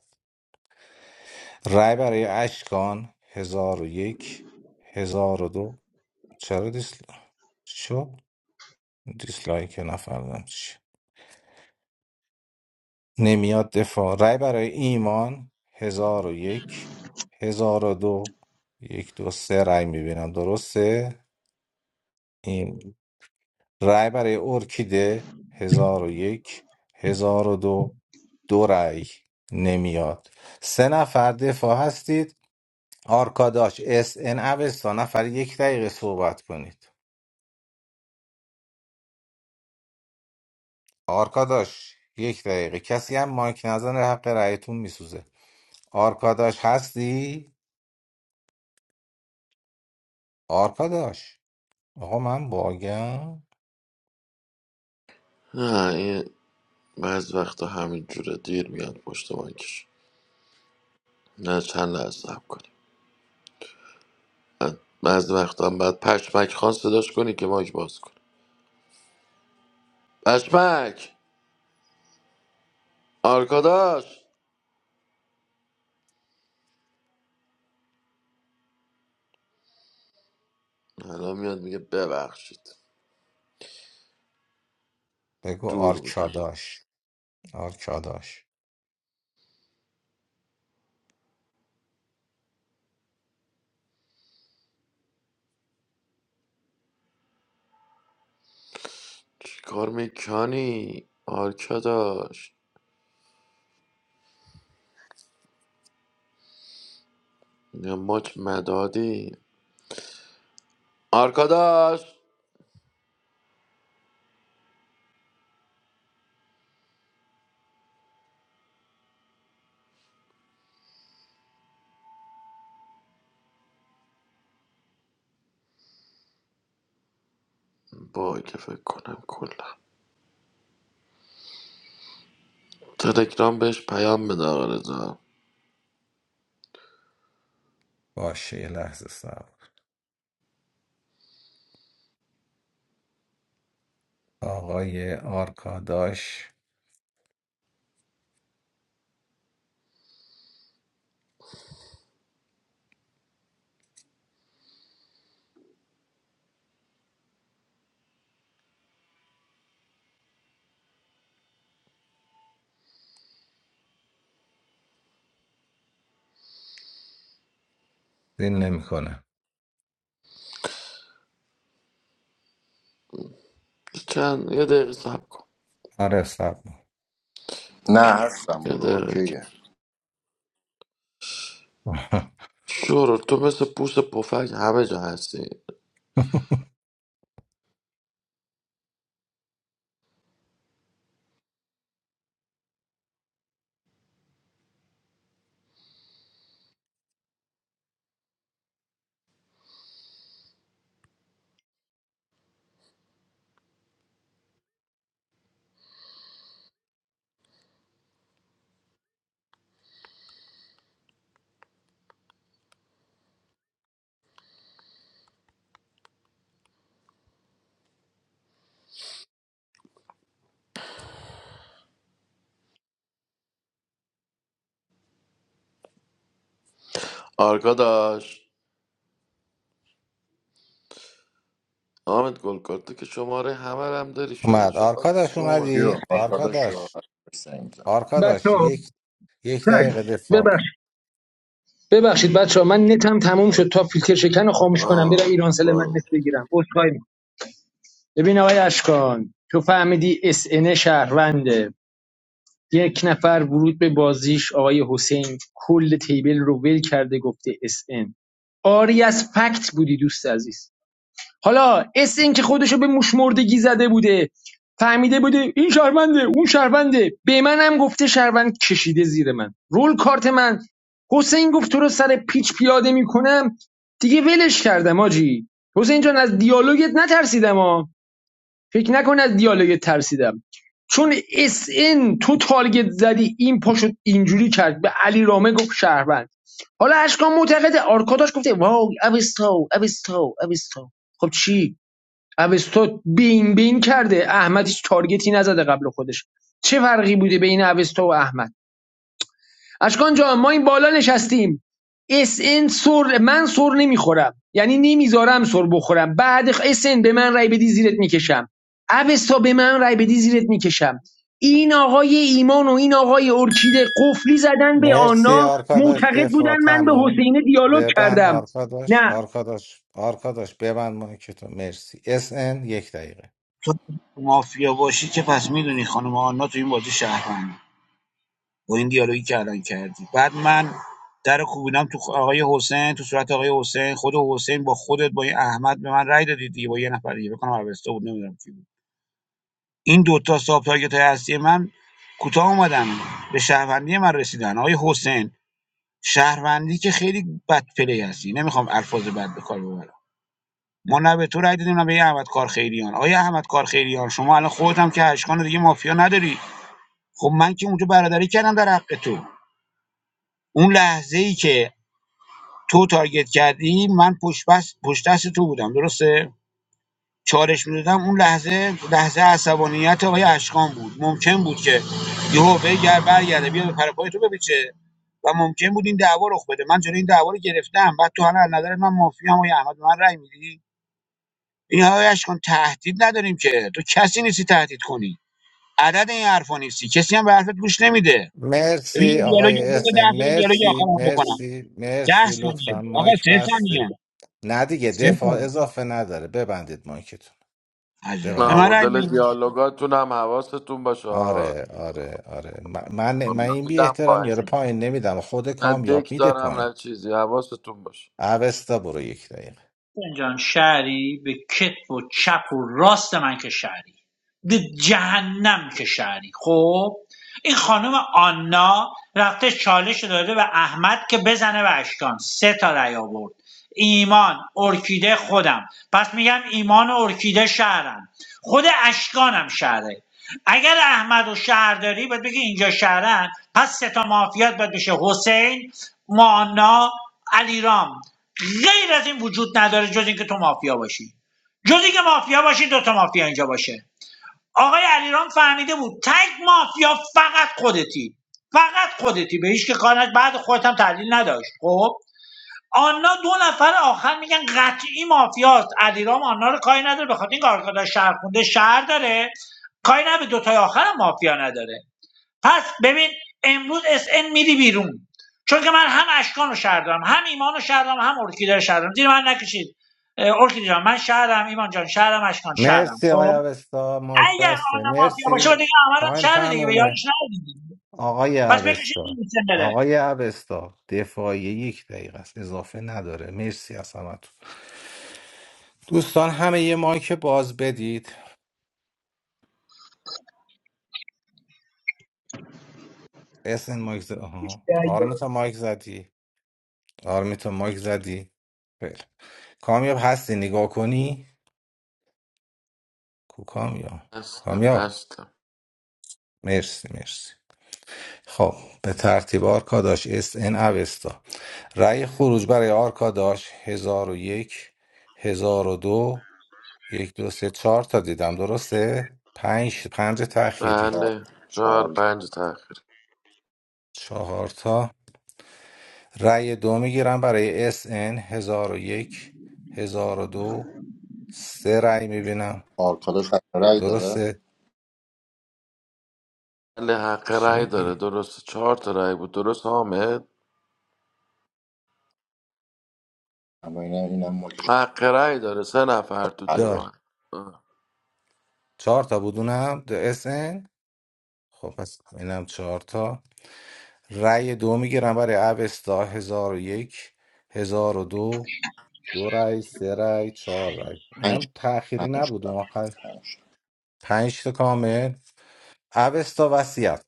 Speaker 3: رای برای اشکان هزار و یک هزار و دو چرا دیسل شو دیسلایک نفردم نمیاد دفاع رای برای ایمان هزار و یک هزار و دو یک دو سه رای میبینم درسته این رای برای ارکیده هزار و یک هزار و دو دو رای نمیاد سه نفر دفاع هستید آرکاداش اس ان اوستا نفر یک دقیقه صحبت کنید آرکاداش یک دقیقه کسی هم مایک نزنه حق رأیتون میسوزه آرکاداش هستی آرکاداش آقا من باگم
Speaker 7: نه این بعض وقتا همین جوره دیر میاد پشت بانکش نه چند لحظه صبر کنیم بعد- بعض وقتا هم باید پشمک خان صداش کنی که مایک باز کنه پشمک آرکاداش الان میاد میگه ببخشید
Speaker 3: بگو
Speaker 7: دور بودم
Speaker 3: آرکاداش آرکاداش
Speaker 7: چیکار میکنی آرکاداش یا ماچ مدادی آرکاداش با که فکر کنم کلا تلگرام بهش پیام بده آقا رضا
Speaker 3: باشه یه لحظه صبر آقای آرکاداش دین نمیکنه
Speaker 7: چند یه دقیقه صبر کن
Speaker 3: آره صبر
Speaker 21: نه هستم
Speaker 7: یه
Speaker 21: برو
Speaker 7: دقیقه
Speaker 21: اوکیه
Speaker 3: کن.
Speaker 7: شورو تو مثل پوست پفک همه جا هستی آرکا داشت آمد گل کرد. تو که شماره همه رو هم داری شو این
Speaker 3: اومد
Speaker 7: شماره
Speaker 3: آرکاداش
Speaker 7: اومد
Speaker 21: کیو
Speaker 3: اومدی
Speaker 21: آرکاداش رو
Speaker 3: آرکاداش
Speaker 21: حرف میزنه
Speaker 3: آرکاداش یک یک دقیقه دفاع
Speaker 5: اوستا
Speaker 3: کن
Speaker 5: ببخشید بچه ها من نتم تموم شد تا فیلتر شکن رو خاموش کنم برم
Speaker 7: آه
Speaker 5: ایرانسل من
Speaker 7: واو.
Speaker 5: نت بگیرم عذرخواهی می‌کنم. ببین آقای اشکان تو فهمیدی اس ان شهرونده یک نفر ورود به بازیش آقای حسین کل تیبل رو ول کرده گفته اس ان. آری از فکت بودی دوست عزیز حالا اس این که خودشو به موش مردگی زده بوده فهمیده بوده این شهرونده اون شهرونده به منم گفته شهروند کشیده زیر من رول کارت من حسین گفت تو رو سر پیچ پیاده میکنم دیگه ولش کردم آجی حسین جان از دیالوگت نترسیدم ها فکر نکن از دیالوگت ترسیدم چون اس ان تو تارگت زدی این پاشو اینجوری کرد به علی رامه گفت شهروند حالا اشکان معتقد آرکاداش گفته واو اوستو اوستو اوستو خب چی اوستا بین بین کرده احمد هیچ تارگتی نزده قبل خودش چه فرقی بوده بین اوستا و احمد اشکان جان ما این بالا نشستیم اس ان سر من سر نمیخورم یعنی نمیذارم سر بخورم بعد اس ان به من رای بدی زیرت میکشم اوستا به من رای بدی زیرت میکشم این آقای ایمان و این آقای ارکیده قفلی زدن به
Speaker 3: مرسی
Speaker 5: آنا
Speaker 3: آرکاداش
Speaker 5: معتقد
Speaker 3: دفاع
Speaker 5: بودن من به
Speaker 3: تموم
Speaker 5: حسینه دیالوگ
Speaker 3: ببند
Speaker 5: کردم
Speaker 3: آرکاداش
Speaker 5: نه
Speaker 3: آرکاداش آرکاداش ببند مایک تو مرسی اس ان، یک دقیقه
Speaker 15: تو مافیا باشی که پس میدونی خانم آنا تو این بازی شهروند با این دیالوگی که الان کردی بعد من در کوبینم تو آقای حسین تو صورت آقای حسین خود حسین با خودت با این احمد به من رأی دادید دیگه با یه نفر دیگه بکنم اوستا بود نمیدونم کی بود این دوتا ساب تارگت های اصلی من کوتاه اومدن به شهروندی من رسیدن آقای حسین شهروندی که خیلی بد پلی هستی نمیخوام الفاظ بد به کار ببرم ما نه به تو رأی دادیم نه به احمد کارخیریان آیا احمد کارخیریان شما الان خودت هم که اشکان دیگه مافیا نداری خب من که اونجا برادری کردم در حق تو اون لحظه ای که تو تارگت کردی من پشت بس پشت دست تو بودم درسته چالش میدادم اون لحظه لحظه عصبانیت آقای اشکان بود ممکن بود که یهو بگر برگرده بیا به پرپای تو ببیچه و ممکن بود این دعوا رخ بده من جلوی این دعوا رو گرفتم بعد تو الان از نظر من مافیام آقای احمد به من رأی میدی این آقای اشکان تهدید نداریم که تو کسی نیستی تهدید کنی عدد این حرفا نیستی کسی هم به حرفت گوش نمیده ببین
Speaker 3: مرسی
Speaker 15: یه دیالوگ یه
Speaker 3: آقای
Speaker 15: دیالوگ
Speaker 3: احسن
Speaker 15: ده ثانیه، دیالوگ
Speaker 3: مرسی
Speaker 15: آخرام بکنم
Speaker 3: مرسی
Speaker 15: ده
Speaker 3: مرسی
Speaker 15: ثانیه
Speaker 3: لطفا
Speaker 15: آقا
Speaker 3: مایک
Speaker 15: سه ثانیه
Speaker 3: بسته نه دیگه
Speaker 15: سه ثانیه.
Speaker 3: دفاع اضافه نداره ببندید مایکتون
Speaker 15: عجب به
Speaker 7: نه
Speaker 15: من رأی
Speaker 3: ببندید
Speaker 7: مدل
Speaker 15: ندید.
Speaker 7: دیالوگاتون هم حواستون باشه آقا.
Speaker 3: آره آره آره م- من من
Speaker 7: من
Speaker 3: این بی
Speaker 7: میدم
Speaker 3: احترام
Speaker 7: پایین
Speaker 3: یاره پایین نمیدم خود
Speaker 7: نه
Speaker 3: کامیاب
Speaker 7: دک
Speaker 3: میده
Speaker 7: دارم
Speaker 3: پایین
Speaker 7: نه چیزی حواستون باشه
Speaker 3: اوستا برو یک دقیقه
Speaker 12: حسین جان شهری به کتف و چپ و راست من که شهری به جهنم که شهری خب این خانم آنا رفته چالش رو داده به احمد که بزنه به اشکان سه تا رأی آورد ایمان ارکیده خودم پس میگم ایمان و ارکیده شهرم خود اشکانم شهره اگر احمد و شهر داری باید بگی اینجا شهرن پس سه تا مافیات باید بشه حسین مانا علیرام غیر از این وجود نداره جز اینکه تو مافیا باشی جز اینکه مافیا باشی دو تا مافیا اینجا باشه آقای علیرام فهمیده بود تگ مافیا فقط خودتی فقط خودتی به هیچ که کار نداشت. بعد خودت هم تحلیل نداشت خب آنا دو نفر آخر میگن قطعی مافیاست علیرام آنا رو کاری نداره به خاطر این کارکردن شهر خونده شهر داره کاری نه به دوتای آخر هم مافیا نداره پس ببین امروز اس ان میری بیرون چون که من هم اشکان رو شهر دارم هم ایمان رو شهر دارم هم ارکیده رو شهر دارم زیر من نکشید اه، ارکیده جان من شهرم ایمان جان شهرم اشکان شهرم
Speaker 3: مرسی آقای
Speaker 12: خب
Speaker 3: اوستا مایک
Speaker 12: اگر آن
Speaker 3: بسته
Speaker 12: مافیا باشه و
Speaker 3: مرسی
Speaker 12: دیگه احمد هم
Speaker 3: تایم
Speaker 12: شهر دیگه به یارش
Speaker 3: تمومه
Speaker 12: نبودیم
Speaker 3: آقای
Speaker 12: پس بکشید این
Speaker 3: اوستا
Speaker 12: میشه بره
Speaker 3: آقای اوستا دفاعی یک دقیقه است اضافه نداره مرسی از همتون دوستان همه یه مایک باز بدید اسن مایک زد آها آرمیتا مایک زدی آرمیتا مایک زدی خیلی کامیاب هستی نگاه کنی کو کامیاب
Speaker 7: هستم
Speaker 3: کامیاب
Speaker 7: هستم
Speaker 3: مرسی مرسی خب به ترتیب آرکاداش اس ان اوستا رأی خروج برای آرکاداش هزار و یک هزار و دو یک دو سه چهار تا دیدم درسته پنج پنج تأخیری
Speaker 7: بله چهار
Speaker 21: چهار
Speaker 7: پنج تاخیر
Speaker 3: چهار تا رأی دو میگیرم برای اس ان هزار و یک هزار و دو سه رأی میبینم
Speaker 21: آرکاداش حق رای داره
Speaker 3: درسته
Speaker 7: بله حق
Speaker 3: چی
Speaker 7: رأی داره
Speaker 3: میگی؟
Speaker 7: درست چهار تا رأی بود درست حامد
Speaker 21: اما اینا اینم ماکش
Speaker 7: حق رأی داره سه نفر تو
Speaker 21: حله
Speaker 3: دار
Speaker 7: دفاع آه.
Speaker 3: چهار تا بودونم اس ان خب پس اینم چهار تا رأی دو میگیرم برای اوستا هزار و یک هزار و دو دو رأی سه رأی چهار رأی
Speaker 21: پنج
Speaker 3: اینم تأخیری
Speaker 21: پنج
Speaker 3: نبود اون
Speaker 21: تا
Speaker 3: آخر
Speaker 21: پنج تا.
Speaker 3: پنج تا کامل اوستا وصیت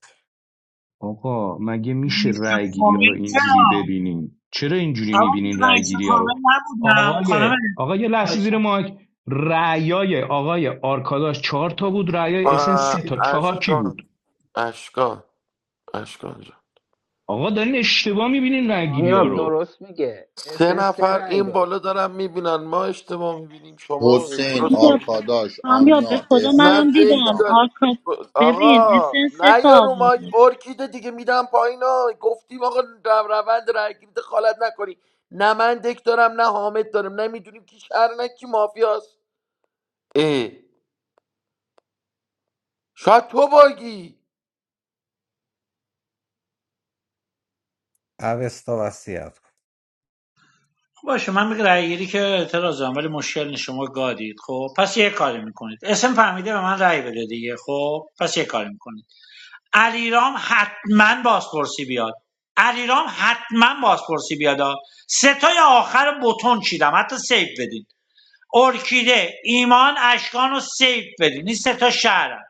Speaker 14: آقا مگه میشه
Speaker 12: نیست
Speaker 14: رأی گیری ها رو
Speaker 12: فامیل
Speaker 14: اینجوری
Speaker 12: چرا
Speaker 14: ببینیم چرا اینجوری
Speaker 12: اما
Speaker 14: میبینین رأی
Speaker 12: رئیس
Speaker 14: گیری ها
Speaker 12: کامل
Speaker 14: رو
Speaker 12: نبودم
Speaker 14: آقای
Speaker 12: خانم
Speaker 14: آقا یه لحظه
Speaker 12: باشه
Speaker 14: زیر ماک رأیای آقای آرکاداش چهار تا بود رأیای اسن سه
Speaker 7: آه،
Speaker 14: تا چهار کی
Speaker 7: اشکان
Speaker 14: بود
Speaker 7: اشکان اشکان جان.
Speaker 14: آقا دارین اشتباه میبینین رأیگیری ها
Speaker 17: کامیاب
Speaker 14: رو
Speaker 17: درست میگه
Speaker 7: سه
Speaker 17: اسن سه
Speaker 7: نفر
Speaker 17: رأی
Speaker 7: این بالا
Speaker 17: داشت
Speaker 7: دارن میبینن ما اشتباه میبینیم شما
Speaker 21: حسین
Speaker 7: درست
Speaker 19: کامیاب
Speaker 7: میبینیم
Speaker 21: آرکاداش
Speaker 19: کامیاب به
Speaker 21: آنا
Speaker 19: خدا
Speaker 7: نه
Speaker 21: اسن
Speaker 19: منم
Speaker 7: دک
Speaker 19: دیدم
Speaker 21: علیرام
Speaker 7: داره
Speaker 19: آرکا ببین
Speaker 7: آقا
Speaker 19: اسن سه
Speaker 7: نه
Speaker 19: تا
Speaker 7: یارو مایک
Speaker 19: آورده بود.
Speaker 7: ارکیده دیگه میدم پایین ها. گفتیم آقا رو- روند رای گیرید خالت نکنی نه من دک دارم نه حامد دارم نه میدونیم کی شهر نه کی مافیاست اه. شاید تو باگی
Speaker 3: اوستا وصیت
Speaker 12: باشه من به رأی گیری که اعتراض دارم ولی مشکل نیست شما گادید خب پس یه کاری میکنید اسم فهمیده به من رأی بده دیگه خب پس یه کاری میکنید علیرام حتما بازپرسی بیاد علیرام حتما بازپرسی بیاد سه تای آخر بتون چیدم حتی سیف بدین ارکیده ایمان اشکان رو سیف بدین این سه تا شهرم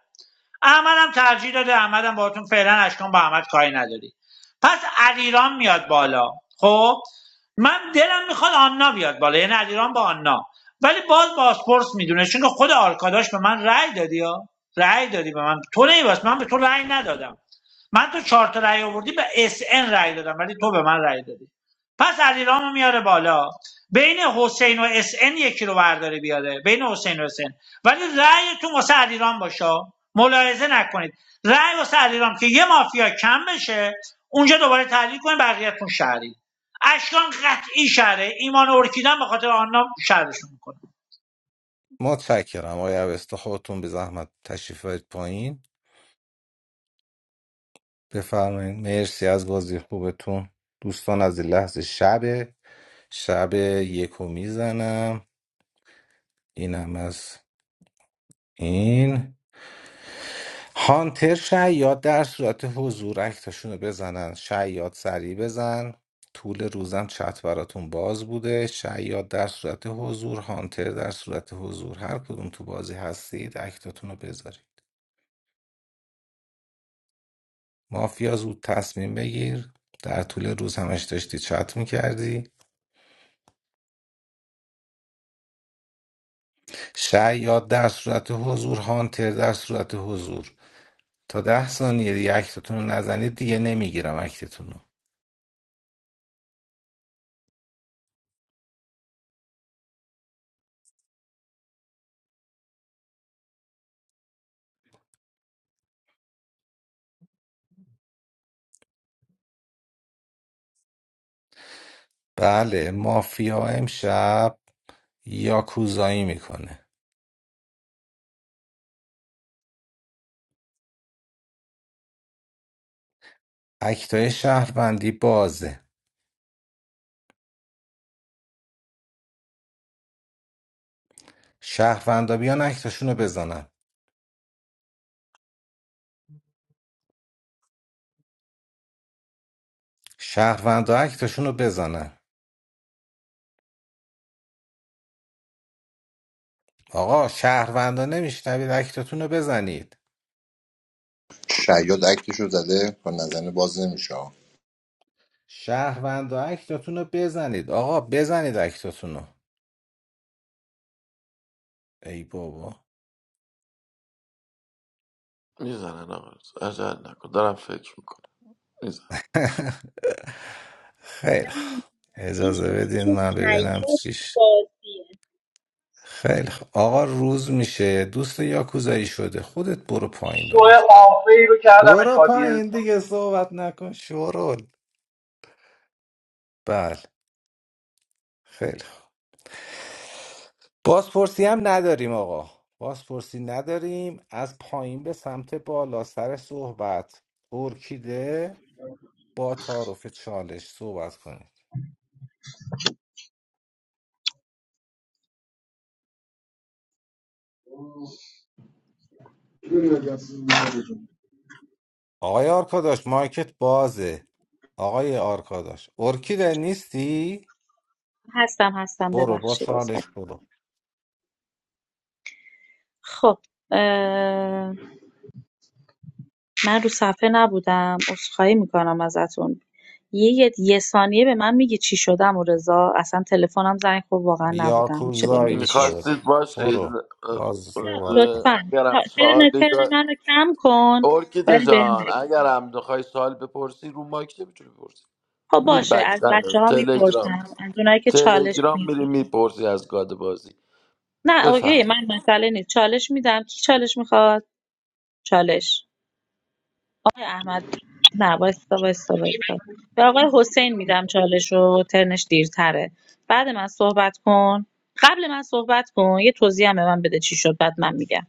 Speaker 12: احمدم ترجیح داده احمدم باهاتون فعلا اشکان با احمد کاری نداری پس علیرام میاد بالا خب من دلم میخواد آننا بیاد بالا یعنی علیرام با آننا ولی باز بازپرس میدونه چون که خود آرکاداش به من رأی دادی ها رأی دادی به من تو نیواس من به تو رأی ندادم من تو چهار تا رأی آوردی به اس ان رأی دادم ولی تو به من رأی دادی پس علیرامو میاره بالا بین حسین و اس ان یکی رو برداره بیاره بین حسین و اس ان ولی رأیتون واسه علیرام باشه ملاحظه نکنید رأی واسه علیرام که یه مافیا کم بشه اونجا دوباره تحلیل کنید بقیه‌تون شهری اشکان قطعی شهره ایمان و ارکیدن به خاطر آنها شهرشون میکنه
Speaker 3: متشکرم آقای اوستا خودتون به زحمت تشریف برید پایین بفرمایید مرسی از بازی خوبتون دوستان از این لحظه شب شب یکو میزنم اینم از این هانتر شیاد در صورت حضور اکتاشونو بزنن شیاد سریع بزن طول روزم چت براتون باز بوده شیاد در صورت حضور هانتر در صورت حضور هر کدوم تو بازی هستید اکتاتون رو بذارید مافیا زود تصمیم بگیر در طول روز همش داشتی چت میکردی شاید در صورت حضور هانتر در صورت حضور تا ده ثانیه دیگه اکتتون رو نزنید دیگه نمیگیرم اکتتون رو بله مافیا امشب یاکوزایی میکنه اکتای شهروندی بازه شهروندا بیان اکتاشون رو بزنن شهروندا اکتاشون رو بزنن آقا شهروندا نمیشنوید اکتتون رو بزنید
Speaker 21: شیاد اکتشو زده با نزنه باز نمیشه
Speaker 3: شهروند اکتاتون رو بزنید آقا بزنید اکتاتون رو ای بابا
Speaker 7: میزنن آقا عجل نکن دارم فکر میکنم میزن
Speaker 3: خیلی
Speaker 22: No,
Speaker 3: خوب.
Speaker 22: just
Speaker 3: اجازه بدین
Speaker 22: use
Speaker 3: من ببینم
Speaker 22: short
Speaker 3: چیش
Speaker 22: phrases.
Speaker 3: خیلی خوب. آقا روز میشه دوست یاکوزایی شده خودت برو پایین
Speaker 11: شو
Speaker 3: داداش
Speaker 11: آفی رو کردمش
Speaker 3: برو
Speaker 11: آدینس
Speaker 3: پایین دیگه صحبت نکن شورول بله خیلی خوب. بازپرسی هم نداریم آقا بازپرسی نداریم از پایین به سمت بالا سر صحبت ارکیده با تعارف چالش صحبت کنید آقای آرکاداش مایکت بازه آقای آرکاداش ارکیده نیستی؟
Speaker 19: هستم هستم
Speaker 3: برو با
Speaker 19: ببخشید
Speaker 3: چالش
Speaker 19: عذرخواهی
Speaker 3: برو
Speaker 19: خب اه، من رو صفحه نبودم عذرخواهی میکنم ازتون یه یه ثانیه به من میگی چی شدم و رضا اصلا تلفنم زنگ خورد واقعا نبودم میشه بهم بگی
Speaker 3: یاکوزایی
Speaker 19: چی شد
Speaker 3: شد
Speaker 7: میخواستید باشید
Speaker 3: برو
Speaker 7: اه،
Speaker 3: باز
Speaker 19: ل-
Speaker 3: صحبت کن
Speaker 19: لطفا
Speaker 7: اگرم
Speaker 19: تا- ترن
Speaker 7: سوالی
Speaker 19: ترن
Speaker 7: دار-
Speaker 19: منو کم کن
Speaker 7: ارکیده
Speaker 19: ولی بهم
Speaker 7: جان
Speaker 19: بگو
Speaker 7: اگرم بخوای سوال بپرسی رو مایک نمیتونی بپرسی
Speaker 19: خب
Speaker 7: میری
Speaker 19: باشه
Speaker 7: بک
Speaker 19: از بچه
Speaker 7: چنل
Speaker 19: ها
Speaker 7: تلگرام
Speaker 19: میپرسم از اونایی که چالش
Speaker 7: تلگرام میری
Speaker 19: میدن
Speaker 7: میپرسی از گاد بازی
Speaker 19: نه
Speaker 7: بفهم
Speaker 19: اوکی من مسئله نیست چالش میدم کی چالش میخواد چالش آقای احمد نه وایستا وایستا وایستا به آقای حسین میدم چالش رو ترنش دیرتره بعد من صحبت کن قبل من صحبت کن یه توضیح هم به من بده چی شد بعد من میگم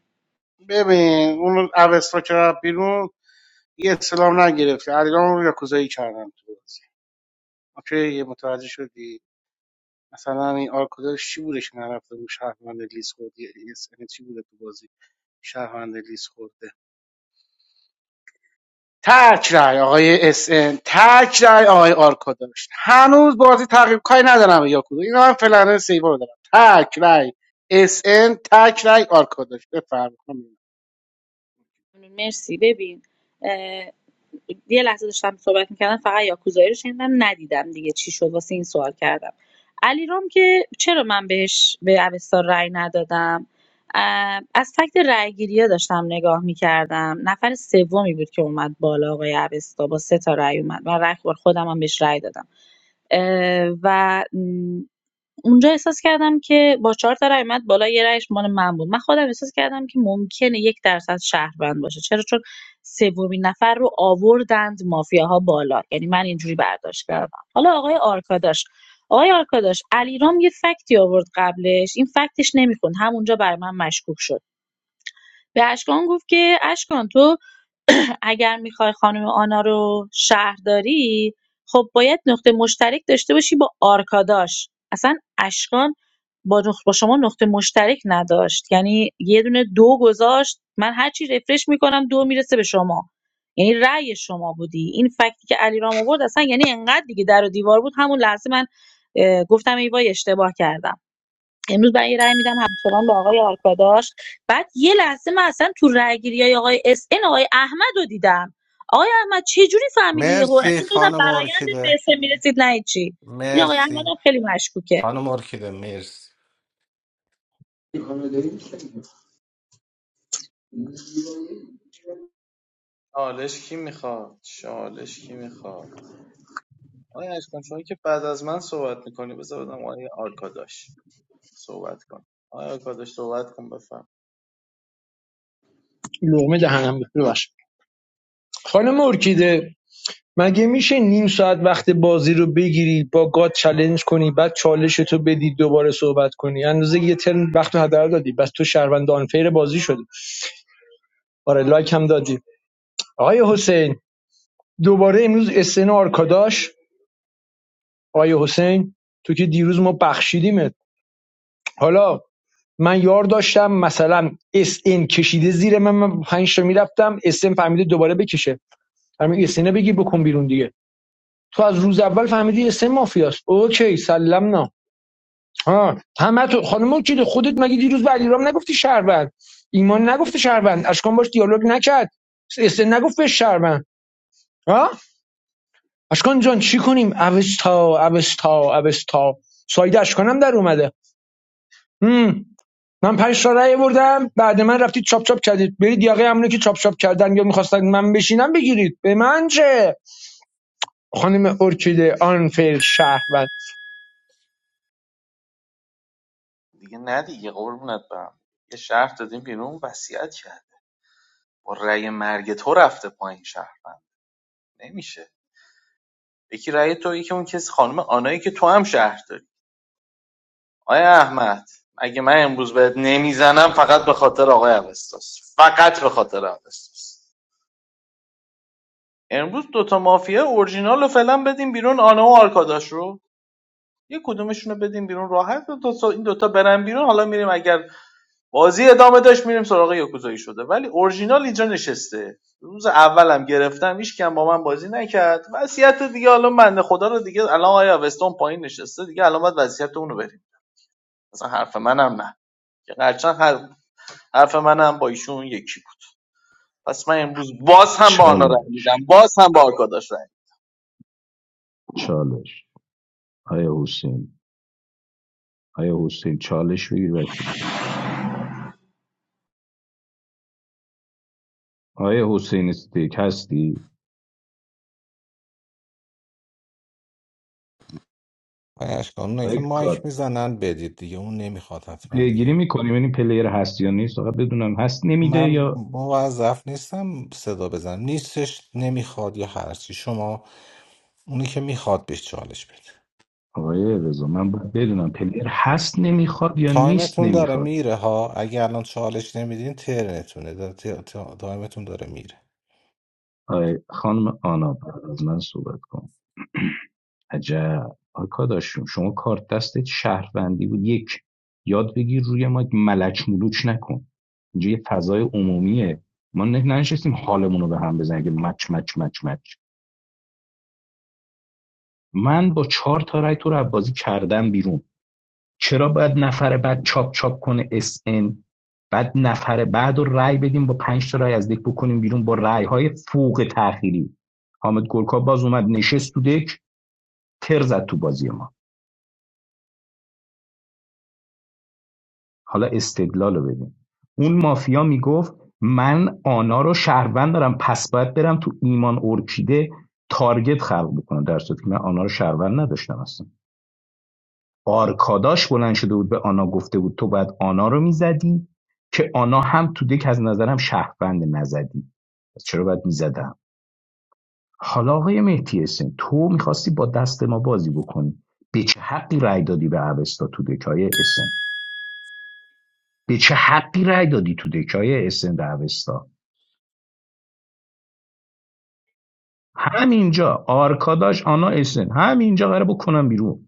Speaker 20: اس ان چی بوده تو بازی شهروند لیس خورده تک رای آقای اس ان تک رای آقای آرکا هنوز بازی تقریب کاری ندارم به یاکود اینا هم فلانه سیوا رو دارم تک رای اس ان تک رای آرکا داشت بفرمایید
Speaker 19: مرسی ببین اه، یه لحظه داشتم صحبت میکردم فقط یاکوزایی رو شنیدم ندیدم دیگه چی شد واسه این سوال کردم علیرام که چرا من بهش به اوستا رأی ندادم اه، از فکت رأیگیری‌ها داشتم نگاه میکردم نفر سومی بود که اومد بالا آقای اوستا با سه تا رأی اومد من رأی خودم هم بهش رأی دادم اه، و اونجا احساس کردم که با چهار تا رای اومد بالا، یه رایش مال من بود. من خودم احساس کردم که ممکنه 1% شهروند باشه. چرا؟ چون سومین نفر رو آوردند مافیاها بالا. یعنی من اینجوری برداشت کردم. حالا آقای آرکاداش آقای آرکاداش علیرام یه فکتی آورد قبلش این فکتش نمیخوند همونجا برای من مشکوک شد به اشکان گفت که اشکان تو اگر میخوای خانم آنا رو شهرداری خب باید نقطه مشترک داشته باشی با آرکاداش اصلا اشکان با, با شما نقطه مشترک نداشت یعنی یه دونه دو گذاشت من هرچی رفرش میکنم دو میرسه به شما یعنی رأی شما بودی این فکتی که علیرام آورد اصلا یعنی انقدر دیگه در و دیوار بود همون لحظه من گفتم ای وای اشتباه کردم امروز من یه رأی میدم همچنان به آقای آرکاداش بعد یه لحظه من اصلا تو رأی گیری آقای اس ان آقای احمد رو دیدم آقای احمد چه جوری فهمیدی یه هور
Speaker 3: مرسی
Speaker 19: اصلا دادم
Speaker 3: خانم
Speaker 19: برایندت به
Speaker 3: ارکیده
Speaker 19: اسم میرسید نه چی این آقای احمد
Speaker 3: مرسی
Speaker 19: هم خیلی مشکوکه
Speaker 3: خانم ارکیده مرسی
Speaker 18: چالش کی میخواد چالش کی میخواد آقای اشکان شما که بعد از من صحبت میکنی بذار بدم آقای آرکاداش صحبت کن آیا کادش صحبت کن بفهم
Speaker 5: لغمه دهنم بود. ببخشید. خانم ارکیده مگه میشه نیم ساعت وقت بازی رو بگیری با گاد چلنج کنی بعد چالش تو بدی دوباره صحبت کنی اندازه یه ترم وقت رو هدر دادی بس تو شهروند آنفیر بازی شدی آره لایک هم دادی آقای حسین دوباره امروز اسن آرکاداش آقای حسین تو که دیروز ما بخشیدیمت حالا من یار داشتم مثلا اس این کشیده زیر من من پنج تا میرفتم اس این فهمیده دوباره بکشه همین اس اینو بگی بکن بیرون دیگه تو از روز اول فهمیدی اس این مافیاست اوکی سلام نه. ها همه تو خانم وکیل خودت مگه دیروز به علیرام نگفتی شهروند ایمان نگفته شهروند اشکان باش دیالوگ نکرد است نگفت به شهروند ها اشکان جان چی کنیم اوستا اوستا اوستا ساید اشکانم در اومده هم. من پنج تا رأی بردم بعد من رفتید چاپ چاپ کردید برید یاقه همونه که چاپ چاپ کردن یا میخواستن من بشینم بگیرید به من چه خانم ارکیده آنفیل شهروند
Speaker 18: دیگه نه دیگه قربونت برم یه شهر دادیم بیرون وصیت کرد با رأی مرگ تو رفته پایین شهروند نمیشه یکی رأی تو یکی اون کسی خانم آنایی که تو هم شهر داری آیا احمد اگه من امروز بهت نمیزنم فقط به خاطر آقای اوستاس فقط به خاطر اوستاس امروز دوتا مافیا اورجینال رو فعلا بدیم بیرون آنا و آرکاداش رو یه کدومشون رو بدیم بیرون راحت دو تا این دوتا برن بیرون حالا میریم اگر بازی ادامه داشت میریم سراغ یاکوزایی شده ولی اورجینال اینجا نشسته روز اولم گرفتم هیچ کم با من بازی نکرد وضعیت دیگه الان بنده خدا رو دیگه الان آیا وستون پایین نشسته دیگه الان باید وضعیت اون رو بریم مثلا حرف منم نه که هرچند هر- حرف منم با ایشون یکی بود پس من امروز باز هم با آنا رای میدم
Speaker 14: چالش
Speaker 18: باز هم با آرکاداش رای میدم.
Speaker 14: چالش آیا حسین آیا حسین چالش بگیر وکیل خود آیا حسین استیک هستی
Speaker 3: بایش کن اونایی که
Speaker 14: آیا
Speaker 3: مایک
Speaker 14: گاد
Speaker 3: میزنن بدید دیگه اون نمیخواد حتما
Speaker 14: پیگیری
Speaker 3: دیگه
Speaker 14: میکنیم این پلیر هست یا نیست آقا بدونم هست نمیده
Speaker 3: من
Speaker 14: یا
Speaker 3: موظف نیستم صدا بزنم نیستش نمیخواد یا هرچی شما اونی که میخواد بهش چالش بده
Speaker 14: آقای رضا من باید بدونم پلیر هست نمیخواد یا نیست
Speaker 3: تایمتون داره
Speaker 14: نمیخواد
Speaker 3: میره ها اگه الان چالش نمیدین ترنتونه دا- تا- تا- تایمتون داره میره
Speaker 14: آیا خانم آنا بعد از من صحبت کن عجب آرکاداش شما کارت دستت شهروندی بود یک یاد بگیر روی ما ملچ ملوک نکن اینجا یه فضای عمومیه ما نه- ننشستیم حالمون رو به هم بزنیم که مچ مچ مچ مچ من با چهار تا رای تو رو از کردم بیرون چرا باید نفر بعد چاپ چاپ کنه اس ان بعد نفر بعد رو رای بدیم با پنج تا رای از دک بکنیم بیرون با رای های فوق تأخیری حامد گلکا باز اومد نشست تو دک تر زد تو بازی ما حالا استدلال رو ببین اون مافیا میگفت من آنا رو شهروند دارم پس باید برم تو ایمان ارکیده تارگت خلق بکنم در صورتی که من آنا رو شهروند نداشتم اصلا آرکاداش بلند شده بود به آنا گفته بود تو باید آنا رو میزدی که آنا هم تو دک از نظرم شهروند نزدی پس چرا باید میزدم حالا آقای مهدی حسین، تو میخواستی با دست ما بازی بکنی به چه حقی رأی دادی به اوستا تو دکای اسن به چه حقی رأی دادی تو دکای اسن به اوستا همینجا آرکاداش آنا اسن همینجا قراره بکنم بیرون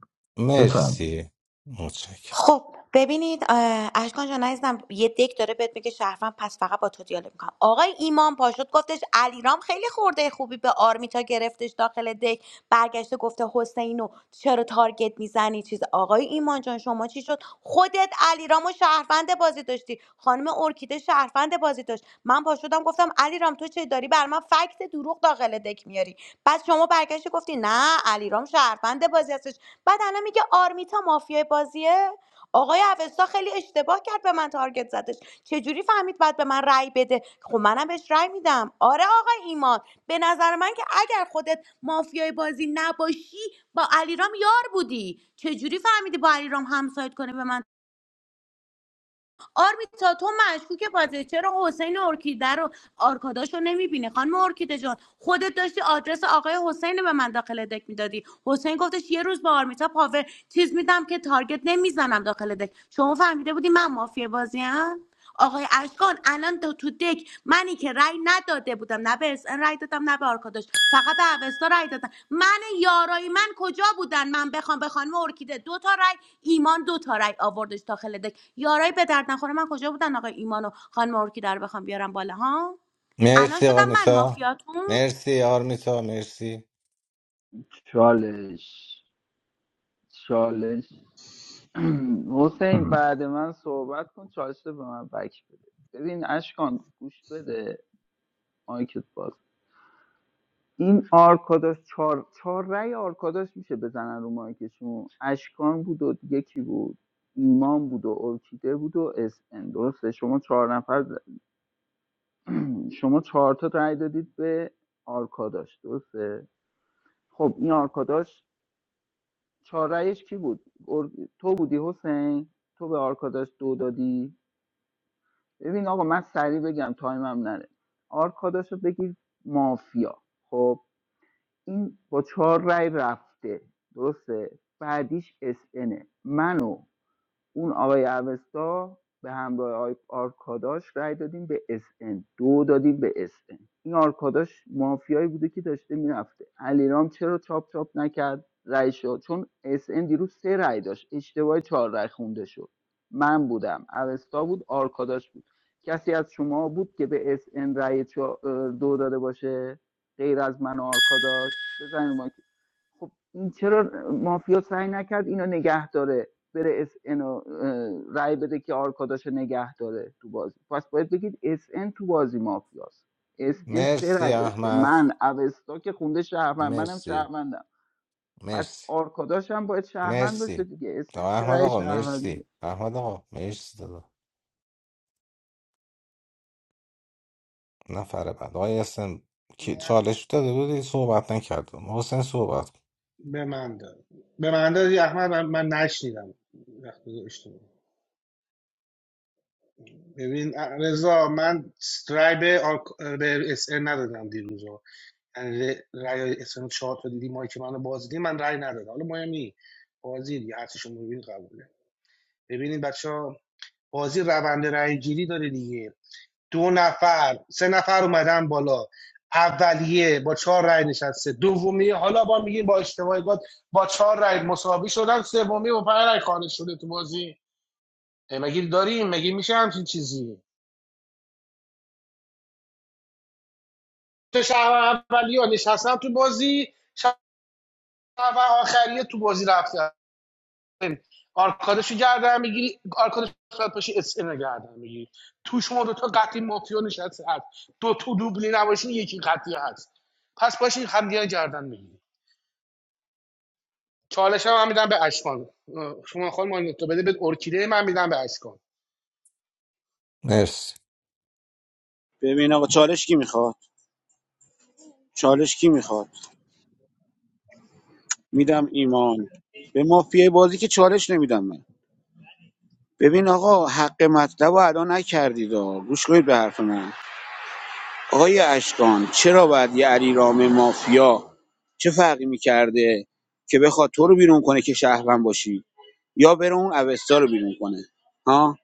Speaker 14: بفرمایید
Speaker 3: مرسی متشکرم
Speaker 9: خب ببینید اه، اشکان جان عزیزم یه دک داره بهت میگه شهروند پس فقط با تو دیالوگ میکنم آقای ایمان پاشد گفتش علیرام خیلی خورده خوبی به آرمیتا گرفتش داخل دک برگشته گفته حسینو چرا تارگت میزنی چیز آقای ایمان جان شما چی شد خودت علیرام و شهروند بازی داشتی خانم ارکیده شهروند بازی داشت من پاشدم گفتم علیرام تو چه داری بر من فکت دروغ داخل دک میاری بعد شما برگشتی گفتی نه علیرام شهروند بازی هستش بعد الان میگه آرمیتا مافیای بازیه آقای اوستا خیلی اشتباه کرد به من تارگت زدش چجوری فهمید بعد به من رأی بده خب منم بهش رأی میدم آره آقای ایمان به نظر من که اگر خودت مافیای بازی نباشی با علیرام یار بودی چجوری فهمیدی با علیرام همسایت کنه به من آرمیتا تو مشکوک بازی چرا حسین ارکیده رو آرکاداش رو نمیبینه خانم ارکیده جان خودت داشتی آدرس آقای حسین رو به من داخل دک میدادی حسین گفتش یه روز با آرمیتا پاور چیز میدم که تارگت نمیزنم داخل دک شما فهمیده بودی من مافیا بازیم آقای اشکان الان تو تو دک منی که رأی نداده بودم نه به SN رأی دادم نه به آرکاداش فقط به اوستا رأی دادم من یارای من کجا بودن من بخوام به خانم ارکیده دو تا رأی ایمان دو تا رأی آوردش داخل دک یارای به درد نخوره من کجا بودن آقای ایمان و خانم ارکیده رو بخوام بیارم بالا ها الان
Speaker 3: مرسی آقا
Speaker 9: شدم من
Speaker 3: میسا
Speaker 9: مافیاتون
Speaker 3: مرسی یار میسا مرسی
Speaker 17: چالش چالش حسین بعد من صحبت کن چالش رو به من بک بده ببین اشکان گوش بده مایکت باز. این آرکاداش چهار چهار رأی آرکاداش میشه بزنن رو مایکشون اشکان بود و دیگه کی بود ایمان بود و ارکیده بود و اس ان درسته شما چهار نفر شما چهار تا رأی دادید به آرکاداش درسته خب این آرکاداش چهار رأیش کی بود ار- تو بودی حسین تو به آرکاداش دو دادی ببین آقا من سریع بگم تایمم نره آرکاداش رو بگیر مافیا خب این با چهار رای رفته درسته بعدیش اس انه. منو اون آقای اوستا به همراه آی آرکاداش رای دادیم به اس ان، دو دادیم به اس ان. این آرکاداش مافیایی بوده که داشته میرفته علیرام چرا چاپ چاپ نکرد رای شد چون اس ان دیروز سه رای داشت اشتباه چهار رای خونده شد من بودم اوستا بود آرکاداش بود کسی از شما بود که به اس ان رای چا- دو داده باشه غیر از من و آرکاداش بزنید ما خب این چرا مافیا سعی نکرد اینو نگه داره بره اس اینو رای بده که آرکاداشو نگه داره تو بازی پس باید بگید اس ان تو بازی مافیاست اس ان سه
Speaker 3: مرسی
Speaker 17: رای داشته
Speaker 3: احمد
Speaker 17: من اوستا که خونده شهروند منم
Speaker 3: مرسی
Speaker 17: شهروندم پس
Speaker 3: مرسی
Speaker 17: آرکاداش هم باید شهروند باشه
Speaker 3: مرسی
Speaker 17: دیگه اس ان
Speaker 3: آقا
Speaker 17: سه
Speaker 3: احمد
Speaker 17: رای
Speaker 3: آقا
Speaker 17: شهروند
Speaker 3: مرسی احمد آقا مرسی دادا نفر بعد آقا یاسم کی چالش داده بودی صحبت نکردم حسین صحبت کن. مرسی
Speaker 15: ببین آقا چالش کی میخواد چالش کی میخواد میدم ایمان به مافیای بازی که چالش نمیدم من ببین آقا حق مطلب رو ادا نکردید آقا. گوش کنید به حرف من آقای اشکان چرا باید یه علیرام مافیا چه فرقی میکرده که بخواد تو رو بیرون کنه که شهروند باشی یا بره اون اوستا رو بیرون کنه ها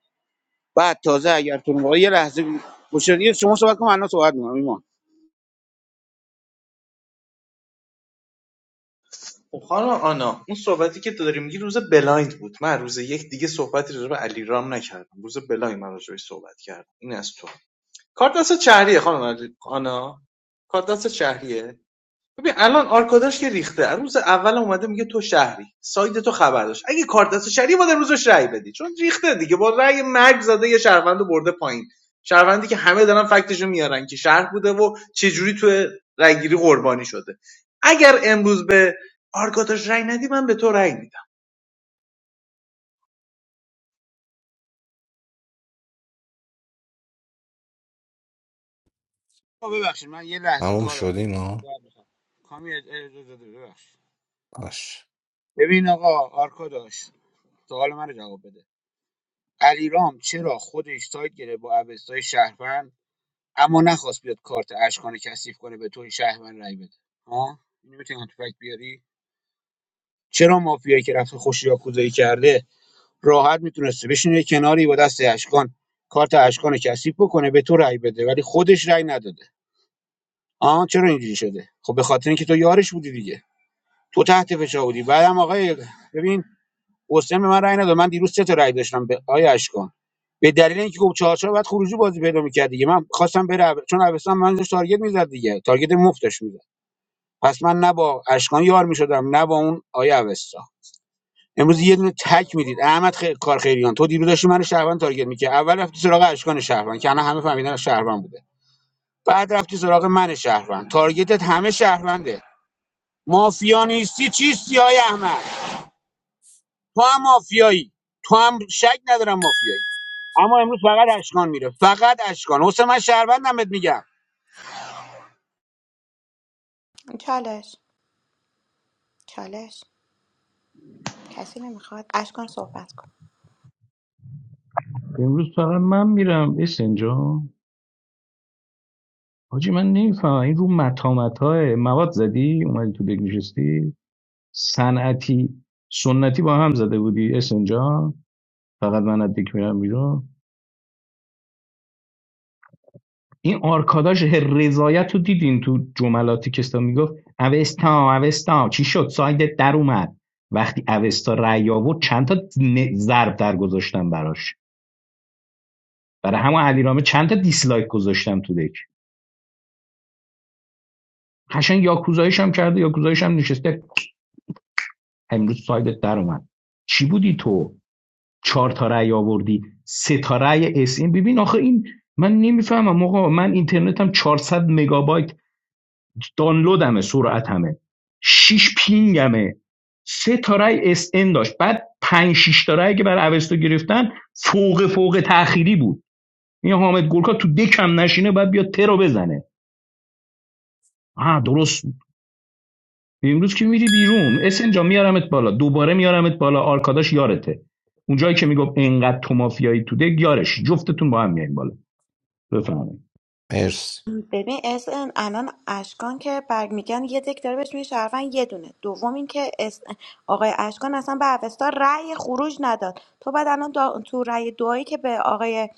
Speaker 15: بعد تازه اگر تو آقا یه لحظه گوش کنید. شما صحبت کنم الان صحبت می‌کنم ایمان
Speaker 18: خب خانم آنا اون صحبتی که تو داری میگی روز بلایند بود من روز یک دیگه صحبتی راجع به علیرام نکردم روز بلایند من راجع بهش صحبت کردم این از تو کارت دست شهریه خانم علی- آنا کارت دست شهریه ببین الان آرکاداش که ریخته روز اول اومده میگه تو شهری ساید تو خبر داشت اگه کارت دست شهریه باید روزش رأی بدی چون ریخته دیگه با رأی مرگ زده یه شهروند رو برده پایین شهروندی که همه دارن فکتشو میارن که شهر بوده و چه جوری تو رأیگیری قربانی شده اگر امروز به آرکاداش رأی ندی من به تو رأی میدم
Speaker 15: آقا ببخشید من یه لحظه
Speaker 3: تموم
Speaker 15: کارم
Speaker 3: شدیم ها
Speaker 15: کامی اج- اجازه داده ببخش
Speaker 3: باش
Speaker 15: ببین آقا آرکاداش سوال من رو جواب بده علیرام چرا خودش سایت گرفت با اوستای شهروند اما نخواست بیاد کارت اشکان کثیف کنه به توی شهروند رای بده ها اینو میتونی تو فکت بیاری چرا مافیایی که رفته خوش یاکوزایی کرده راحت میتونسته بشینه کناری با دست اشکان کارت اشکان کثیف بکنه به تو رای بده ولی خودش رای نداده آها چرا اینجوری شده خب به خاطر اینکه تو یارش بودی دیگه تو تحت فشار بودی بعدم آقای ببین حسین به من رأی نداد من دیروز سه تا رأی داشتم به آیه اشکان به دلیل اینکه خب چهار چهار باید خروجی بازی پیدا می‌کرد دیگه من خواستم بره عب- چون عربستان من داشت تارگت می‌زد دیگه تارگت مفتش می‌زد پس من نه با اشکان یار می‌شدم نه با اون آیه اوستا امروز یه دونه تک میدید احمد خیلی کار خیریان تو دیروز داشتی من شهروند تارگت می‌کرد اول رفتی سراغ اشکان شهروند که الان همه فهمیدن شهروند بوده بعد رفتی سراغ من شهروند تارگتت همه شهرونده مافیا نیستی چیستی آیه احمد تو هم مافیایی تو هم شک ندارم مافیایی اما امروز فقط اشکان میره فقط اشکان حسین من شهروندم بهت میگم
Speaker 9: چالش چالش کسی نمیخواد اشکان صحبت کن
Speaker 14: امروز فقط من میرم اسن جا حاجی من نمیفهمم این رو متامت های مواد زدی اومدی تو بگ نشستی صنعتی سنتی با هم زده بودی اسن جا فقط من از دیک میرم بیرون این آرکاداش هر رضایت رو دیدین تو جملاتی که استا میگفت اوستا اوستا چی شد سایدت در اومد وقتی اوستا رأی آورد چند تا ن- ضرب در گذاشتم براش برای همون علیرامه چند تا دیسلایک گذاشتم تو دک قشنگ یاکوزایش هم کرده یاکوزایش هم نشسته امروز سایدت در اومد چی بودی تو چهار تا رأی آوردی سه تا رأی اس این ببین آخه این من نمیفهمم آقا من اینترنتم چهارصد مگابایت دانلودمه سرعتمه شش پینگمه سه تا رأی اس این داشت بعد پنج شش تا رأی که برای اوستو گرفتن فوق فوق تأخیری بود این حامد گورکا تو دکم نشینه بعد بیا ترو بزنه آه درست امروز که میری بیرون اسن جا میارمت بالا دوباره میارمت بالا آرکاداش یارته اونجایی که میگم انقدر تو مافیایی تو دک یارش جفتتون با هم میایین بالا بفهمید
Speaker 3: مرسی
Speaker 9: ببین اس ان الان اشکان که برمیگن یه دک داره بهش میگه شهروند یه دونه دوم این که اس آقای اشکان اصلا به اوستا رأی خروج نداد تو بعد الان دا- تو رأی دعایی که به آقای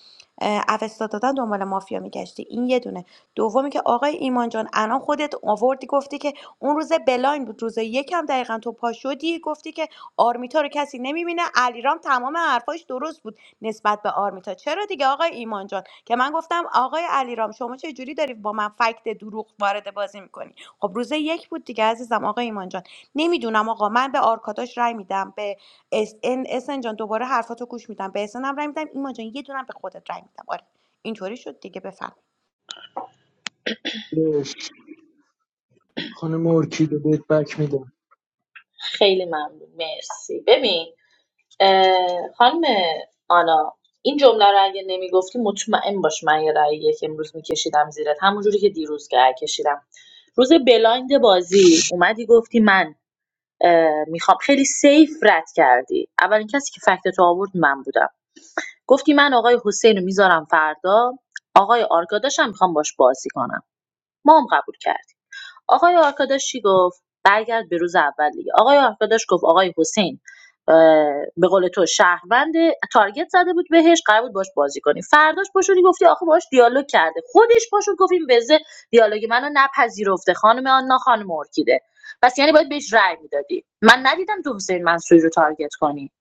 Speaker 9: اه، اوستا دادن دنبال مافیا میگشتی این یه دونه دومی که آقای ایمان جان الان خودت آوردی گفتی که اون روز بلاین بود روز یکم دقیقا تو پا شدی گفتی که آرمیتا رو کسی نمیبینه علیرام تمام حرفاش درست بود نسبت به آرمیتا چرا دیگه آقای ایمان جان؟ که من گفتم آقای علیرام شما چه جوری داری با من فکت دروغ وارد بازی میکنی خب روز یک بود دیگه عزیزم آقای ایمان جان نمیدونم آقا من به آرکاداش رای میدم به اس ان اسن جان دوباره حرفاتو گوش میدم به اسن هم رای میدم ایمان جان یه دونم به خودت رای میدم آره اینطوری شد دیگه بفهم
Speaker 5: خانم ارکیده بهت بک می‌دم.
Speaker 19: خیلی ممنون مرسی ببین اه، خانم آنا این جمله رو اگه نمیگفتی مطمئن باش من یه رأیه که امروز میکشیدم زیرت همونجوری که دیروز که کشیدم روز بلایند بازی اومدی گفتی من میخوام خیلی سیف رد کردی اولین کسی که فکت تو آورد من بودم گفتی من آقای حسین رو میذارم فردا آقای آرگاداشم میخوام باش بازی کنم ما هم قبول کرد. آقای آرکاداش چی گفت برگرد به روز اول دیگه آقای آرکاداش گفت آقای حسین اه، به قول تو شهروند تارگت زده بود بهش قرار بود باش بازی کنی فرداش پاشونی گفتی آخه باش دیالوگ کرده خودش پاشون گفت این بزه دیالوگ منو نپذیرفته خانم آنا خانم ارکیده پس یعنی باید بهش رأی میدادی من ندیدم تو حسین منصوری رو تارگت کنی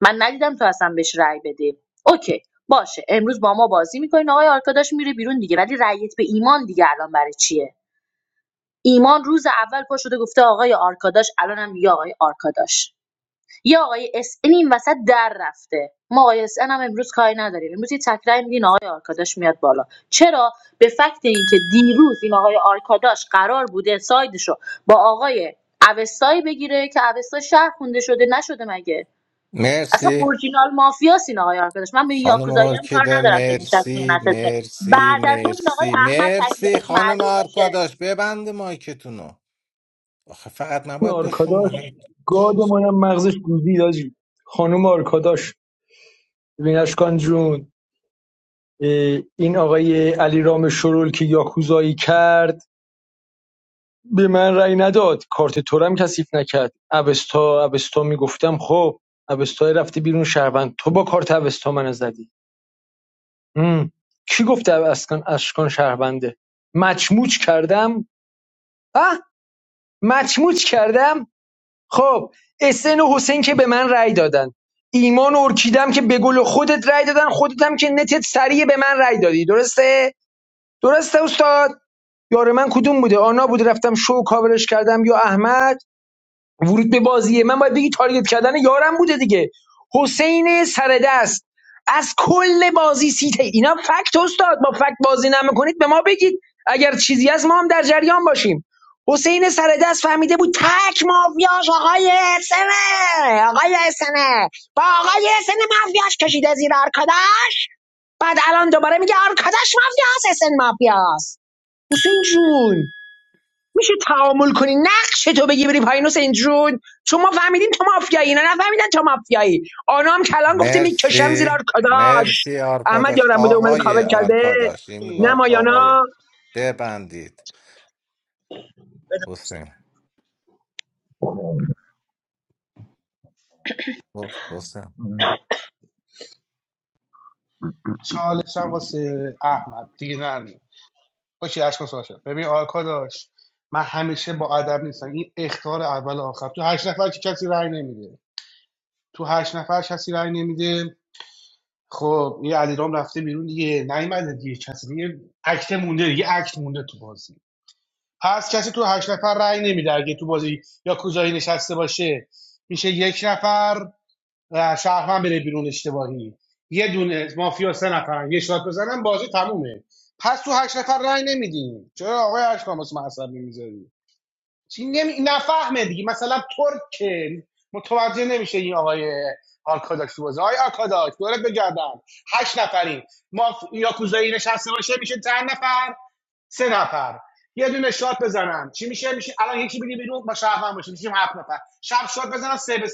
Speaker 19: من ندیدم تو اصلا بهش رأی بدی اوکی باشه امروز با ما بازی میکنین آقای آرکاداش میره بیرون دیگه ولی رأیت به ایمان دیگه الان برای چیه ایمان روز اول پا شده گفته آقای آرکاداش الانم میگه آقای آرکاداش یه آقای اس ان این وسط در رفته ما آقای اس ان هم امروز کاری نداریم امروز یه تکرای میدین آقای آرکاداش میاد بالا چرا به فکت اینکه دیروز این آقای آرکاداش قرار بوده سایدشو با آقای اوستایی بگیره که اوستا شهر خونده شده نشده مگه اصلا
Speaker 3: مرسی
Speaker 19: اورجینال مافیاس این آقای آرکاداش من به این
Speaker 3: خانم
Speaker 19: یاکوزایی هم کار
Speaker 3: ارکیده
Speaker 19: ندارم که نشسته یا
Speaker 3: مرسی
Speaker 19: نشسته
Speaker 3: مرسی
Speaker 19: بعد از اون این آقای
Speaker 3: مرسی
Speaker 19: احمد
Speaker 3: مرسی
Speaker 19: تکلیفش
Speaker 3: خانم
Speaker 19: معلوم میشه
Speaker 3: آرکاداش ببند مایکتونو آخه فقط نباید با شما
Speaker 5: آرکاداش
Speaker 3: هیچ چیز.
Speaker 5: گادمونم مغزش گوزید آجی خانوم آرکاداش ببین اشکان جون این آقای علیرام شرول که یاکوزایی کرد به من رأی نداد کارت تورم کثیف نکرد اوستا اوستا میگفتم خب اوستا رفته بیرون شهروند تو با کارت اوستا من زدی هم. کی گفته اشکان اشکان شهرونده مچموچ کردم اه مچموچ کردم خب اسن و حسین که به من رأی دادن ایمان و ارکیدم که به گل خودت رأی دادن خودت هم که نتت سریع به من رأی دادی درسته درسته استاد یار من کدوم بوده آنا بود رفتم شو کاورش کردم یا احمد ورود به بازیه من باید بگی تارگت کردن یارم بوده دیگه حسین سردست از کل بازی سیته اینا فکت استاد با فکت بازی نمیکنید به ما بگید اگر چیزی از ما هم در جریان باشیم حسین سردست فهمیده بود تک مافیاش آقای سنه آقای سنه با آقای سنه مافیاش کشیده زیر آرکاداش بعد الان دوباره میگه آرکاداش مافیاس سن مافیاس حسین جون میشه تعامل کنی نقش تو بگی بری پایین حسین جون چون ما فهمیدیم تو مافیایی اینا نفهمیدن تو مافیایی آنا هم کلان گفته میکشم
Speaker 3: مرسی
Speaker 5: زیرا کداش
Speaker 3: مرسی
Speaker 5: احمد
Speaker 3: آرکاداش
Speaker 5: یارم بوده اومده
Speaker 3: آقای
Speaker 5: کابل کرده
Speaker 3: آرکاداش این
Speaker 5: نه
Speaker 3: بار آقای
Speaker 5: مایانا
Speaker 3: ببندید حسین حسین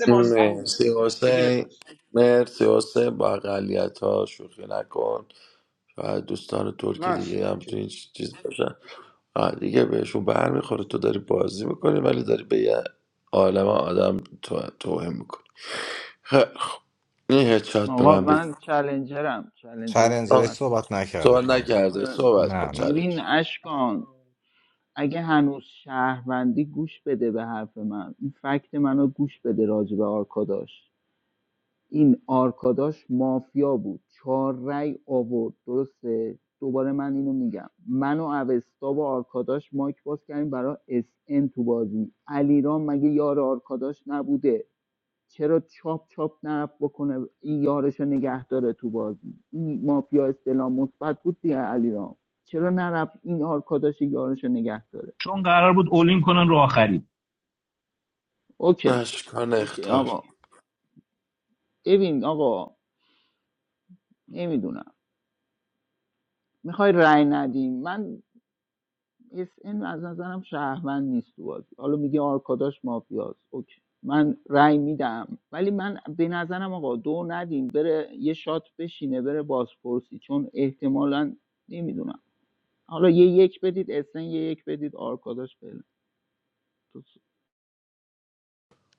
Speaker 7: مرسی حسین مرسی حسین با اقلیت ها شوخی نکن و دوستان ترک دیگه هم تو این چیز باشن آه، دیگه بهشون برمیخوره تو داری بازی میکنی ولی داری به یه عالم آدم تو- توهین میکنی خیلی خب. این هدشات به
Speaker 17: آقا
Speaker 7: من بده
Speaker 17: من چلنجرم چلنجر
Speaker 7: آه،
Speaker 3: چالنجرش
Speaker 17: صحبت
Speaker 3: صحبت نکرده
Speaker 7: صحبت
Speaker 3: کانون
Speaker 7: نکرده
Speaker 17: آره،
Speaker 7: صحبت کن
Speaker 3: نه نه
Speaker 17: ببین
Speaker 7: چالش
Speaker 17: اشکان اگه هنوز شهروندی گوش بده به حرف من این فکت منو گوش بده راجع به آرکاداش این آرکاداش مافیا بود چهار رأی آورد درسته دوباره من اینو میگم من و اوستا با آرکاداش مایک باز کردیم برای اس ان تو بازی علیرام مگه یار آرکاداش نبوده چرا چاپ چاپ نرفت بکنه این یارش رو نگه داره تو بازی این مافیا استلام مثبت بود دیگه علیرام چرا نرفت این آرکاداش یارش رو نگه داره
Speaker 14: چون قرار بود اولین کنن رو آخری
Speaker 17: اوکی
Speaker 7: اشکان
Speaker 17: اوکی
Speaker 7: اختار
Speaker 17: آقا ببین آقا نمیدونم میخوای رأی ندیم من اس این از نظرم شهروند نیست تو بازی حالا میگه آرکاداش مافیاست اوکی من رأی میدم ولی من به نظرم آقا دو ندیم بره یه شات بشینه بره بازپرسی چون احتمالا نمیدونم حالا یه یک بدید اسن یه یک بدید آرکاداش بره تو-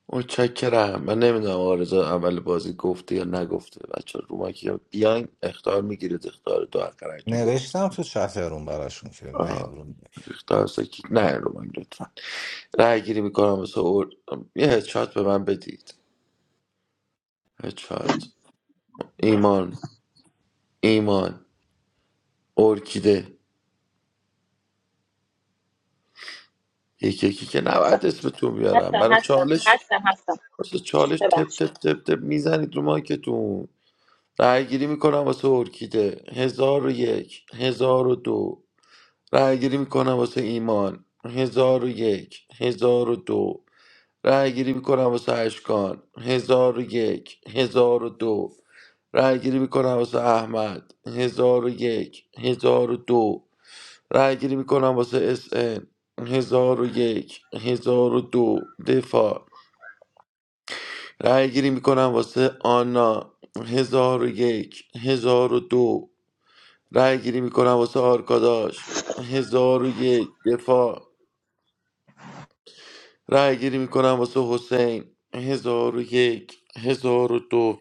Speaker 7: متشکرم من نمیدونم آرزا اول بازی گفته یا نگفته بچه رو ما که بیان اختار میگیرید اختار دو اقرارتون گرفت
Speaker 3: نوشتم تو چت روم براشون که نه این
Speaker 7: آه،
Speaker 3: روم
Speaker 7: اختار سکی نه رو من لطفا رای گیری میکنم واسه اور... یه هدشات به من بدید هدشات ایمان ایمان ارکیده یکی یکی که نباید اسمتون بیارم
Speaker 19: هستم
Speaker 7: برای
Speaker 19: هستم
Speaker 7: چالش
Speaker 19: هستم هستم
Speaker 7: واسه چالش تپ
Speaker 19: ببخشید
Speaker 7: تپ تپ تپ میزنید رو مایکتون رای گیری میکنم واسه ارکیده هزار و یک هزار و دو رای گیری میکنم واسه ایمان هزار و یک هزار و دو رأی گیری میکنم واسه اشکان هزار و یک هزار و دو رأی گیری میکنم واسه احمد هزار و یک هزار و دو رأی گیری میکنم واسه اس ان هزار و یک هزار و دو دفاع رأی گیری میکنم واسه آنا هزار و یک هزار و دو رأی گیری میکنم واسه آرکاداش هزار و یک دفاع رأی گیری میکنم واسه حسین هزار و یک هزار و دو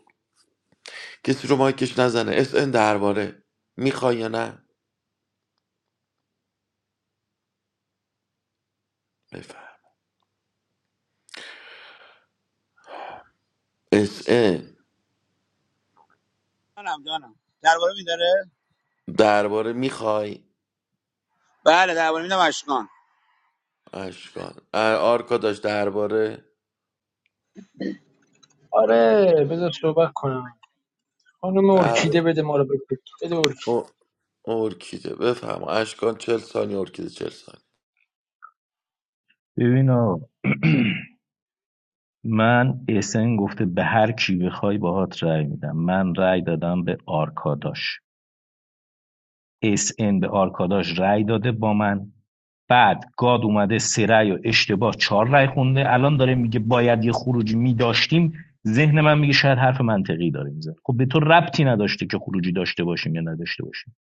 Speaker 7: کسی رو مایکش نزنه اس ان درباره میخوای یا نه بفهم اس ان
Speaker 15: جانم جانم درباره میداره
Speaker 7: درباره میخوای
Speaker 15: بله درباره میدم اشکان
Speaker 7: اشکان ار- آرکا داشت درباره
Speaker 5: آره بذار صحبت کنم خانم
Speaker 7: درباره
Speaker 5: ارکیده بده ما رو بکن بده ارکیده
Speaker 7: او- ارکیده بفهم اشکان چل ثانی ارکیده چل ثانی
Speaker 14: ببین آقا من اسن گفته به هر کی بخوای باهات رأی میدم من رأی دادم به آرکاداش اس ان به آرکاداش رأی داده با من بعد گاد اومده سه رأی و اشتباه چهار رأی خونده الان داره میگه باید یه خروجی میداشتیم ذهن من میگه شاید حرف منطقی داره میزنه خب به تو ربطی نداشته که خروجی داشته باشیم یا نداشته باشیم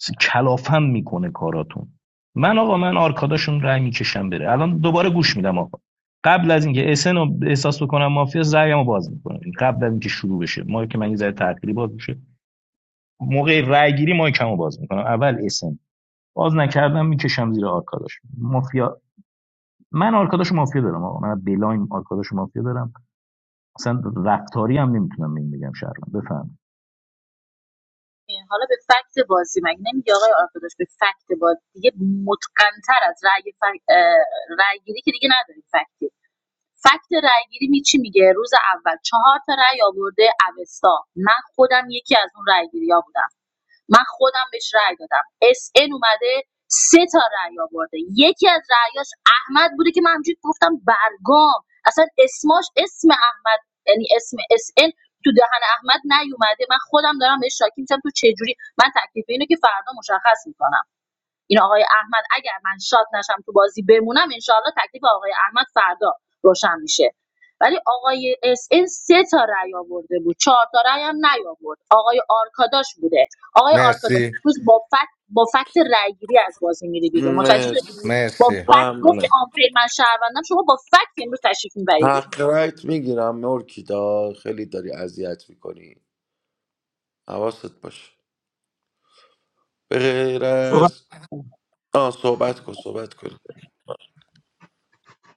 Speaker 14: س- کلافم میکنه کاراتون من آقا من آرکاداشون رأی میکشم بره الان دوباره گوش میدم آقا قبل از اینکه اسن رو احساس بکنم مافیا رأیمو باز میکنم قبل از اینکه شروع بشه ما که من یه ذره تأخیری باز میشه موقع رأیگیری مایکمو باز میکنم اول اسن باز نکردم میکشم زیر آرکاداش مافیا من آرکاداش مافیا دارم آقا من بلاین آرکاداش مافیا دارم اصلا رفتاری هم نمیتونم به این بگم شهروند بفهم
Speaker 19: این حالا به فکت بازی مگه نمیگه آقای آرکاداش به فکت بازی دیگه متقنتر از رأی فک... اه، رأی گیری که دیگه نداریم فکتی فکت رأی گیری می چی میگه روز اول چهار تا رأی آورده اوستا من خودم یکی از اون رأی گیری بودم من خودم بهش رأی دادم اس ان اومده سه تا رأی آورده یکی از رأیاش احمد بوده که من همجوری گفتم برگام اصلا اسماش اسم احمد یعنی اسم اس ان تو دهن احمد نیومده من خودم دارم بهش شاکی میشم تو چه جوری من تکلیف اینو که فردا مشخص میکنم این آقای احمد اگر من شات نشم تو بازی بمونم انشاءالله تکلیف آقای احمد فردا روشن میشه ولی آقای اس این سه تا رأی آورده بود چهار تا رأی هم نیاورد آقای آرکاداش بوده آقای آرکاداش
Speaker 3: مرسی
Speaker 19: روز با فکت با فکت رأیگیری از بازی میره بیرون متوجه شدی
Speaker 7: مرسی
Speaker 19: با
Speaker 3: مرسی
Speaker 19: فکت گفت که
Speaker 7: ممنونم
Speaker 19: آنفیر من شهروندم شما با فکت امروز تشریف میبری بیرون
Speaker 7: حق رایت میگیرم ارکیده خیلی داری اذیت میکنی حواست باشه به غیر
Speaker 15: صحبت
Speaker 7: از آه صحبت کن صحبت کن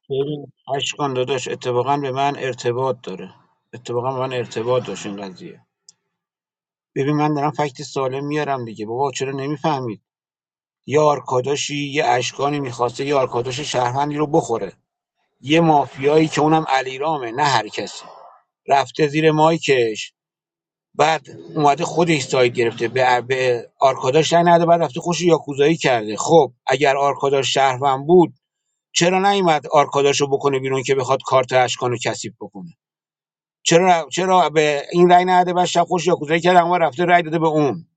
Speaker 15: ببین، اشکان داداش اتفاقا به من ارتباط داره اتفاقا به من ارتباط داشت این قضیه ببین من دارم فکت سالم میارم دیگه بابا چرا نمیفهمید یه آرکاداشی یه اشکانی میخواسته یه آرکاداش شهروندی رو بخوره یه مافیایی که اونم علیرامه نه هر کسی رفته زیر مایکش بعد اومده خودش ساید گرفته به, به آرکاداش رای نده بعد رفته خوش یاکوزایی کرده خب اگر آرکاداش شهروند بود چرا نیومد آرکاداشو بکنه بیرون که بخواد کارت اشکانو کثیف بکنه چرا چرا به این رای نده بعد شب خوش یاکوزایی کرده اما رفته رای داده به اون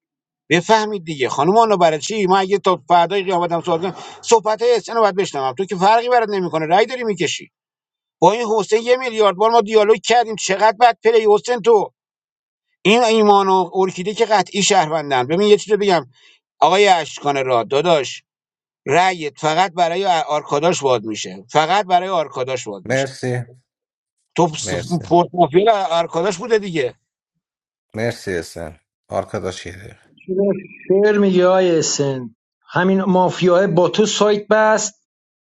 Speaker 15: بفهمید دیگه خانم آنو برای چی من اگه تا فردای قیامتم سوال کنم صحبت های رو باید بشنوم تو که فرقی برات نمیکنه رای داری میکشی با این حسین یه میلیارد بار ما دیالوگ کردیم چقدر بد پلی حسین تو این ایمان و ارکیده که قطعی شهروندن ببین یه چیزی رو بگم آقای اشکان را داداش رأیت فقط برای آرکاداش واد میشه فقط برای آرکاداش واد میشه
Speaker 3: مرسی
Speaker 15: تو پس-
Speaker 3: مرسی
Speaker 15: پورت مافیا آرکاداش بوده دیگه
Speaker 3: Mersi Esen. Arkadaş yeri.
Speaker 5: شعر میگه آی اسن همین مافیاه با تو سایت بست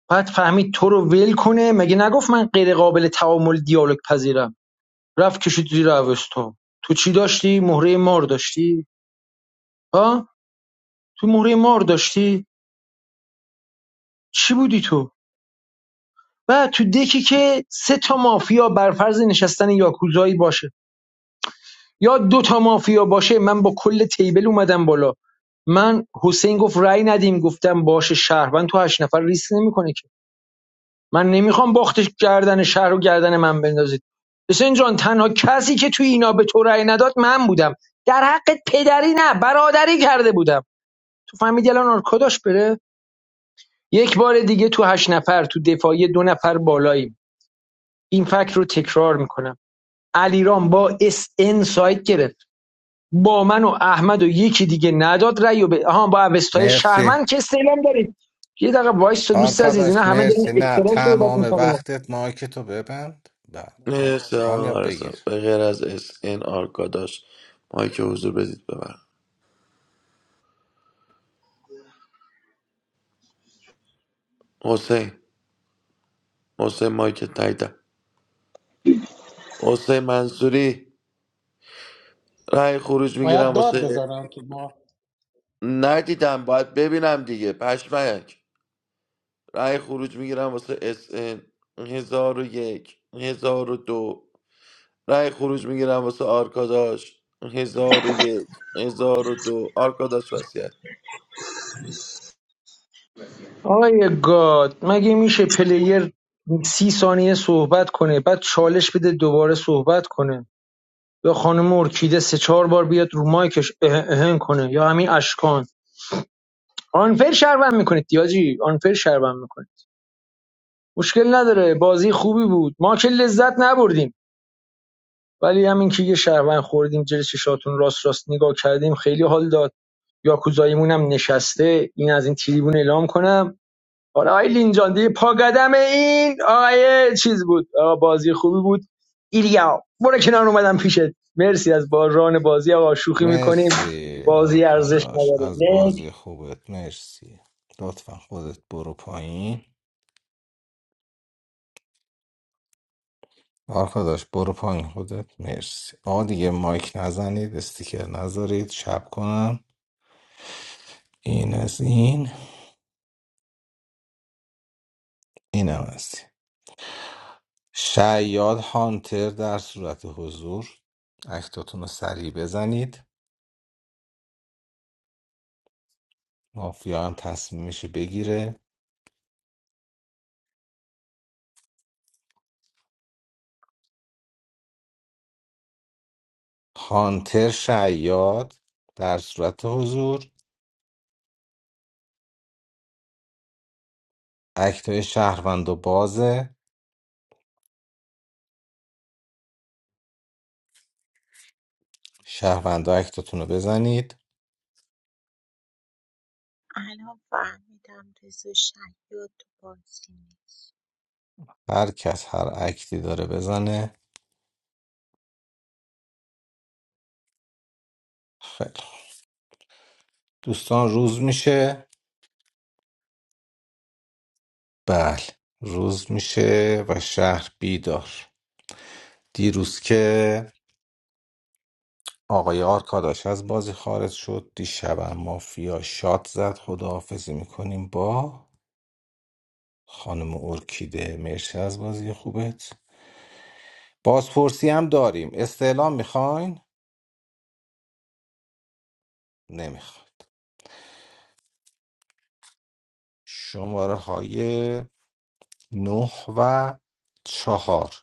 Speaker 5: بعد فهمید تو رو ول کنه مگه نگفت من غیر قابل تعامل دیالوگ پذیرم رفت کشید زیر اوستون تو چی داشتی مهره مار داشتی ها تو مهره مار داشتی چی بودی تو و تو دکی که سه تا مافیا بر فرض نشستن یاکوزایی باشه یا دو تا مافیا باشه من با کل تیبل اومدم بالا من حسین گفت رأی ندیم گفتم باشه شهروند تو هشت نفر ریسک نمیکنه که من نمیخوام باختش گردن شهر و گردن من بندازید حسین جان تنها کسی که تو اینا به تو رأی نداد من بودم در حق پدری نه برادری کرده بودم تو فهمیدی الان آرکاداش بره یک بار دیگه تو هشت نفر تو دفاعی دو نفر بالاییم این فکر رو تکرار میکنم علیرام با اس ان سایت گرفت با من و احمد و یکی دیگه نداد رأی و به آها با اوستای
Speaker 3: Mersi.
Speaker 5: شهرمند که استعلام دارید یه دقیقه وایس تو دوست عزیز
Speaker 3: Arkadaş
Speaker 5: اینا همه دارن
Speaker 3: مرسی نه
Speaker 5: اکسترا صحبت
Speaker 3: تمام
Speaker 5: میکنن
Speaker 3: وقتت مایک تو ببند بله
Speaker 7: نه
Speaker 3: آه،
Speaker 7: سلام
Speaker 3: کامیاب
Speaker 7: عرضم.
Speaker 3: بگیر
Speaker 7: به غیر از اس ان آرکاداش مایک حضور بدید ببرم حسین حسین مایک تایید حسین منصوری رأی خروج میگیرم واسه ندیدم باید ببینم دیگه پشمک رأی خروج میگیرم واسه اس ان هزار و یک هزار و دو رأی خروج میگیرم واسه آرکاداش هزار و یک هزار و دو آرکاداش وسیعت
Speaker 5: آقای گاد مگه میشه پلیر سی ثانیه صحبت کنه بعد چالش بده دوباره صحبت کنه یا خانم ارکیده سه چهار بار بیاد رو مایکش اه اهن کنه یا همین اشکان آنفر شربن میکنید دیاجی آنفر شربن میکنید مشکل نداره بازی خوبی بود ما که لذت نبردیم ولی همین که یه شربن خوردیم جلوی چشاتون راست راست نگاه کردیم خیلی حال داد یاکوزاییمون هم نشسته این از این تریبون اعلام کنم حالا آقای لینجان دیگه پا قدم این آقای چیز بود آقا بازی خوبی بود ایلیا برو کنار اومدم پیشت مرسی از با بازی آقا شوخی میکنیم
Speaker 3: مرسی
Speaker 5: بازی ارزش
Speaker 3: آرکاداش
Speaker 5: نداره
Speaker 3: از
Speaker 5: نه
Speaker 3: بازی خوبت مرسی لطفا خودت برو پایین آرکاداش برو پایین خودت مرسی آقا دیگه مایک نزنید استیکر نذارید شب کنم این از این اینم از این. شیاد هانتر در صورت حضور اکتاتون رو سریع بزنید مافیا هم تصمیمش رو بگیره هانتر شیاد در صورت حضور اکتای شهروند و بازه شهروندا اکتاتون رو بزنید
Speaker 22: I hope I'm not too short for you.
Speaker 3: هر کس هر اکتی داره بزنه خیلی خوب. دوستان روز میشه بله روز میشه و شهر بیدار دیروز که آقای آرکاداش از بازی خارج شد دیشبم مافیا شات زد خداحافظی میکنیم با خانم ارکیده مرسی از بازی خوبت بازپرسی هم داریم استعلام میخواین؟ نمیخواید شماره های نه و چهار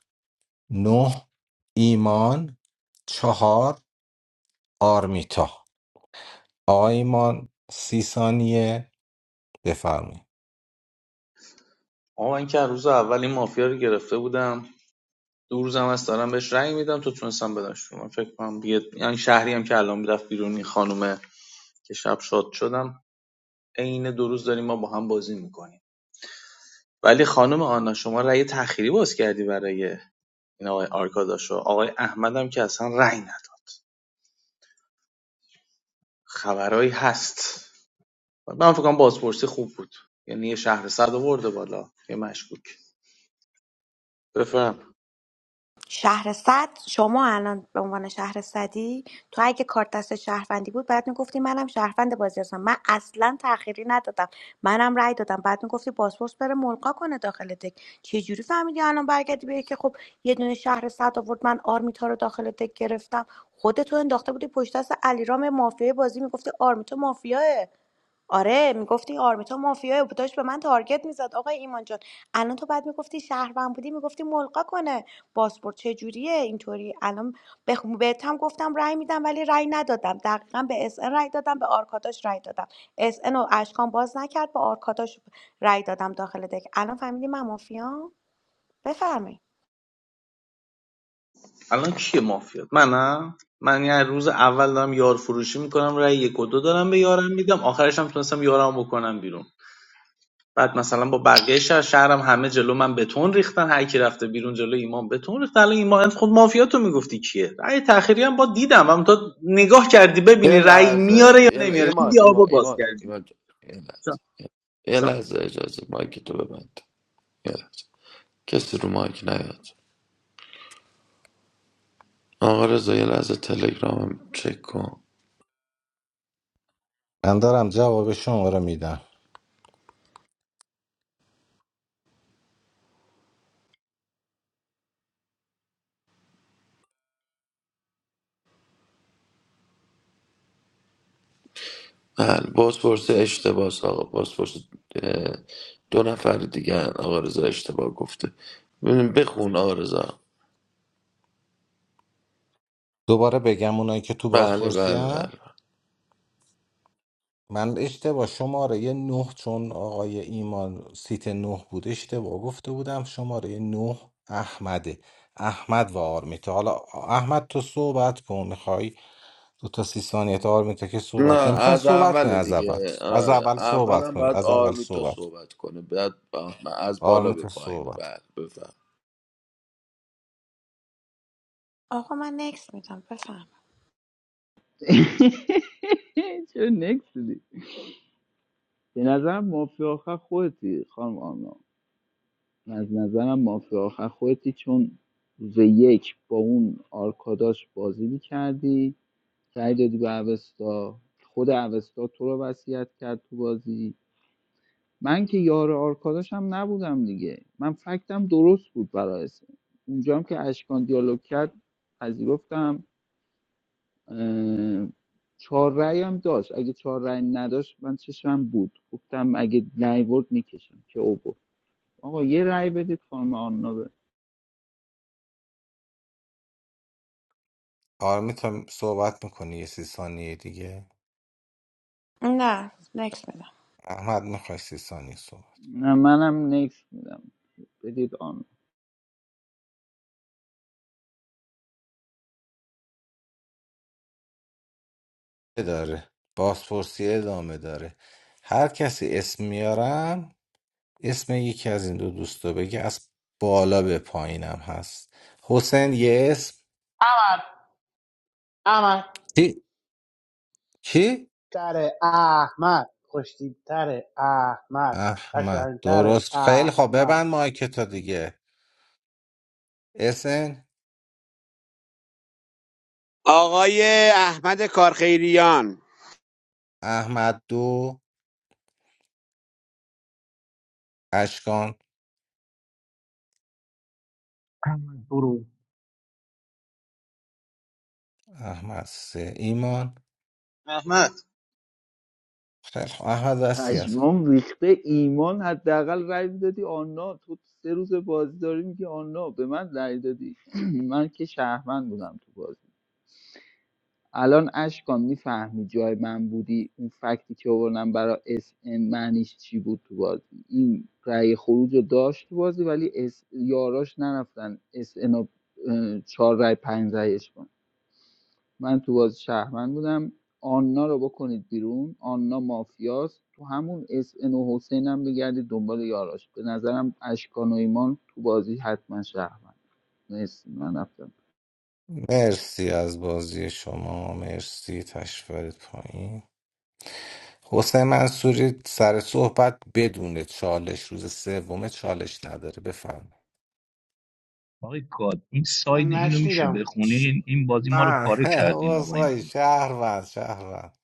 Speaker 3: نه ایمان چهار آرمیتا آقا ایمان سی ثانیه بفرمایید
Speaker 18: آقا من که روز اول این مافیا رو گرفته بودم دو روزم هست دارم بهش رنگ میدم تو تونستم بدنش رو من فکر کنم دیگه یعنی شهری هم که الان رفت بیرونی خانومه که شب شاد شدم عین دو روز داریم ما با هم بازی میکنیم ولی خانم آنا شما رأی تأخیری باز کردی برای این آقای آرکاداشو آقای احمدم که اصلا رأی نداد خبرایی هست من فکر کنم بازپرسی خوب بود یعنی یه شهر صد آورده بالا یه مشکوک بفهم
Speaker 9: شهر صد شما الان به عنوان شهر صدی تو اگه کارت دست شهروندی بود بعد میگفتی منم شهروند بازی هستم من اصلا تأخیری ندادم منم رأی دادم بعد میگفتی پاسپورت بره ملقا کنه داخل دک چه جوری فهمیدی الان برگردی به که خب یه دونه شهر صد آورد من آرمیتا رو داخل دک گرفتم خودتو انداخته بودی پشت دست علیرام مافیای بازی میگفتی آرمیتا مافیاه آره میگفتی این آرمیتا مافیای بود داشت به من تارگت میزد آقای ایمان جان الان تو بعد میگفتی شهروند بودی میگفتی ملقا کنه پاسپورت چه جوریه اینطوری الان به بهت هم گفتم رأی میدم ولی رأی ندادم دقیقا به اس ان رأی دادم به آرکاداش رأی دادم اس ان و اشکان باز نکرد به آرکاداش رأی دادم داخل دک الان فهمیدی من مافیام بفرمایید
Speaker 18: الان کیه مافیات منم من یه روز اول دارم یار فروشی میکنم رای یک و دو دارم به یارم میدم آخرش هم تونستم یارم بکنم بیرون بعد مثلا با بقیه شهر شهرم همه جلو من بتون ریختن هر کی رفته بیرون جلو ایمان بتون ریخت الان ایمان خود مافیاتو میگفتی کیه رأی تأخیری هم با دیدم هم تا نگاه کردی
Speaker 7: یه
Speaker 18: ببینی رای میاره یا
Speaker 7: لحظه یه لحظه.
Speaker 18: نمیاره
Speaker 7: ایمان
Speaker 18: دیدی آب
Speaker 7: ایمان
Speaker 18: باز
Speaker 7: ایمان
Speaker 18: کردی
Speaker 7: ایمان جان.
Speaker 18: چون-
Speaker 7: یه
Speaker 18: چون-
Speaker 7: لحظه اجازه مایک تو ببند یه لحظه کسی رو مایک نیاد آقا رضا یه لحظه تلگرامم چک کن
Speaker 3: من دارم جواب شما رو میدم
Speaker 7: بله بازپرس اشتباه است آقا بازپرس اه، دو نفر دیگه هن. آقا رضا اشتباه گفته ببین، بخون آقا رضا
Speaker 3: دوباره بگم اونایی که تو
Speaker 7: بله
Speaker 3: بازپرسی
Speaker 7: بله بله
Speaker 3: هن. من اشتباه شماره یه نه چون آقای ایمان سیت نه بود اشتباه گفته بودم شماره نه احمده احمد و آرمیتا حالا احمد تو صحبت کن میخوای دو تا سی ثانیه تا آرمیتا که
Speaker 7: نه
Speaker 3: صحبت یا میخوای
Speaker 7: از
Speaker 3: صحبت کنی
Speaker 7: اول
Speaker 3: از اول
Speaker 7: دیگه
Speaker 3: از
Speaker 7: آره
Speaker 3: اول صحبت
Speaker 7: اولا
Speaker 3: کنی
Speaker 7: باید
Speaker 3: از اول
Speaker 7: آرمیتا
Speaker 3: صحبت کن.
Speaker 7: صحبت کنه بعد با- از بالا به
Speaker 3: آرمیتا
Speaker 7: پایینه
Speaker 3: صحبت کن.
Speaker 7: بله بفهم
Speaker 9: آقا من نکس میدم بفرمایید
Speaker 17: چه نکس دی به نظرم مافیا آخر خودتی خانم آنا از نظرم مافیا آخر خودتی چون روز یک با اون آرکاداش بازی میکردی رأی دادی به اوستا خود اوستا تو رو وصیت کرد تو بازی من که یار آرکاداش هم نبودم دیگه من فکتم درست بود برای اسم اونجا هم که اشکان دیالوگ کرد پذیرفتم اه، چهار رأی هم داشت اگه چهار رأی نداشت من چشمم بود گفتم اگه نیورد میکشم که او گفت آقا یه رأی بدید خانم آنا
Speaker 3: آرمیتا صحبت میکنی یه سی ثانیه دیگه
Speaker 9: نه نکس میدم.
Speaker 3: احمد میخوای سی ثانیه صحبت
Speaker 17: نه منم نکس میدم بدید آن
Speaker 3: داره بازپرسی ادامه داره هر کسی اسم میارم اسم یکی از این دو دوستا بگه از بالا به پایینم هست حسین یه اسم چی؟ کی؟ احمد درست خیلی خوب ببند مایک تا دیگه اسن
Speaker 15: آقای احمد کارخیریان
Speaker 3: احمد دو اشکان
Speaker 14: احمد برو
Speaker 3: احمد سه ایمان
Speaker 18: احمد
Speaker 3: خیلی خوب احمد دستی هست
Speaker 17: پشمام ریخته ایمان حداقل رای دادی آنا تو سه روز بازی داری میگی آنا به من رای دادی من که شهروند بودم تو بازی الان اشکان میفهمی جای من بودی اون فکتی که آوردم برای اس ان معنیش چی بود تو بازی این رأی خروج رو داشت تو بازی ولی اس یاراش نرفتن اس ان چهار رأی پنج رأیش کنن. من تو بازی شهروند بودم آنا رو بکنید بیرون آنا مافیاست تو همون اس ان و حسین هم بگردید دنبال یاراش به نظرم اشکان و ایمان تو بازی حتما شهروند مرسی من رفتم
Speaker 3: مرسی از بازی شما مرسی تشفرت پایین حسین منصوری سر صحبت بدون چالش روز سوم چالش نداره بفهم
Speaker 14: آقای گاد این ساید اینو میشه بخونین این بازی ما رو پاره کردین آقا این
Speaker 3: واسه
Speaker 14: رانو
Speaker 3: شهروند شهروند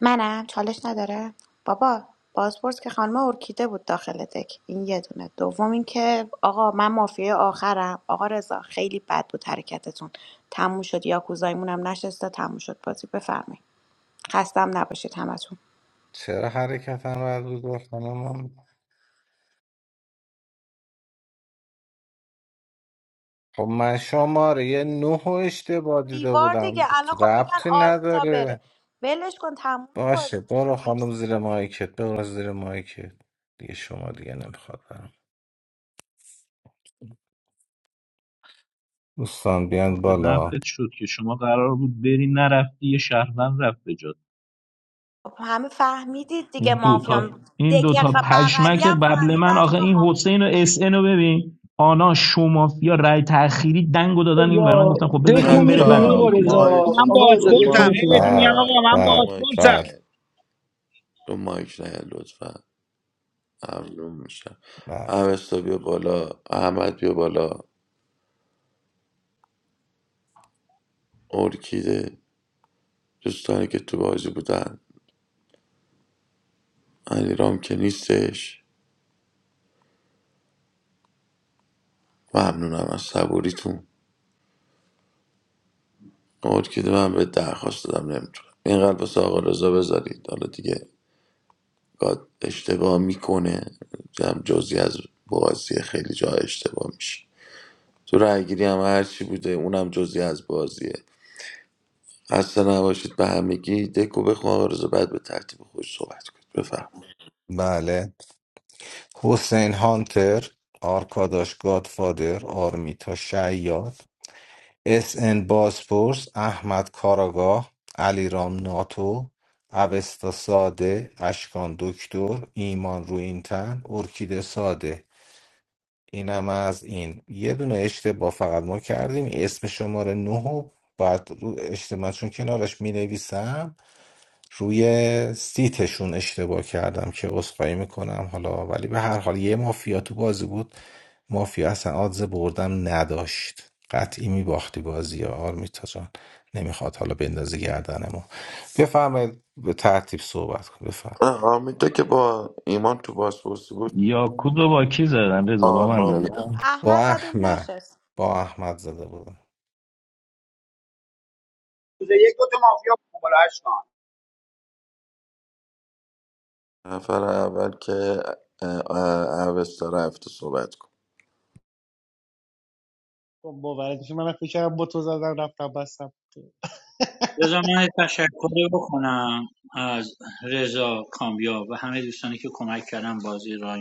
Speaker 9: منم چالش نداره بابا بازپرس که خانم ارکیده بود داخل دک این یه دونه دوم اینکه آقا من مافیای آخرم آقا رضا خیلی بد بود حرکتتون تموم شد یاکوزایمون هم نشسته تموم شد بازی بفرمایید خستم نباشید همتون
Speaker 3: چرا حرکتم رد بود گفتم من خب من شماره یه نه رو اشتباه دیده
Speaker 9: دیوار دیگه
Speaker 3: بودم
Speaker 9: الان خب میگن
Speaker 3: ربطی
Speaker 9: آرمیتا بره
Speaker 3: نداره
Speaker 9: ولش کن تموم
Speaker 3: باشه
Speaker 9: بازی
Speaker 3: برو
Speaker 9: دیگه
Speaker 3: خانم
Speaker 9: مرسی
Speaker 3: زیر مایکت برو زیر مایکت دیگه شما دیگه نمیخواد برم دوستان بیان
Speaker 14: به
Speaker 3: بالا
Speaker 14: نفعت شد که شما قرار بود بری نرفتی یه شهروند رفت به جات.
Speaker 9: خب همه فهمیدید
Speaker 14: این
Speaker 9: دیگه
Speaker 14: دوتا
Speaker 9: مافیام
Speaker 14: این
Speaker 9: دکه
Speaker 14: دوتا
Speaker 9: بغلی
Speaker 14: پشمک
Speaker 9: هم
Speaker 14: قبل
Speaker 9: فهمید
Speaker 14: من آخه
Speaker 9: اشکا
Speaker 14: این
Speaker 9: مافیام
Speaker 14: حسین و اس ان رو ببین آنا شومافیا رای تأخیری دنگو دادن این ور من
Speaker 5: آقا
Speaker 14: گفتم خب بذار
Speaker 5: دکو
Speaker 14: این
Speaker 7: بچه
Speaker 14: بره بعد
Speaker 5: میخونی
Speaker 14: اون
Speaker 7: ها
Speaker 5: آقا
Speaker 14: یکی
Speaker 5: رضا
Speaker 14: بره
Speaker 7: مایک
Speaker 15: من
Speaker 5: آقا رضا
Speaker 7: رو
Speaker 5: دکو
Speaker 15: بازپرسم
Speaker 7: مایک
Speaker 15: هی
Speaker 5: میخونی
Speaker 15: بهتون میگم
Speaker 3: بله
Speaker 15: آقا
Speaker 7: نیاد
Speaker 15: من
Speaker 7: رو
Speaker 3: بله
Speaker 7: مایک
Speaker 15: بازپرسم
Speaker 3: بله
Speaker 7: نیاید. رو مایک نه لطفا ممنون میشم
Speaker 3: بله
Speaker 7: اوستا بیا بالا احمد بیا بالا ارکیده دوستانی که تو بازی بودن رام که نیستش ممنونم از صبوریتون ارکیده من به درخواست دادم نمیتونم این قلب واسه آقا رضا بذارید حالا دیگه گاد اشتباه میکنه هم جزی از بازی خیلی جا اشتباه میشه تو رأیگیری هم هرچی بوده اونم جزی از بازیه خسته نباشید به همگی دکو بخون آقا رضا بعد به ترتیب خوش صحبت کنید بفهم
Speaker 3: بله حسین هانتر آرکاداش گادفادر آرمیتا شیاد اس ان بازپرس احمد کاراگاه علیرام ناتو اوستا ساده اشکان دکتر ایمان روینتن ارکیده ساده اینم از این یه دونه اشتباه فقط ما کردیم اسم شماره نه رو باید رو اجتماع چون کنارش می نویسم روی سیتشون اشتباه کردم که عذرخواهی میکنم حالا ولی به هر حال یه مافیا تو بازی بود مافیا اصلا آدز بردم نداشت قطعی میباختی بازی ها آرمیتا جان نمیخواد حالا بندازی گردن ما بفرمایید به ترتیب صحبت کن بفرم
Speaker 7: آه، حمیدا که با ایمان تو بازپرسی بود
Speaker 14: یاکود رو با کی زدن رضا با من
Speaker 7: آرمان
Speaker 14: زدن
Speaker 7: میره
Speaker 9: احمد
Speaker 3: با
Speaker 9: زدیم
Speaker 3: احمد
Speaker 9: نشست
Speaker 3: با احمد زده بودم
Speaker 15: روز یک دو تا مافیا بودم بالا اشکان
Speaker 7: نفر اول که اه، اه، اوستا رفته صحبت کن
Speaker 12: رضا من یه تشکری بکنم از رضا کامیاب و همه دوستانی که کمک کردن بازی را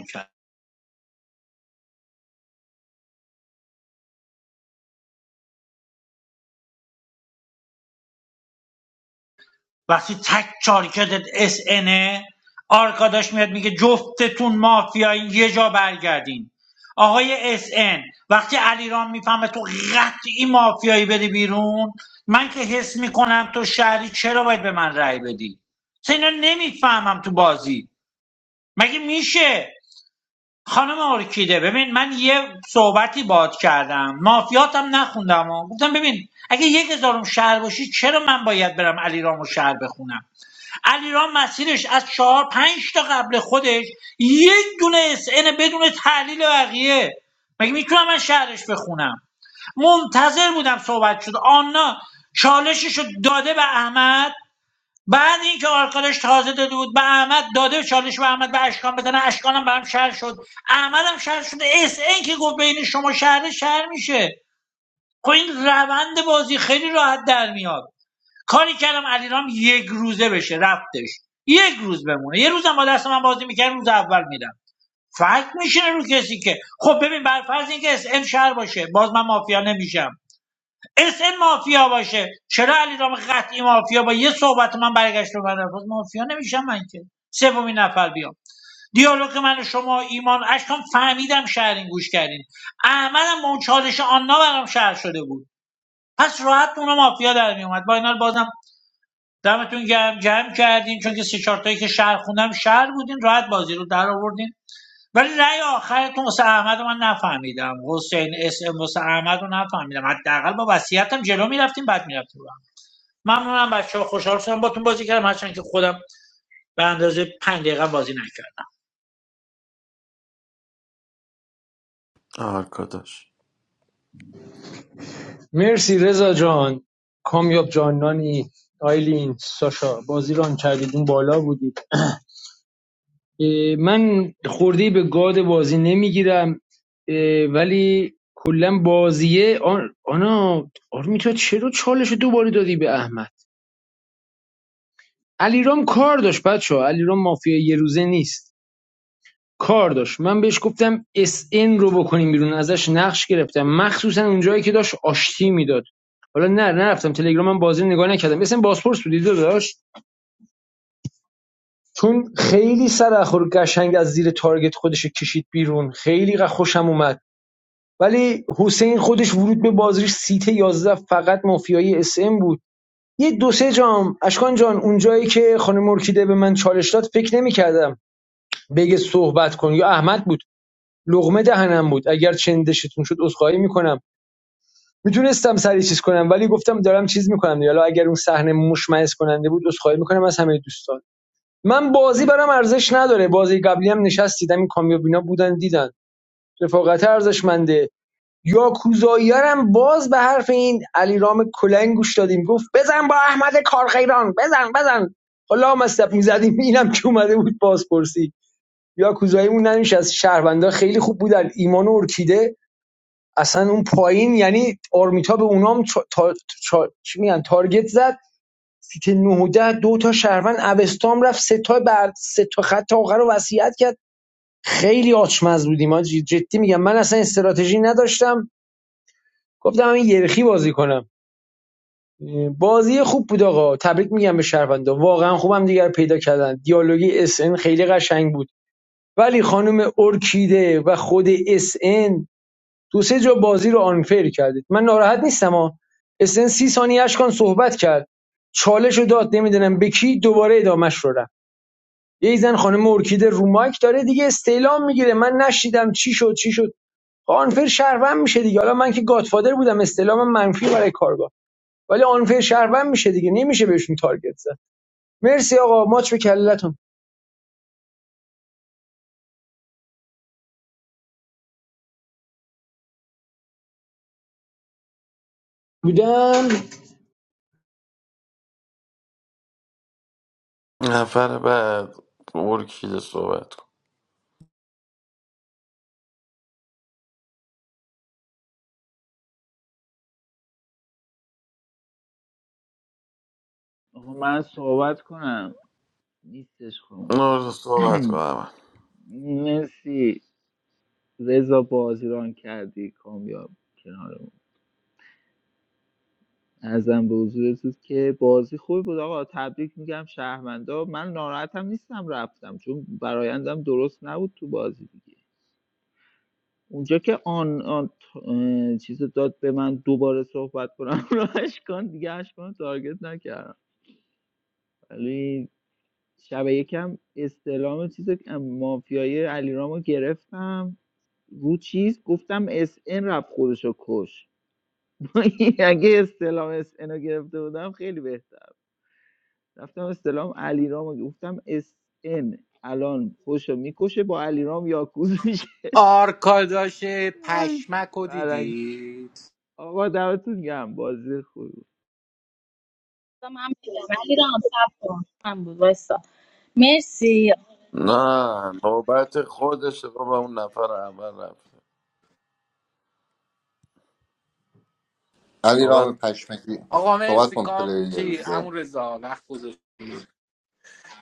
Speaker 12: وقتی تک چارکتت اس اینه آرکاداش میاد میگه جفتتون مافیایی یه جا برگردین آقای اس این وقتی علیرام میفهمه تو قطعی مافیایی بری بیرون من که حس میکنم تو شهری چرا باید به من رأی بدی اصلا اینا نمیفهمم تو بازی مگه میشه خانم ارکیده ببین من یه صحبتی باد کردم مافیاتم نخوندم و گفتم ببین اگه یک هزارم شهر باشی چرا من باید برم علیرامو شهر بخونم علیرام مسیرش از چهار پنج تا قبل خودش یک دونه اس ان بدون تحلیل بقیه مگه میتونم من شهرش بخونم منتظر بودم صحبت شد آنا چالشش رو داده به احمد بعد اینکه آرکادش تازه داده بود به احمد داده چالش به احمد به اشکان بزنه اشکانم به هم شهر شد احمدم شهر شده اس ان که گفت بین شما شهر شهر میشه خب این روند بازی خیلی راحت در میاد کاری کردم علیرام یک روزه بشه رفتش یک روز بمونه یه روزم با دست من بازی میکرد روز اول میرم فکر میشینه رو کسی که خب ببین بر فرض اینکه اس ان شهر باشه باز من مافیا نمیشم اس ام مافیا باشه چرا علیرام قطعی مافیا با یه صحبت من برگشت رو بعد باز مافیا نمیشم من که سومین نفر بیام دیالوگ من و شما ایمان اشکام فهمیدم شهرین گوش کردین احمدم با اون چالش آنها برام شهر شده بود پس راحت اونو مافیا در میومد با اینا بازم دمتون گرم جمع کردین چون که سه چهار تایی که شهر خوندم شهر بودین راحت بازی رو در آوردین ولی رأی آخرتون واسه احمد رو من نفهمیدم حسین اس ام واسه احمد رو نفهمیدم حداقل با وصیتم جلو میرفتیم بعد میرفتیم ممنونم بچه ها خوشحال شدم باتون بازی کردم هرچند که خودم به اندازه پنج دقیقه بازی نکردم
Speaker 7: آرکاداش
Speaker 5: مرسی رضا جان کامیاب جانانی آیلین ساشا بازی ران کردید اون بالا بودید من خورده به گاد بازی نمیگیرم ولی کلا بازیه آن آنا آرمی تو چرا چالش رو دوباره دادی به احمد علیرام کار داشت بچه ها علیرام مافیا یه روزه نیست کار داشت من بهش گفتم اس ان رو بکنیم بیرون ازش نقش گرفتم مخصوصا اونجایی که داشت آشتی میداد حالا نه نرفتم تلگرامم بازی نگاه نکردم اسم بازپرس بودی داداش. چون خیلی سر اخور قشنگ از زیر تارگت خودش کشید بیرون خیلی خوشم اومد ولی حسین خودش ورود به بازیش سیت یازده فقط مافیایی اس ام بود یه دو سه جام اشکان جان اونجایی که خانم مرکیده به من چالش داد فکر نمیکردم بگه صحبت کن یا احمد بود لقمه دهنم بود اگر چندشتون شد عذرخواهی میکنم میتونستم سری چیز کنم ولی گفتم دارم چیز میکنم حالا اگر اون صحنه مشمئز کننده بود عذرخواهی میکنم از همه دوستان من بازی برام ارزش نداره بازی قبلی هم نشست این کامیابینا بودن دیدن رفاقت ارزشمنده یاکوزاییارم باز به حرف این علیرام کلنگ گوش دادیم گفت بزن با احمد کارخیران بزن بزن حالا مستب میزدیم اینم که اومده بود بازپرسی یاکوزاییمون نمیشه از شهروندا خیلی خوب بودن ایمان و ارکیده اصلا اون پایین یعنی آرمیتا به اونام تا... تا... چا- چی میگن تارگت زد سیت 9 ده دو تا شهروند اوستام رفت سه تا بر سه تا خط آخر رو وصیت کرد خیلی آچمز بودیم آجی. جدی میگم من اصلا استراتژی نداشتم گفتم این یرخی بازی کنم بازی خوب بود آقا تبریک میگم به شهروندان واقعا خوبم دیگر پیدا کردن دیالوگی اس ان خیلی قشنگ بود ولی خانم ارکیده و خود اس ان دو سه جا بازی رو آنفر کردید من ناراحت نیستم ها اس ان سی ثانیه اشکان صحبت کرد چالش رو داد نمیدونم به کی دوباره ادامش رو رفت یه زن خانم ارکیده رو مایک داره دیگه استعلام میگیره من نشیدم چی شد چی شد آنفر شهروند میشه دیگه حالا من که گادفادر بودم استعلام منفی برای کارگاه ولی آنفر شهروند میشه دیگه نمیشه بهشون تارگت زد مرسی آقا ماچ به کلتون بودن
Speaker 7: نفر بعد ارکیده صحبت کن
Speaker 17: آقا من صحبت کنم نیستش خانم
Speaker 7: نور صحبت کن همه
Speaker 17: مرسی رضا بازی ران کردی کامیاب کنار ازم به حضورتون که بازی خوبی بود آقا تبریک میگم شهروندا من ناراحتم نیستم رفتم چون برایندم درست نبود تو بازی دیگه اونجا که آن, آن اه، چیز رو داد به من دوباره صحبت کنم راهش کن دیگه اش کن تارگت نکردم ولی شب یکم استعلام چیز مافیای علیرامو گرفتم رو چیز گفتم اس ان رفت خودشو کش اگه استعلام اس ان رو گرفته بودم خیلی بهتر رفتم استلام علیرام رو گفتم اس ان الان خوشو میکشه با علیرام یاکوز میشه
Speaker 11: آرکاداش
Speaker 17: آی،
Speaker 11: پشمک رو
Speaker 17: برعکس
Speaker 11: دیدی
Speaker 17: آقا دمتون گم بازی خوب
Speaker 19: گفتم هم میگم علی رام صبر کن. بود وایسا مرسی
Speaker 7: نه نوبت خودشه بابا اون نفر اول رفته صحبت
Speaker 21: علیرام
Speaker 7: کن
Speaker 21: پشمکی
Speaker 11: آقا
Speaker 21: صحبت
Speaker 11: مرسی
Speaker 21: کن
Speaker 11: کام
Speaker 21: پلیر یه
Speaker 11: چی
Speaker 21: روزه
Speaker 11: همون رضا وقت گذاشت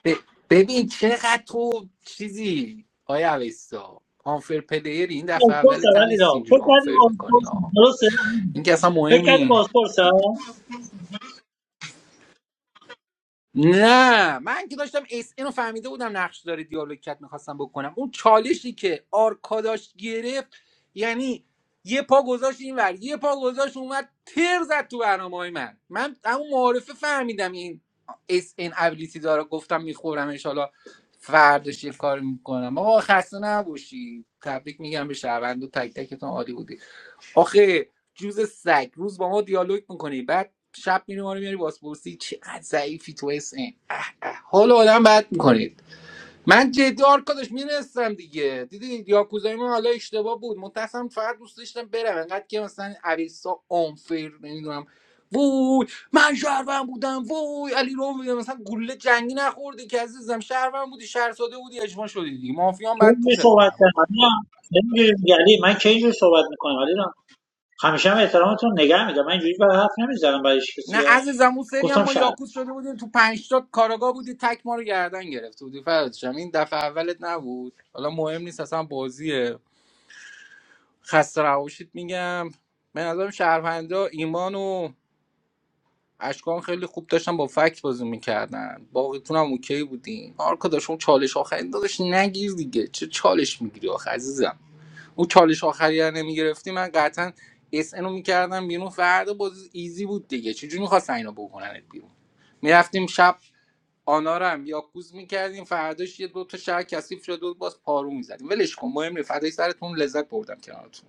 Speaker 11: ب- ببین چقدر تو چیزی آیا اویستا آنفر پلیر این دفعه
Speaker 12: بازپرسه
Speaker 11: اولی هم
Speaker 12: ولی
Speaker 11: نیست
Speaker 12: را فکر
Speaker 11: اینجوری
Speaker 12: کردی
Speaker 11: آنفر میکنی
Speaker 12: بازپرسه
Speaker 11: ها
Speaker 12: درسته
Speaker 11: این که اصلا
Speaker 12: فکر
Speaker 11: مهم
Speaker 12: کردی
Speaker 11: نیست
Speaker 12: بازپرسه
Speaker 11: نه من که داشتم اس اینو فهمیده بودم نقش داره دیالوگ کت میخواستم بکنم اون چالشی که آرکاداش گرفت یعنی یه پا گذاشت این ور یه پا گذاشت اومد تر زد تو برنامه های من من اما معارفه فهمیدم این اس این ابیلیتی داره گفتم میخورم انشالله فرداش یه کار میکنم آقا خسته نباشی تبریک میگم به شهروند و تک تکتون عالی بودی آخه جوز سگ روز با ما دیالوگ میکنی بعد شب میری ما رو میاری بازپرسی چقدر ضعیفی تو SN حال آدم بد میکنید من جدی آرکادش میرستم دیگه دیدی یاکوزای من حالا اشتباه بود متأسفم فقط دوست داشتم برم انقدر که مثلا اویسا آنفیر نمیدونم وای من شهروند بودم وای علی رو میدونم مثلا گله جنگی نخوردی که عزیزم شهروند بودی شهر ساده بودی اجماع شدی دیگه مافیان
Speaker 12: که
Speaker 11: بعد
Speaker 12: اینجوری
Speaker 11: پوشت
Speaker 12: صحبت
Speaker 11: کنم
Speaker 12: کردم نمی‌دونم یعنی من کی اینجوری صحبت میکنم همیشه هم احترامتون رو نگه میدم من اینجوری برای حرف نمیزنم برای هیچ کسی
Speaker 11: نه
Speaker 12: ها.
Speaker 11: عزیزم اون سری هم
Speaker 12: گفتم
Speaker 11: ما
Speaker 12: شاید
Speaker 11: یاکوز شده بودیم تو پنج تا کاراگاه بودی تک ما رو گردن گرفته بودی فرادشم این دفعه اولت نبود حالا مهم نیست اصلا بازیه خسته رواشید میگم به نظرم شهرونده ایمان و اشکان خیلی خوب داشتن با فکت بازی میکردن باقیتون هم اوکی بودین آرکا داشت اون چالش آخری داداش نگیر دیگه چه چالش میگیری آخه عزیزم اون چالش آخری رو نمیگرفتی من قطعا اس ان رو میکردم بیرون فردا بازی ایزی بود دیگه چجوری میخواستن اینو بکننت بیرون میرفتیم شب آنا رو هم یاکوز میکردیم فرداش یه دو تا شهر کثیف شد و باز پارو میزدیم ولش کن مهم نیست فدای سرتون لذت بردم کنارتون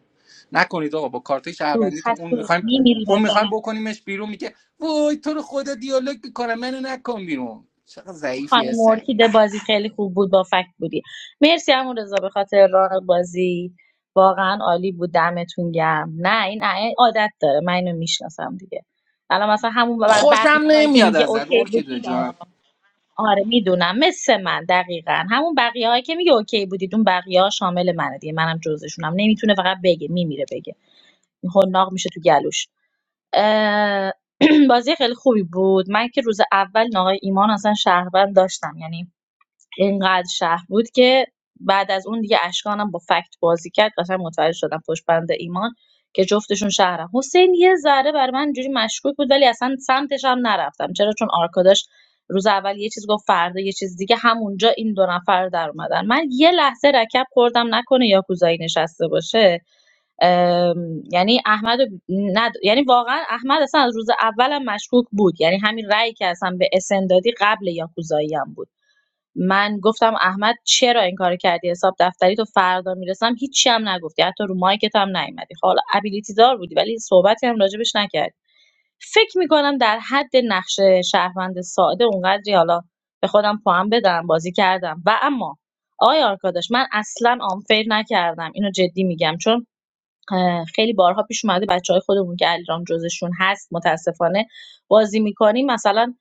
Speaker 11: نکنید آقا با کارت
Speaker 19: تو
Speaker 11: شهروندیتون اون
Speaker 19: خسته
Speaker 11: میخوایم
Speaker 19: میمیری
Speaker 11: اون
Speaker 19: مثلا
Speaker 11: میخوایم بکنیمش بیرون میگه وای تو رو خدا دیالوگ میکنم منو نکن بیرون چقدر ضعیفی
Speaker 19: خانم
Speaker 11: هستن
Speaker 19: ارکیده بازی خیلی خوب بود با فکت بودی مرسی همون رضا به خاطر راه بازی واقعا عالی بود دمتون گرم نه این این عادت داره من اینو میشناسم دیگه الان مثلا همون بق-
Speaker 11: خوشم
Speaker 19: بقیه هایی که
Speaker 11: نمیاد
Speaker 19: میگه
Speaker 11: ازت
Speaker 19: اوکی بودی
Speaker 11: ارکیده
Speaker 19: دارم
Speaker 11: جان
Speaker 19: آره میدونم مثل من دقیقا همون بقیه هایی که میگه اوکی بودید اون بقیه ها شامل منه دیگه منم جزشونم نمیتونه فقط بگه میمیره بگه این حناق میشه تو گلوش اه، بازی خیلی خوبی بود من که روز اول این آقای ایمان اصلا شهروند داشتم یعنی اینقدر شهر بود که بعد از اون دیگه اشکانم با فکت بازی کرد قشنگ متوجه شدم پشت بند ایمان که جفتشون شهرم حسین یه ذره بر من اینجوری مشکوک بود ولی اصلا سمتش هم نرفتم چرا چون آرکاداش روز اول یه چیز گفت فردا یه چیز دیگه همونجا این دو نفر در اومدن من یه لحظه رکب خوردم نکنه یاکوزایی نشسته باشه ام، یعنی احمد رو ند... یعنی واقعا احمد اصلا از روز اولم مشکوک بود یعنی همین رأی که اصلا به اسن دادی قبل یاکوزایی هم بود من گفتم احمد چرا این کارو کردی حساب دفتری تو فردا میرسم هیچی هم نگفتی حتی رو مایکت هم نیومدی خب، حالا ابیلیتی دار بودی ولی صحبتی هم راجبش نکردی فکر میکنم در حد نقش شهروند ساده اونقدری حالا به خودم پاهم بدم بازی کردم و اما آقای آرکاداش من اصلا آنفیر نکردم اینو جدی میگم چون خیلی بارها پیش اومده بچه خودمون که علیرام جزشون هست متاسفانه بازی میکنیم مثلا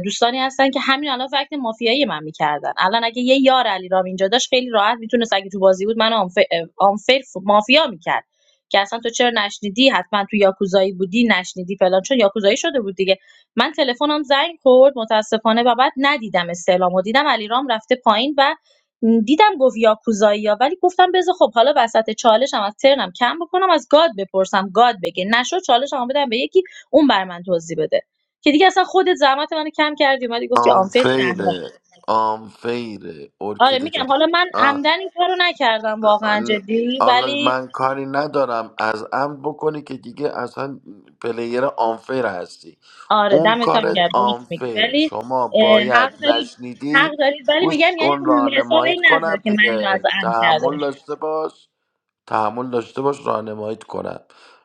Speaker 19: دوستانی هستن که همین الان فکت مافیایی من میکردن الان اگه یه یار علیرام اینجا داشت خیلی راحت میتونست اگه تو بازی بود من آنفر, آنفر مافیا میکرد که اصلا تو چرا نشنیدی حتما تو یاکوزایی بودی نشنیدی فلان چون یاکوزایی شده بود دیگه من تلفنم زنگ خورد متاسفانه و بعد ندیدم استعلامو دیدم علیرام رفته پایین و دیدم گفت یاکوزایی‌ها ولی گفتم بذار خب حالا وسط چالشم از ترنم کم بکنم از گاد بپرسم گاد بگه نشد چالشمو بدم به یکی اون بر من توضیح بده که دیگه اصلا خودت زحمت منو کم کردی اومدی گفتی آنفر شهروند
Speaker 7: آنفیره آنفیره
Speaker 19: آره
Speaker 7: ارکیده
Speaker 19: میگم حالا من
Speaker 7: جان
Speaker 19: عمدن این کارو نکردم واقعا جدی
Speaker 7: حالا
Speaker 19: ولی
Speaker 7: من کاری ندارم از عمد بکنی که دیگه اصلا پلیر آنفیر هستی
Speaker 19: آره
Speaker 7: اون
Speaker 19: دمتم
Speaker 7: کارت
Speaker 19: گرم درست میگی
Speaker 7: آنفیر
Speaker 19: ولی
Speaker 7: شما
Speaker 19: اه،
Speaker 7: باید
Speaker 19: حق دارید حق
Speaker 7: نشنیدی
Speaker 19: دارید ولی
Speaker 7: گوش
Speaker 19: میگم یعنی
Speaker 7: کن
Speaker 19: حساب
Speaker 7: راهنماییت
Speaker 19: این نظر
Speaker 7: کنم
Speaker 19: که من اینو از
Speaker 7: دیگه
Speaker 19: عمد کردم
Speaker 7: تحمل داشته باش تحمل داشته باش راهنماییت کنم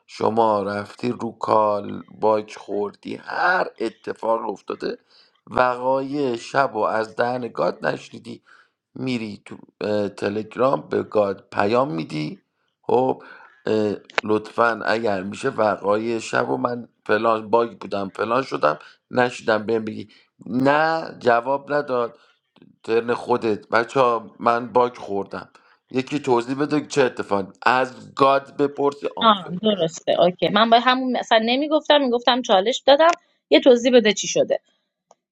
Speaker 7: شما رفتی رو کال باک خوردی هر اتفاق افتاده وقایع شب و از دهن گاد نشنیدی میری تو اه، تلگرام به گاد پیام میدی خب اه، لطفا اگر میشه وقایع شب و من فلان باگ بودم فلان شدم نشدم بهم بگی نه جواب نداد ترن خودت بچه ها من باک خوردم یکی توضیح بده که چه اتفاقی از گاد بپرسی
Speaker 19: آه
Speaker 7: آنفیر
Speaker 19: درسته اوکی من به همون مثلا نمیگفتم میگفتم چالش دادم یه توضیح بده چی شده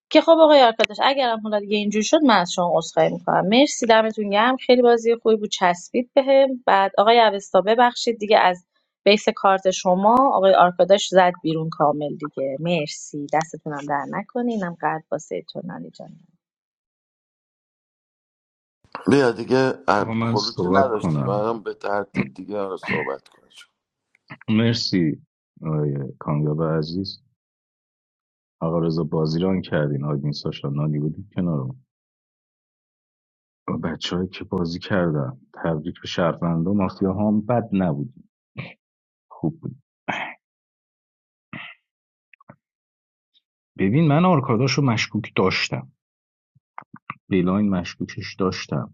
Speaker 19: که خب آقای آرکاداش اگرم حالا دیگه اینجوری شد من از شما عذرخواهی میکنم مرسی دمتون گرم خیلی بازی خوبی بود چسبید بهم بعد آقای اوستا ببخشید دیگه از بیس کارت شما آقای آرکاداش زد بیرون کامل دیگه مرسی دستتونم در نکنینم قلب واسه تو نانی جان.
Speaker 7: بیا دیگه
Speaker 14: آقا
Speaker 7: ام،
Speaker 14: من
Speaker 7: خروجی
Speaker 14: صحبت
Speaker 7: نداشتی
Speaker 14: کنم
Speaker 7: منم به ترتیب دیگه آره صحبت کنیم
Speaker 14: مرسی آقای کامیاب عزیز آقا رضا بازی ران کردین آدین ساشا نانی بودید کنارم با بچه هایی که بازی کردن تبریک به شهروندا مافیا هم بد نبودیم خوب بود ببین من آرکاداش رو مشکوک داشتم بیلاین مشکوکش داشتم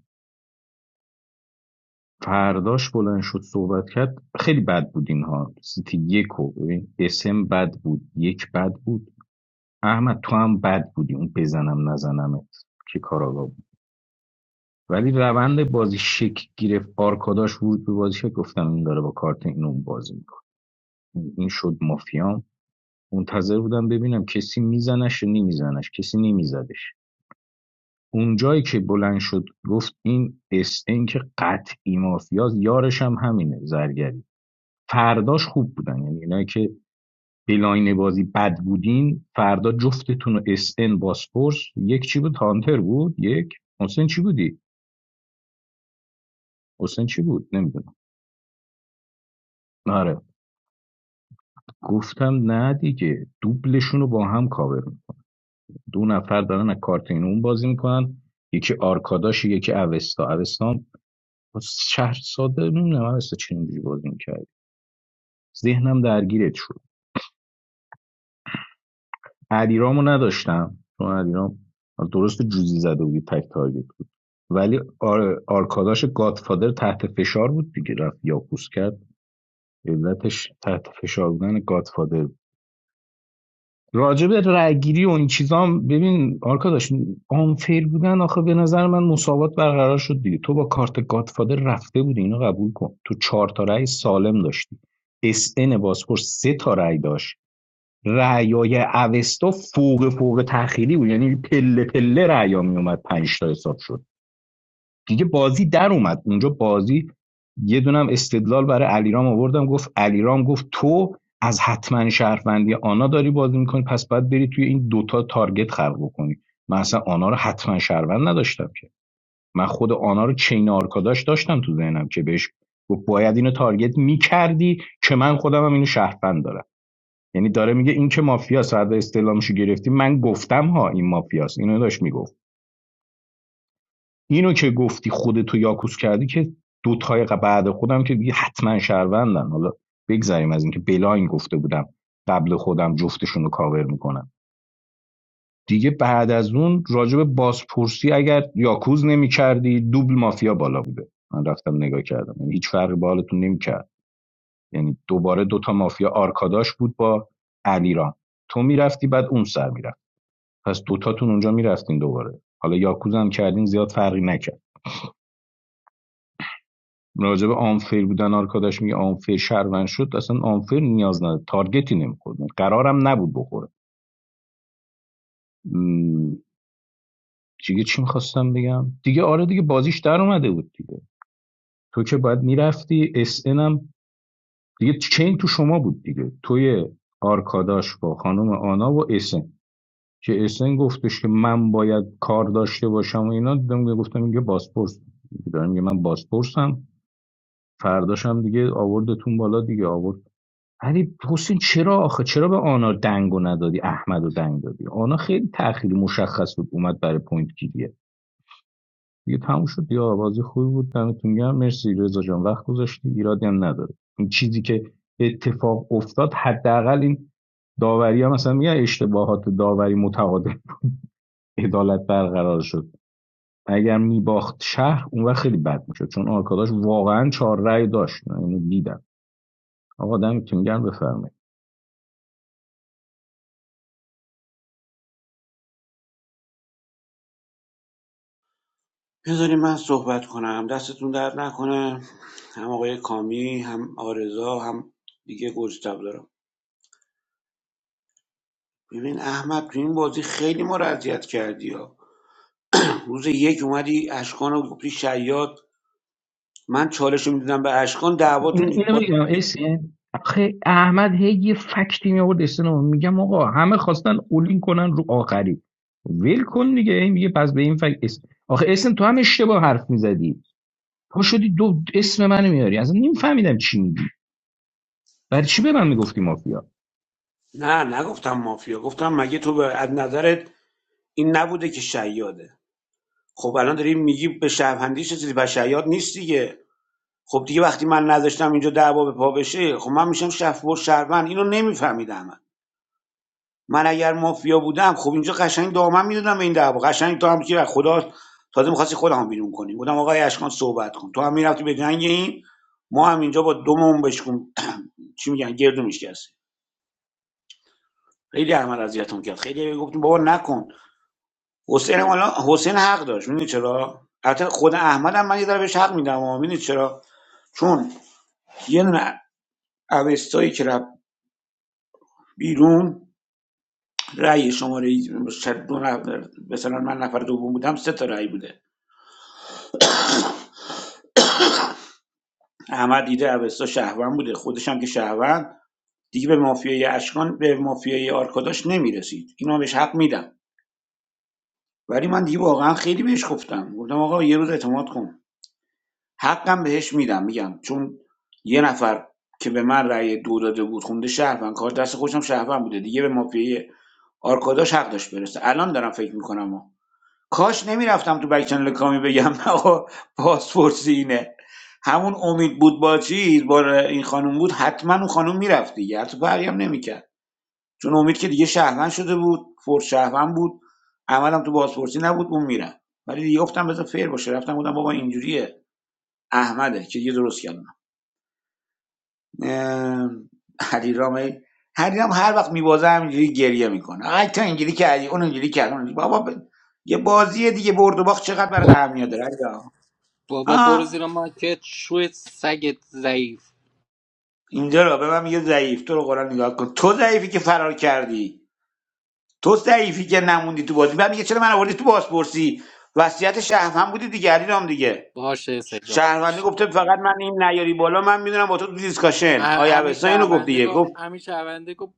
Speaker 14: فرداش بلند شد صحبت کرد خیلی بد بود اینها سیتی یک ببین اسم بد بود یک بد بود احمد تو هم بد بودی اون بزنم نزنمت که کاراگا بود ولی روند بازی شک گرفت آرکاداش ورود به بازی شد گفتم این داره با کارت اینو اون بازی میکنه این شد مافیام منتظر بودم ببینم کسی میزنش یا نمیزنش کسی نمیزدش اونجایی که بلند شد گفت این اس ان که قطعی مافیاست یارش هم همینه زرگری فرداش خوب بودن یعنی اینایی که بلاین بازی بد بودین فردا جفتتون رو اس ان باسپورس یک چی بود هانتر بود یک حسین چی بودی حسین چی بود نمیدونم آره گفتم نه دیگه دوبلشون رو با هم کاور میکنم دو نفر دارن از کارت این اون بازی میکنن یکی آرکاداش یکی اوستا اوستا هم شهر ساده نمیدونم اوستا چه اینجوری بازی می‌کرد. ذهنم درگیرت شد علیرامو نداشتم چون علیرام درست جوزی زده بودی تک تارگت بود ولی آر... آرکاداش گادفادر تحت فشار بود دیگه رفت یاکوس کرد علتش تحت فشار بودن گادفادر بود راجب رأیگیری و این چیزا هم ببین آرکاداش آنفیر بودن آخه به نظر من مساوات برقرار شد دیگه تو با کارت گادفادر رفته بودی اینو قبول کن تو چهار تا رأی سالم داشتی اس ان بازپرس سه تا رأی داشت رعیای اوستا فوق فوق تخیلی بود یعنی پله پله رعیا می اومد پنج تا حساب شد دیگه بازی در اومد اونجا بازی یه دونم استدلال برای علیرام آوردم گفت علیرام گفت تو از حتما شهروندی آنا داری بازی میکنی پس باید بری توی این دوتا تارگت خلق بکنی من اصلا آنا رو حتما شهروند نداشتم که من خود آنا رو چین آرکاداش داشتم تو ذهنم که بهش گفت باید اینو تارگت میکردی که من خودم هم اینو شهروند دارم یعنی داره میگه این که مافیاست هر استعلامشو گرفتی من گفتم ها این مافیاست اینو داشت میگفت اینو که گفتی خودتو یاکوس کردی که دو تای بعد خودم که دیگه حتما شهروندن حالا بگذریم از اینکه بلاین گفته بودم قبل خودم جفتشون رو کاور میکنم دیگه بعد از اون راجب بازپرسی اگر یاکوز نمیکردی دوبل مافیا بالا بوده من رفتم نگاه کردم یعنی هیچ فرقی با حالتون نمیکرد یعنی دوباره دوتا مافیا آرکاداش بود با علیرام تو میرفتی بعد اون سر میرفت پس دوتاتون اونجا میرفتین دوباره حالا یاکوزا هم کردین زیاد فرقی نکرد راجع به آنفیر بودن آرکاداش میگه آنفیر شهروند شد اصلا آنفیر نیاز نداره تارگتی نمیخورد قرارم نبود بخوره م، دیگه چی میخواستم بگم دیگه آره دیگه بازیش در اومده بود دیگه تو که باید میرفتی اس ان هم دیگه چین تو شما بود دیگه توی آرکاداش با خانم آنا و اسن که اسن گفتش که من باید کار داشته باشم و اینا دیدم گفتم میگه باسپورس دارم میگه من باسپورسم فرداش هم دیگه آوردتون بالا دیگه آورد علی حسین چرا آخه چرا به آنا دنگ ندادی احمدو دنگ دادی آنا خیلی تأخیری مشخص بود اومد برای پوینت گیریه دیگه تموم شد یا بازی خوبی بود دمتون گرم مرسی رضا جان وقت گذاشتی ایرادی هم نداره این چیزی که اتفاق افتاد حداقل این داوری هم مثلا میگه اشتباهات داوری متعادل عدالت برقرار شد اگر میباخت شهر اون وقت خیلی بد میشد چون آرکاداش واقعا چهار رأی داشت من اینو دیدم آقا دمتون گرم بفرمایید
Speaker 15: بذارین من صحبت کنم دستتون درد نکنه هم آقای کامی هم آرزا هم دیگه گوجه داره. ببین احمد تو این بازی خیلی ما رو اذیت کردی ها روز یک اومدی اشکان رو گفتی شیاد من چالش رو میدادم به اشکان دعواتون
Speaker 14: اینو
Speaker 15: با...
Speaker 14: بگم اسین آخه احمد هی یه فکتی می آورد اسلام میگم آقا همه خواستن اولین کنن رو آخری ول کن دیگه این میگه پس به این فکت اسم آخه اسم تو هم اشتباه حرف میزدی پا شدی دو اسم من میاری اصلا نمیفهمیدم چی میگی برای چی به من میگفتی مافیا
Speaker 15: نه نگفتم مافیا گفتم مگه تو به از نظرت این نبوده که شیاده خب الان داری میگی به شهروندیش رسیدی و شیاد نیست دیگه خب دیگه وقتی من نذاشتم اینجا دعوا به پا بشه خب من میشم شفبر شهروند اینو نمیفهمیدم من اگر مافیا بودم خب اینجا قشنگ دامن میدادم این دعوا قشنگ تو هم که از خدا تازه میخواستی خودم بیرون کنی گفتم آقای اشکان صحبت کن تو هم میرفتی به جنگ این ما هم اینجا با دومون بشکن چی میگن گردو میشکستی خیلی احمد اذیتم کرد خیلی گفتیم بابا نکن حسین مالا حالا حسین حق داشت میدونی چرا البته خود احمد هم من یه ذره بهش حق میدم اما میدونی چرا چون یه دونه اوستایی که رفت بیرون رأی شماره دو نفر مثلا من نفر دوم بودم سه تا رأی بوده احمد دیده اوستا شهروند بوده خودش هم که شهروند دیگه به مافیای اشکان به مافیای آرکاداش نمیرسید اینو بهش حق میدم ولی من دیگه واقعا خیلی بهش گفتم گفتم آقا یه روز اعتماد کن حقم بهش میدم میگم چون یه نفر که به من رأی دو داده بود خونده شهروند کار دست خودشم شهروند بوده دیگه به مافیای آرکاداش حق داشت برسه الان دارم فکر میکنم کاش نمیرفتم تو بک چنل کامی بگم آقا پاسپورت اینه همون امید بود با چیز با این خانم بود حتما اون خانم میرفت دیگه حتی فرقی هم نمیکرد چون امید که دیگه شهروند شده بود فور شهروند بود عملم تو بازپرسی نبود اون میرم ولی دیگه گفتم بذار فیر باشه رفتم بودم بابا اینجوریه احمده که دیگه درست کردم اه، حریرام هی- حریرام هر وقت میبازه همینجوری گریه میکنه آی تا اینجوری کردی اون اینجوری کرد اون بابا ب... یه بازی دیگه برد و باخت چقدر برای اهمیت داره آه اینجا رو به من میگه ضعیف تو رو قرآن نگاه کن تو ضعیفی که فرار کردی تو ضعیفی که نموندی تو بازی بعد میگه چرا من آوردی تو بازپرسی وصیت شهر هم بودی دیگه علی رام دیگه شهرونده گفته فقط من این نیاری بالا من میدونم با تو تو دیسکاشن آیا اوستا اینو گفت دیگه گفت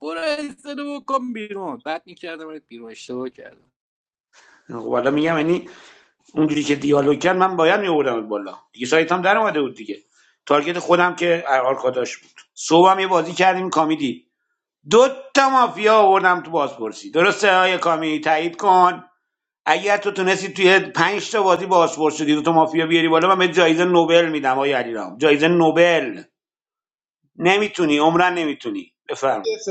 Speaker 11: برو استدو بکن بیرون بعد میکردم بیرون اشتباه کردم
Speaker 15: خب حالا میگم یعنی اونجوری که دیالوگ کرد من باید میآوردم بالا دیگه سایت هم در اومده بود دیگه تارگت خودم که آرکاداش بود صبحم یه بازی کردیم کامیدی دو تا مافیا آوردم تو بازپرسی درسته های کامی تایید کن اگر تو تونستی توی پنج تا بازی بازپرس شدی دو تا مافیا بیاری بالا من به جایزه نوبل میدم آقای علیرام جایزه نوبل نمیتونی عمرن نمیتونی بفرمایید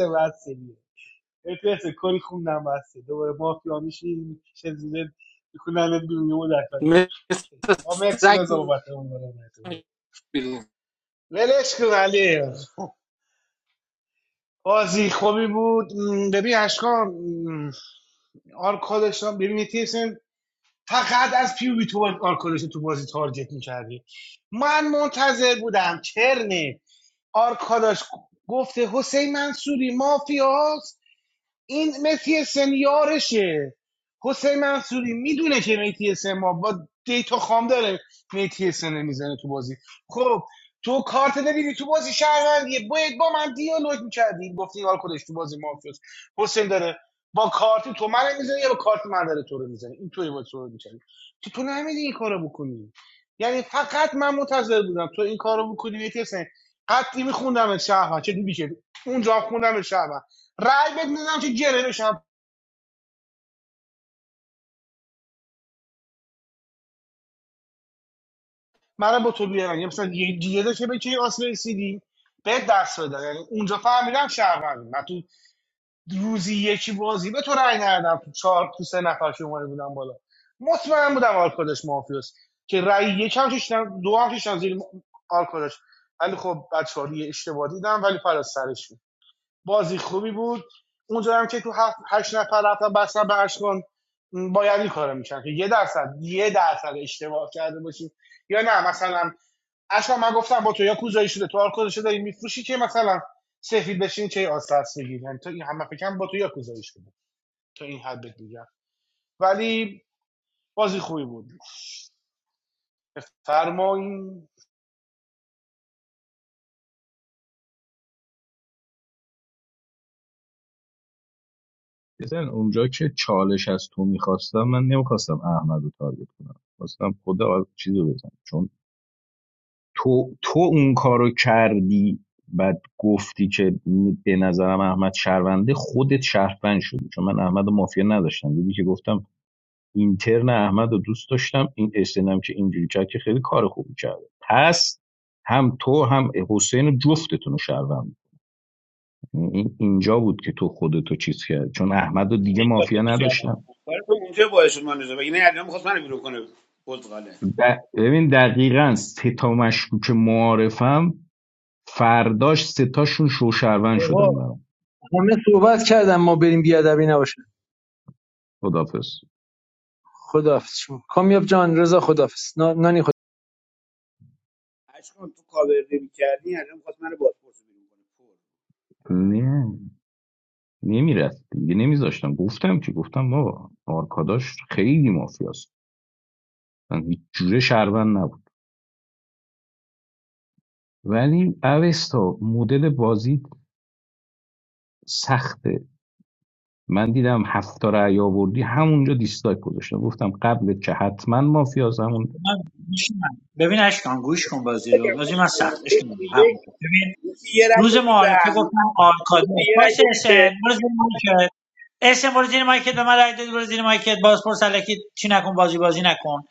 Speaker 14: بزن اونجا که چالش از تو میخواستم من نمیخواستم احمد رو تارگت کنم خواستم خدا چیز رو بزنم چون تو تو اون کارو کردی بعد گفتی که به نظرم احمد شهرونده خودت شهروند شدی چون من احمد و مافیا نداشتم دیدی که گفتم اینترن احمد رو دوست داشتم این استنم که اینجوری کرد که خیلی کار خوبی کرده پس هم تو هم حسین و جفتتون رو شهروند اینجا بود که تو خودتو چیز کرد چون احمد و دیگه مافیا نداشتم
Speaker 15: کارتون اونجا باعث شد من نزا این علیرام می‌خواست منو بیرون کنه بزغاله
Speaker 14: د- ببین دقیقاً سه تا مشکوک معارفم فرداش سه تاشون شوشروند شدن
Speaker 5: آقا
Speaker 14: برام
Speaker 5: همه صحبت کردم ما بریم بیادبی نباشه
Speaker 14: خدافز
Speaker 5: خداحافظ شما کامیاب جان رضا خداحافظ نا- نانی خداحافظ.
Speaker 15: اشکان تو کاور نمی‌کردی علیرام می‌خواست منو بازپرس بیرون کنه
Speaker 14: نه نمیرفت دیگه نمیذاشتم گفتم که گفتم بابا آرکاداش خیلی مافیاست من هیچ جوره شهروند نبود ولی اوستا مدل بازی سخته من دیدم هفت تا رأی آوردی همونجا دیسلایک گذاشتم گفتم قبل که حتما مافیاست همون
Speaker 12: من میشینم ببین اشکان گوش کن بازی رو
Speaker 15: بگم
Speaker 12: بازی من سخت
Speaker 15: اشکان،
Speaker 12: اشکان
Speaker 15: تو
Speaker 12: حق
Speaker 15: یه
Speaker 12: می‌خوام. ببین
Speaker 15: یه رای
Speaker 12: روز
Speaker 15: دادی به
Speaker 12: معارفه گفتم
Speaker 15: احمد
Speaker 12: آرکادی
Speaker 15: یه
Speaker 12: پایس
Speaker 15: رای
Speaker 12: اسن
Speaker 15: دادی
Speaker 12: برو زیر مایکت اسن برو زیر مایکت به من رای دادی برو زیر مایکت بازپرس الکی چی نکن بازی بازی نکن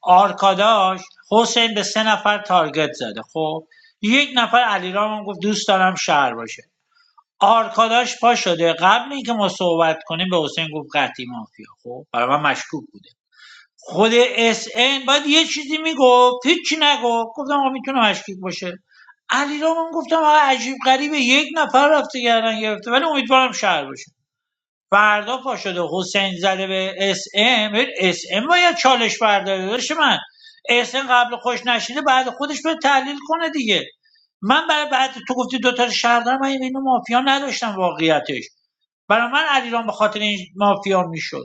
Speaker 12: آرکاداش حسین به سه نفر تارگت زده خب یک نفر علیرام هم گفت دوست دارم شهر باشه آرکاداش پا شده قبل اینکه ما صحبت کنیم به حسین گفت قطعی مافیا خب برای من مشکوک بوده خود اس ان باید یه چیزی میگفت هیچی نگفت گفتم آقا میتونه مشکوک باشه علی گفتم آقا عجیب غریبه یک نفر رفته گردن گرفته ولی امیدوارم شهر باشه فردا پا شده حسین زده به اس ام اس ام باید چالش برداره داشت من اس ام قبل خوش نشیده بعد خودش به تحلیل کنه دیگه من برای بعد تو گفتی دو تا شهر دارم، من اینو مافیا نداشتم واقعیتش برای من علیرام به خاطر این مافیا میشد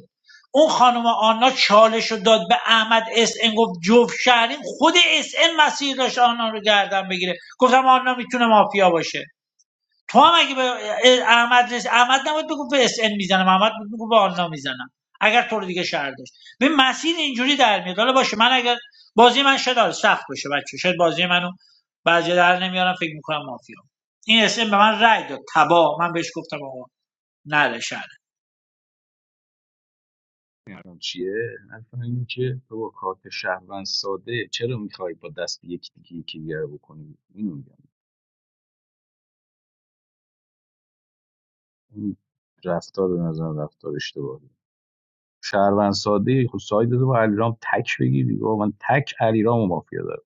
Speaker 12: اون خانم آنا چالش رو داد به احمد اس ام گفت جوف شهرین خود اس ام مسیر داشت آنا رو گردن بگیره گفتم آنا میتونه مافیا باشه تو هم اگه به احمد رس... احمد نباید بگو به اس ان میزنم احمد بود بگو به آنها میزنم اگر تو رو دیگه شهر داشت به مسیر اینجوری در میاد حالا باشه من اگر بازی من شاید آره سخت باشه بچه شاید بازی منو بعضی در نمیارم فکر میکنم مافیا این اس ان به من رأی داد تبا من بهش گفتم آقا نره شهر
Speaker 14: الان چیه الان اینه که تو با کارت شهروند ساده چرا میخوای با دست یک دیگه یکی دیگه رو بکنی اینو میگم این رفتار به نظر رفتار اشتباهی شهروند ساده ای خب ساید تو با علیرام تک بگیری با من تک علیرام مافیا دارم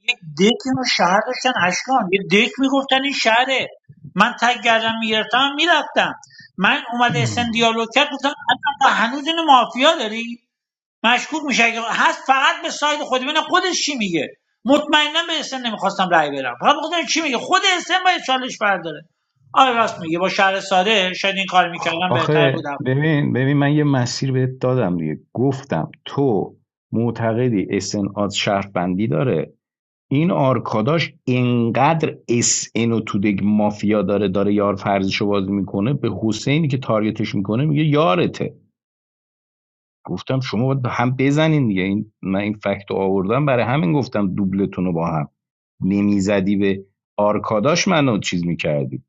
Speaker 12: یک دک اینو شهر داشتن اشکان یه دک میگفتن این شهره من تگ گردم میگرفتم میرفتم من اومده اسن دیالوگ کرد گفتم آقا، هنوز اینو مافیا داری مشکوک میشه اگه هست فقط به ساید خود ببینم خودش چی میگه مطمئنا به اسن نمیخواستم رأی بدم فقط بخاطر چی میگه خود اسن باید چالش برداره آره راست میگه با شهر ساده شاید این کار میکردم بهتر
Speaker 14: آخه
Speaker 12: بود
Speaker 14: ببین ببین من یه مسیر بهت دادم دیگه گفتم تو معتقدی اس ان آد شهروندی داره این آرکاداش اینقدر اس ان و تودگ مافیا داره داره یار فرضشو بازی میکنه به حسینی که تارگتش میکنه میگه یارته گفتم شما باید به هم بزنین دیگه این من این فکت رو آوردم برای همین گفتم دوبلتون رو با هم نمیزدی به آرکاداش منو چیز میکردی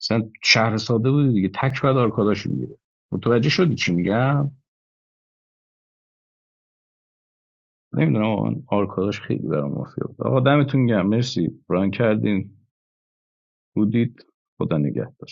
Speaker 14: مثلا شهر ساده بودی دیگه تک بعد آرکاداش میگیره متوجه شدی چی میگم نمیدونم آرکاداش خیلی برام مفید بود آقا دمتون گرم مرسی ران کردین بودید خدا نگهدار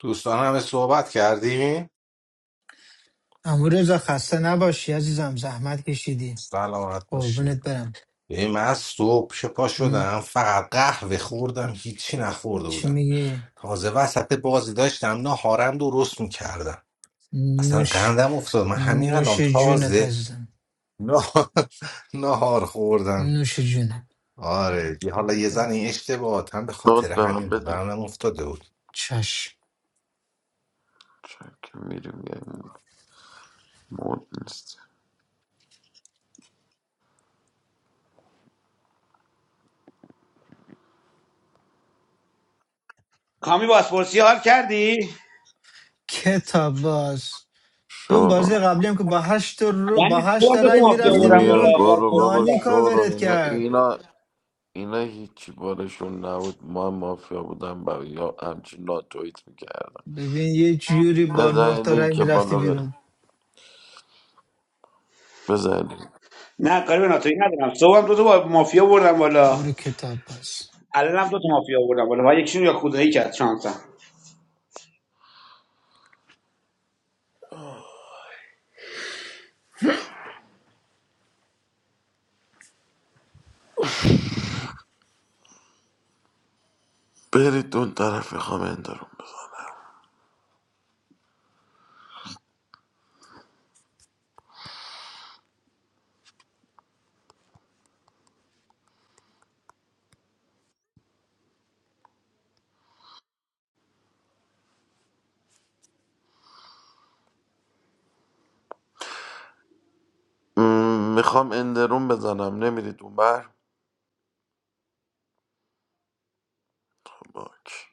Speaker 3: دوستان همه صحبت کردیم
Speaker 2: امروز خسته نباشی عزیزم زحمت کشیدی
Speaker 3: سلامت باشی
Speaker 2: قربونت برم
Speaker 3: به من صبح چه پا
Speaker 2: م.
Speaker 3: شدم فقط قهوه خوردم هیچی نخورده
Speaker 2: چی
Speaker 3: بودم
Speaker 2: میگی
Speaker 3: تازه وسط بازی داشتم نه هارم درست میکردم اصلا
Speaker 2: نوش
Speaker 3: قندم افتاد من همین
Speaker 2: نوش
Speaker 3: الان
Speaker 2: جونت
Speaker 3: تازه
Speaker 2: عزیزم
Speaker 3: نه- نهار خوردم
Speaker 2: نوش جونت
Speaker 3: آره یه- حالا یه زن این اشتباهات هم به خاطر
Speaker 7: نوت به من
Speaker 3: همین بود
Speaker 7: بده
Speaker 3: قندم افتاده بود
Speaker 2: چشم
Speaker 7: چک میریم یه مود نیست
Speaker 15: کامی بازپرسی حال کردی؟
Speaker 2: کتاب باز تو اون
Speaker 7: شورون
Speaker 2: بازی قبلی هم که با هشت, رو...
Speaker 15: یعنی
Speaker 2: با هشت
Speaker 15: صبح هم
Speaker 2: تا
Speaker 15: دو تا
Speaker 2: رای
Speaker 15: مافیا
Speaker 2: میرفتی
Speaker 15: بردم
Speaker 7: بیا
Speaker 15: بالا
Speaker 2: بیرون
Speaker 7: برو
Speaker 15: بازپرس
Speaker 7: بابا
Speaker 2: نانی
Speaker 15: بودم
Speaker 7: شورون
Speaker 2: کاورت
Speaker 7: اینا
Speaker 2: کرد
Speaker 7: اینا اینا هیچی بارشون نبود ما مافیا بودن برای یا همچین ناتویت میکرد
Speaker 2: ببین یه جوری با نه
Speaker 7: بزن
Speaker 2: تا رای
Speaker 7: لینک
Speaker 2: میرفتی
Speaker 7: بالا بریم
Speaker 2: بیرون
Speaker 7: بزن لینک.
Speaker 15: نه کاری به ناتوی ندارم صبح هم دو تا با- مافیا بردم بالا
Speaker 2: برو کتاب باز
Speaker 15: الان هم دو تا مافیا بردم بالا و یکیشون یا خدایی کرد شانسم
Speaker 7: برید اون طرف میخوام اندروم ب... م... میخوام اندروم بزنم نمیرید اون بر باک